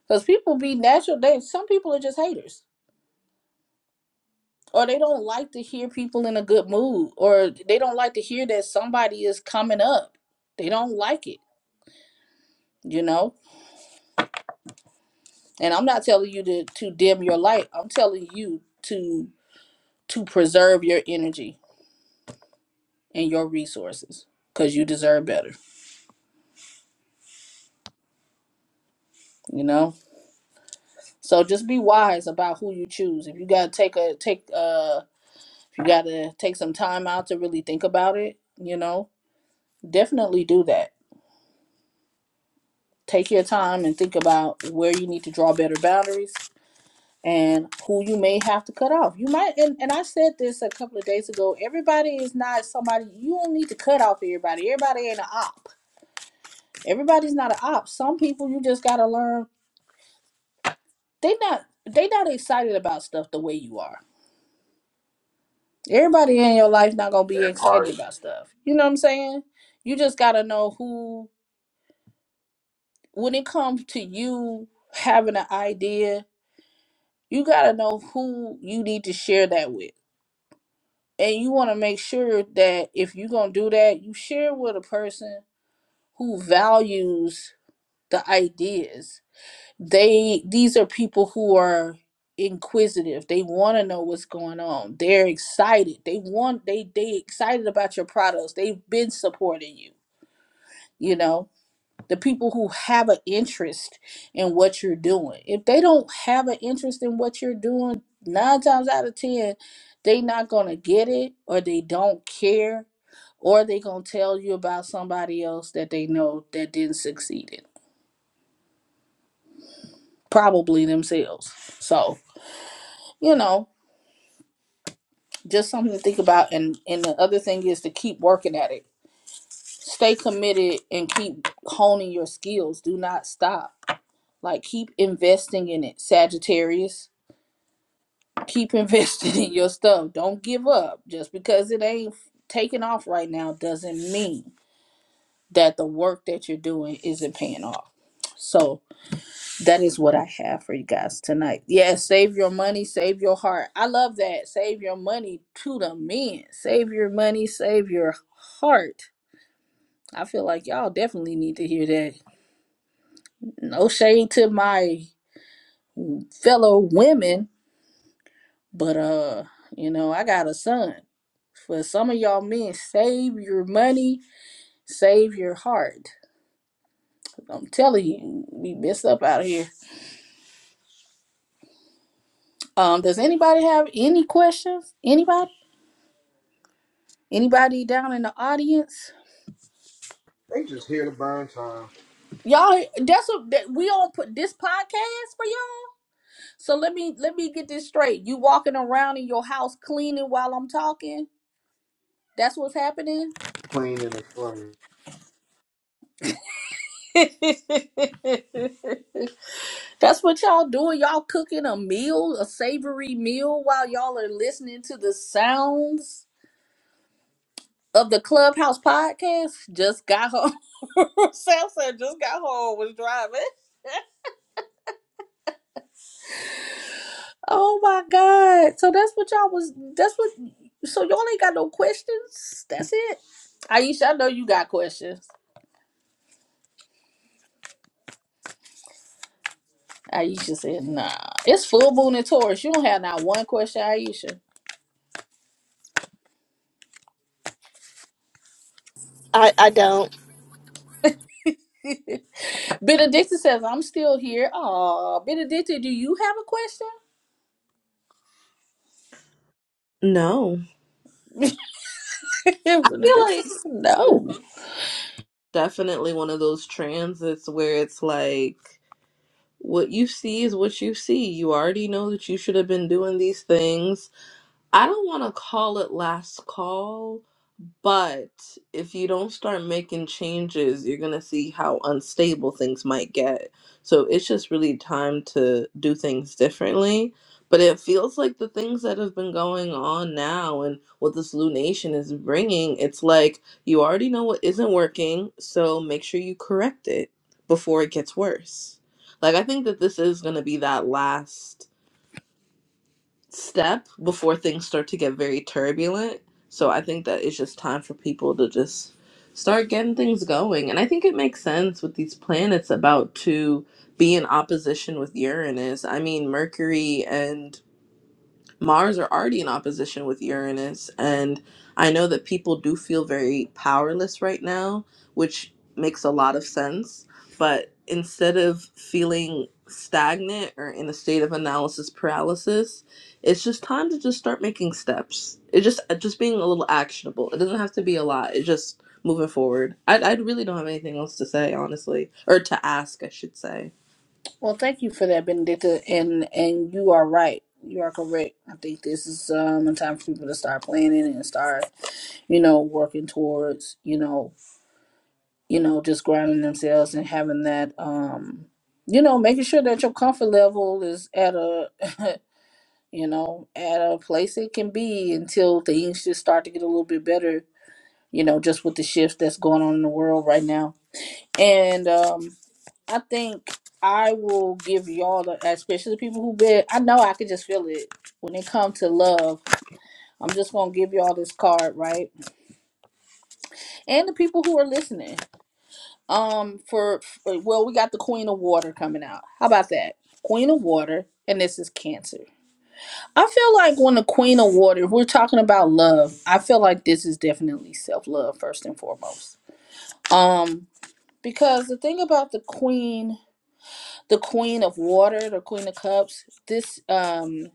S2: because people be natural they some people are just haters or they don't like to hear people in a good mood or they don't like to hear that somebody is coming up they don't like it you know And I'm not telling you to, to dim your light. I'm telling you to to preserve your energy and your resources because you deserve better. You know. So just be wise about who you choose. If you gotta take a take uh if you gotta take some time out to really think about it, you know, definitely do that. Take your time and think about where you need to draw better boundaries and who you may have to cut off. You might, and, and I said this a couple of days ago. Everybody is not somebody. You don't need to cut off everybody. Everybody ain't an op. Everybody's not an op. Some people you just gotta learn. They not they not excited about stuff the way you are. Everybody in your life not gonna be
S1: That
S2: excited
S1: part.
S2: about stuff. You know what I'm saying? You just gotta know who. When it comes to you having an idea, you gotta know who you need to share that with and you want to make sure that if you're going to do that you share with a person who values the ideas they these are people who are inquisitive they want to know what's going on they're excited they want they they excited about your products they've been supporting you you know the people who have an interest in what you're doing if they don't have an interest in what you're doing nine times out of ten they not going to get it or they don't care or they gonna tell you about somebody else that they know that didn't succeed it probably themselves so you know just something to think about and and the other thing is to keep working at it stay committed and keep honing your skills do not stop like keep investing in it sagittarius keep investing in your stuff don't give up just because it ain't taking off right now doesn't mean that the work that you're doing isn't paying off so that is what I have for you guys tonight. Yes, save your money, save your heart. I love that. Save your money to the men. Save your money, save your heart. I feel like y'all definitely need to hear that. No shade to my fellow women, but uh, you know, I got a son. For some of y'all men, save your money, save your heart. I'm telling you, we messed up out here. Um, does anybody have any questions? Anybody? Anybody down in the audience?
S1: They just here to burn time.
S2: Y'all, that's what that we on put this podcast for y'all. So let me let me get this straight. You walking around in your house cleaning while I'm talking. That's what's happening.
S1: Clean and it's funny.
S2: that's what y'all doing. Y'all cooking a meal, a savory meal, while y'all are listening to the sounds of the Clubhouse podcast. Just got home. Sam said just got home. Was driving. Oh my God. So that's what y'all was that's what so y'all ain't got no questions? That's it. Aisha, I know you got questions. Aisha said, nah. It's full moon in Taurus. You don't have not one question, Aisha.
S8: I, I don't.
S2: Benedicta says, I'm still here. Aw, Benedicta, do you have a question?
S4: No. I feel
S2: Benedicta
S4: like
S2: says,
S4: it's
S2: no.
S4: definitely one of those transits where it's like What you see is what you see. You already know that you should have been doing these things. I don't want to call it last call but if you don't start making changes, you're going to see how unstable things might get. So it's just really time to do things differently. But it feels like the things that have been going on now and what this Lou Nation is bringing, it's like you already know what isn't working. So make sure you correct it before it gets worse. Like, I think that this is going to be that last step before things start to get very turbulent. So I think that it's just time for people to just start getting things going. And I think it makes sense with these planets about to be in opposition with Uranus. I mean, Mercury and Mars are already in opposition with Uranus, and I know that people do feel very powerless right now, which makes a lot of sense. But instead of feeling stagnant or in a state of analysis paralysis, it's just time to just start making steps. It just uh, just being a little actionable. It doesn't have to be a lot. It's just moving forward. I I really don't have anything else to say, honestly, or to ask, I should say.
S2: Well, thank you for that, Benedicta. And and you are right. You are correct. I think this is um a time for people to start planning and start, you know, working towards, you know, you know, just grounding themselves and having that, um, you know, making sure that your comfort level is at a, you know, at a place it can be until things just start to get a little bit better, you know, just with the shifts that's going on in the world right now. And um, I think I will give y'all, the, especially the people who bet, I know I can just feel it when it comes to love. I'm just going to give y'all this card, right? And the people who are listening. Um, for for- well, we got the Queen of Water coming out. How about that? Queen of Water, and this is Cancer. I feel like when the Queen of Water, if we're talking about love, I feel like this is definitely self love first and foremost. Um, because the thing about the Queen, the Queen of Water, the Queen of Cups, this um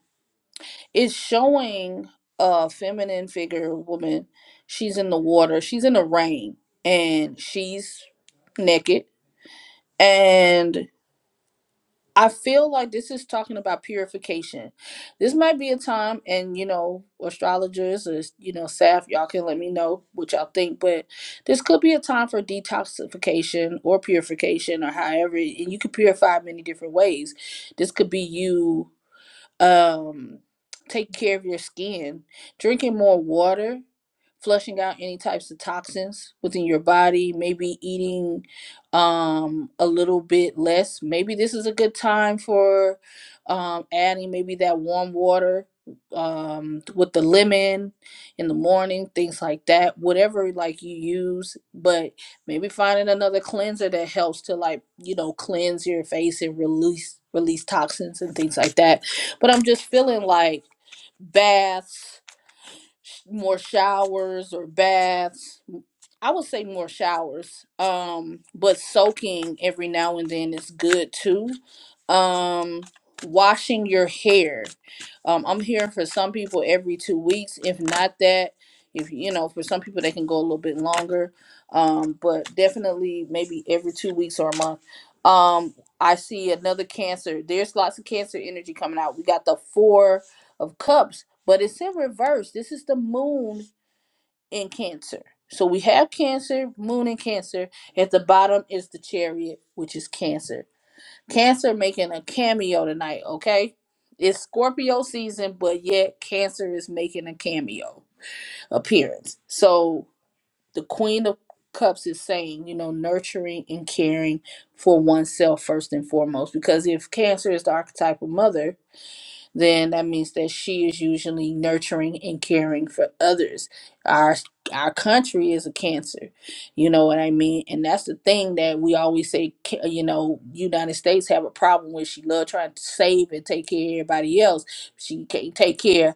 S2: is showing a feminine figure, woman. She's in the water. She's in the rain, and she's naked and I feel like this is talking about purification. This might be a time, and you know, astrologers or you know, Saf, y'all can let me know what y'all think. But this could be a time for detoxification or purification, or however, and you can purify many different ways. This could be you um taking care of your skin, drinking more water, flushing out any types of toxins within your body, maybe eating um, a little bit less. Maybe this is a good time for um, adding maybe that warm water um, with the lemon in the morning, things like that, whatever like you use, but maybe finding another cleanser that helps to like, you know, cleanse your face and release release toxins and things like that. But I'm just feeling like baths sh- more showers or baths. I would say more showers. Um, but soaking every now and then is good too. Um, washing your hair. Um, I'm hearing for some people every two weeks, if not that. If you know, for some people they can go a little bit longer. Um, but definitely maybe every two weeks or a month. Um, I see another cancer. There's lots of cancer energy coming out. We got the four of cups, but it's in reverse. This is the moon in Cancer. So we have Cancer, moon in Cancer. At the bottom is the chariot, which is Cancer. Cancer making a cameo tonight, okay? It's Scorpio season, but yet Cancer is making a cameo appearance. So the Queen of Cups is saying, you know, nurturing and caring for oneself first and foremost. Because if Cancer is the archetypal mother, then that means that she is usually nurturing and caring for others. Our our country is a cancer, you know what I mean, and that's the thing that we always say. ca- You know, United States have a problem with she love trying to save and take care of everybody else. She can't take care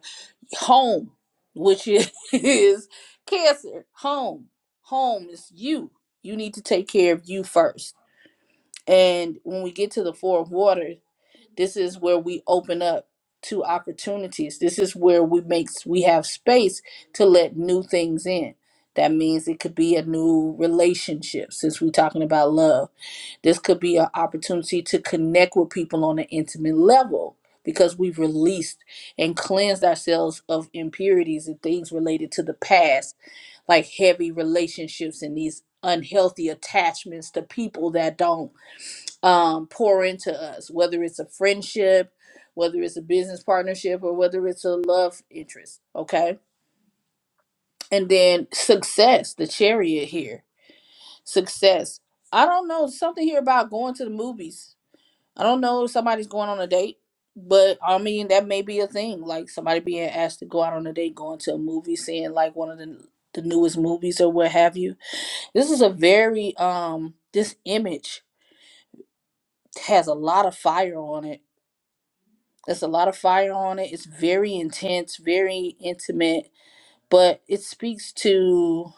S2: home, which is, is cancer. Home, home is you. You need to take care of you first. And when we get to the four of waters this is where we open up to opportunities this is where we make we have space to let new things in that means it could be a new relationship since we're talking about love this could be an opportunity to connect with people on an intimate level because we've released and cleansed ourselves of impurities and things related to the past like heavy relationships and these unhealthy attachments to people that don't um, pour into us, whether it's a friendship, whether it's a business partnership, or whether it's a love interest. Okay. And then success, the chariot here. Success. I don't know, something here about going to the movies. I don't know if somebody's going on a date, but I mean, that may be a thing. Like somebody being asked to go out on a date, going to a movie, seeing like one of the, the newest movies or what have you. This is a very, um, this image has a lot of fire on it There's a lot of fire on it. It's very intense, very intimate, but it speaks to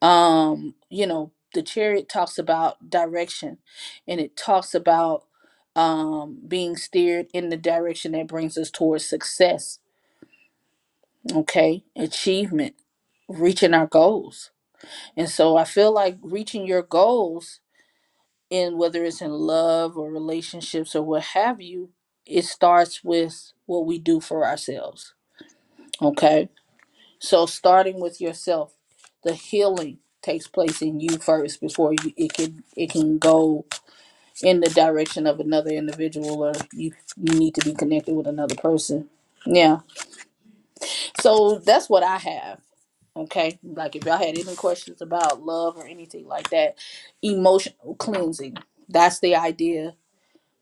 S2: um, you know, the chariot talks about direction and it talks about um being steered in the direction that brings us towards success, okay? Achievement, reaching our goals. And so I feel like reaching your goals in whether it's in love or relationships or what have you, it starts with what we do for ourselves. Okay So, starting with yourself, the healing takes place in you first before you, it can it can go in the direction of another individual, or you you need to be connected with another person. Yeah. So that's what I have. Okay. Like if y'all had any questions about love or anything like that, emotional cleansing. That's the idea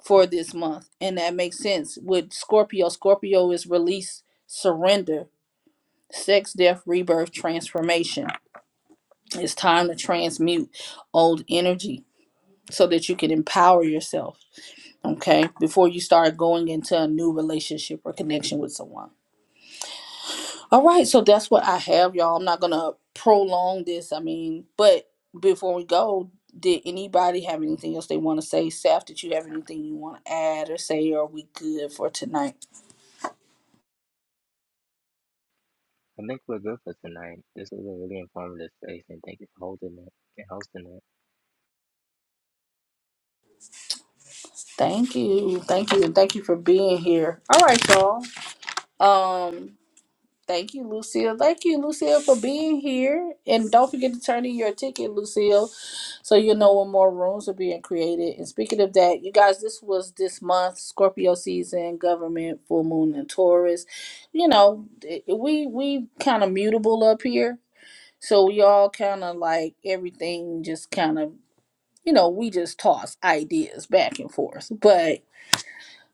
S2: for this month, and that makes sense with Scorpio. Scorpio is release, surrender, sex, death, rebirth, transformation It's time to transmute old energy so that you can empower yourself, okay, before you start going into a new relationship or connection with someone. All right, so that's what I have, y'all. I'm not going to prolong this. I mean, but before we go, did anybody have anything else they want to say? Saf, did you have anything you want to add or say? Or are we good for tonight?
S5: I think we're good for tonight. This was a really informative space, and thank you for holding it and hosting it.
S2: Thank you. Thank you. And thank you for being here. All right, y'all. Um, Thank you, Lucille. Thank you, Lucille, for being here. And don't forget to turn in your ticket, Lucille, so you'll know when more rooms are being created. And speaking of that, you guys, this was this month Scorpio season, government, full moon, and Taurus. You know, it- we we kind of mutable up here, so we all kind of like everything just kind of you know we just toss ideas back and forth, but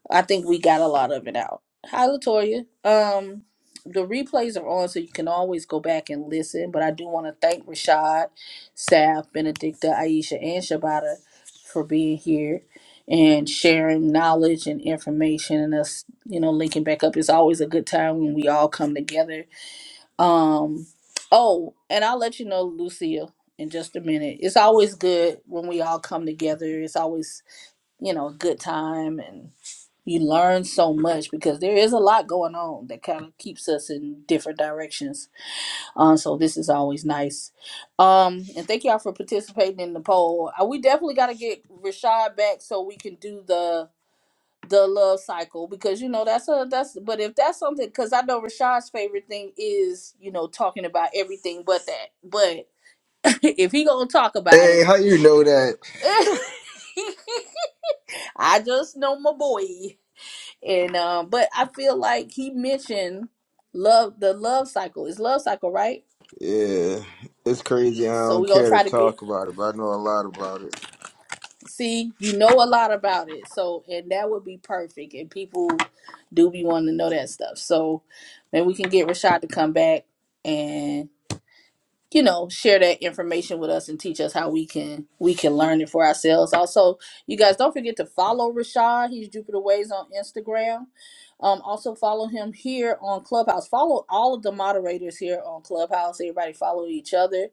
S2: I think we got a lot of it out. Hi, Latoya. Um, the replays are on, so you can always go back and listen. But I do want to thank Rashad, Saf, Benedicta, Aisha, and Shabata for being here and sharing knowledge and information and us, you know, linking back up. It's always a good time when we all come together. Um, oh, and I'll let you know, Lucille, in just a minute. It's always good when we all come together. It's always you know, a good time. and. You learn so much because there is a lot going on that kind of keeps us in different directions. Um, so this is always nice. Um, and thank y'all for participating in the poll. Uh, we definitely got to get Rashad back so we can do the the love cycle because you know that's a that's but if that's something because I know Rashad's favorite thing is you know talking about everything but that. But if he gonna talk about
S1: Hey,
S2: it.
S1: how you know that?
S2: I just know my boy. and um but i feel like he mentioned love the love cycle It's love cycle right
S1: Yeah, it's crazy. I
S2: so
S1: don't
S2: we're gonna
S1: care to
S2: try to get
S1: talk about it, but I know a lot about it.
S2: see you know a lot about it so and that would be perfect and people do be wanting to know that stuff so maybe we can get rashad to come back and. you know share that information with us and teach us how we can we can learn it for ourselves also you guys don't forget to follow rashad he's jupiter ways on instagram um also follow him here on clubhouse follow all of the moderators here on clubhouse everybody follow each other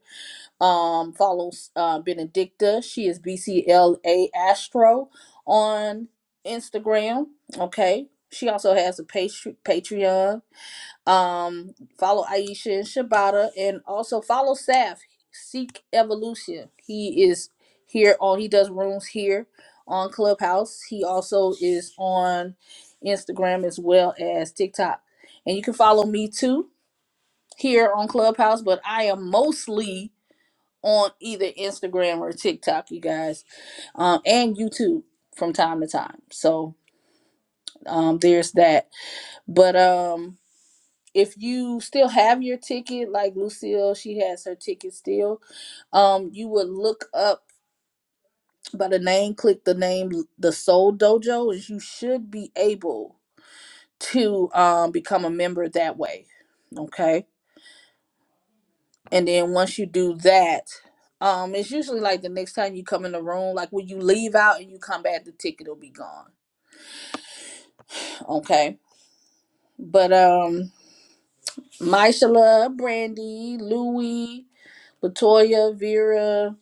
S2: um follow uh, benedicta she is bcla astro on instagram okay she also has a patr- patreon um, follow Aisha and Shibata, and also follow Saf. Seek Evolution. He is here on. He does rooms here on Clubhouse. He also is on Instagram as well as TikTok, and you can follow me too here on Clubhouse. But I am mostly on either Instagram or TikTok, you guys, um, and YouTube from time to time. So um, there's that. But um, if you still have your ticket, like Lucille, she has her ticket still. Um, you would look up by the name, click the name, the Soul Dojo, and you should be able to um become a member that way. Okay, and then once you do that, um, it's usually like the next time you come in the room, like when you leave out and you come back, the ticket will be gone. Okay, but um, Myshala, Brandy, Louie, Latoya, Vera.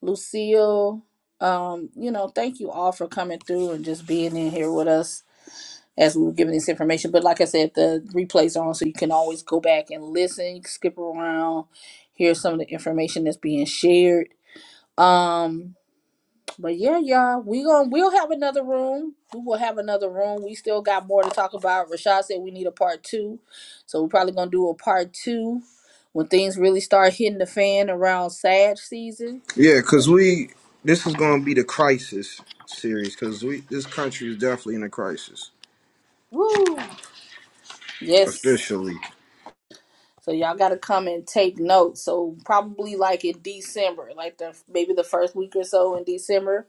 S2: Lucille, um, you know, thank you all for coming through and just being in here with us as we were giving this information. But like I said, the replays are on, so you can always go back and listen, skip around, hear some of the information that's being shared. Um, but yeah, y'all, we going we'll have another room. We will have another room. We still got more to talk about. Rashad said we need a part two, so we're probably gonna do a part two when things really start hitting the fan around Sag season.
S1: Yeah, cause we this is gonna be the crisis series, cause we this country is definitely in a crisis
S2: Woo! Yes.
S1: officially.
S2: So y'all got to come and take notes. So probably like in December, like the maybe the first week or so in December,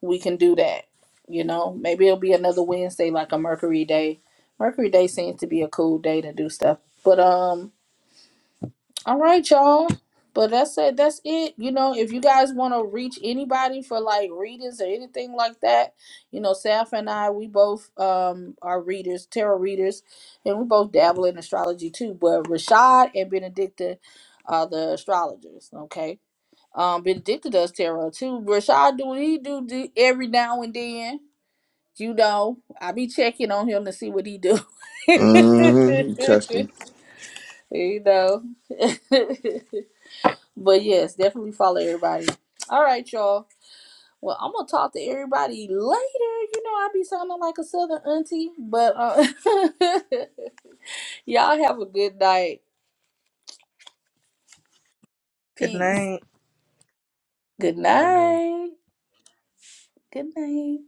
S2: we can do that. You know, maybe it'll be another Wednesday, like a Mercury Day. Mercury Day seems to be a cool day to do stuff. But um, all right, y'all. But that's it. That's it. You know, if you guys want to reach anybody for like readings or anything like that, you know, Saf and I, we both um are readers, tarot readers, and we both dabble in astrology too. But Rashad and Benedicta are the astrologers. Okay. Um, Benedicta does tarot too. Rashad do what he do, do every now and then. You know, I be checking on him to see what he do.
S1: Mm-hmm.
S2: you know. But yes, definitely follow everybody. All right, y'all. Well, I'm gonna talk to everybody later. You know, I be sounding like a southern auntie, but uh, y'all have a good night.
S4: Good
S2: Peace.
S4: night.
S2: Good
S5: you know.
S2: night. Good night.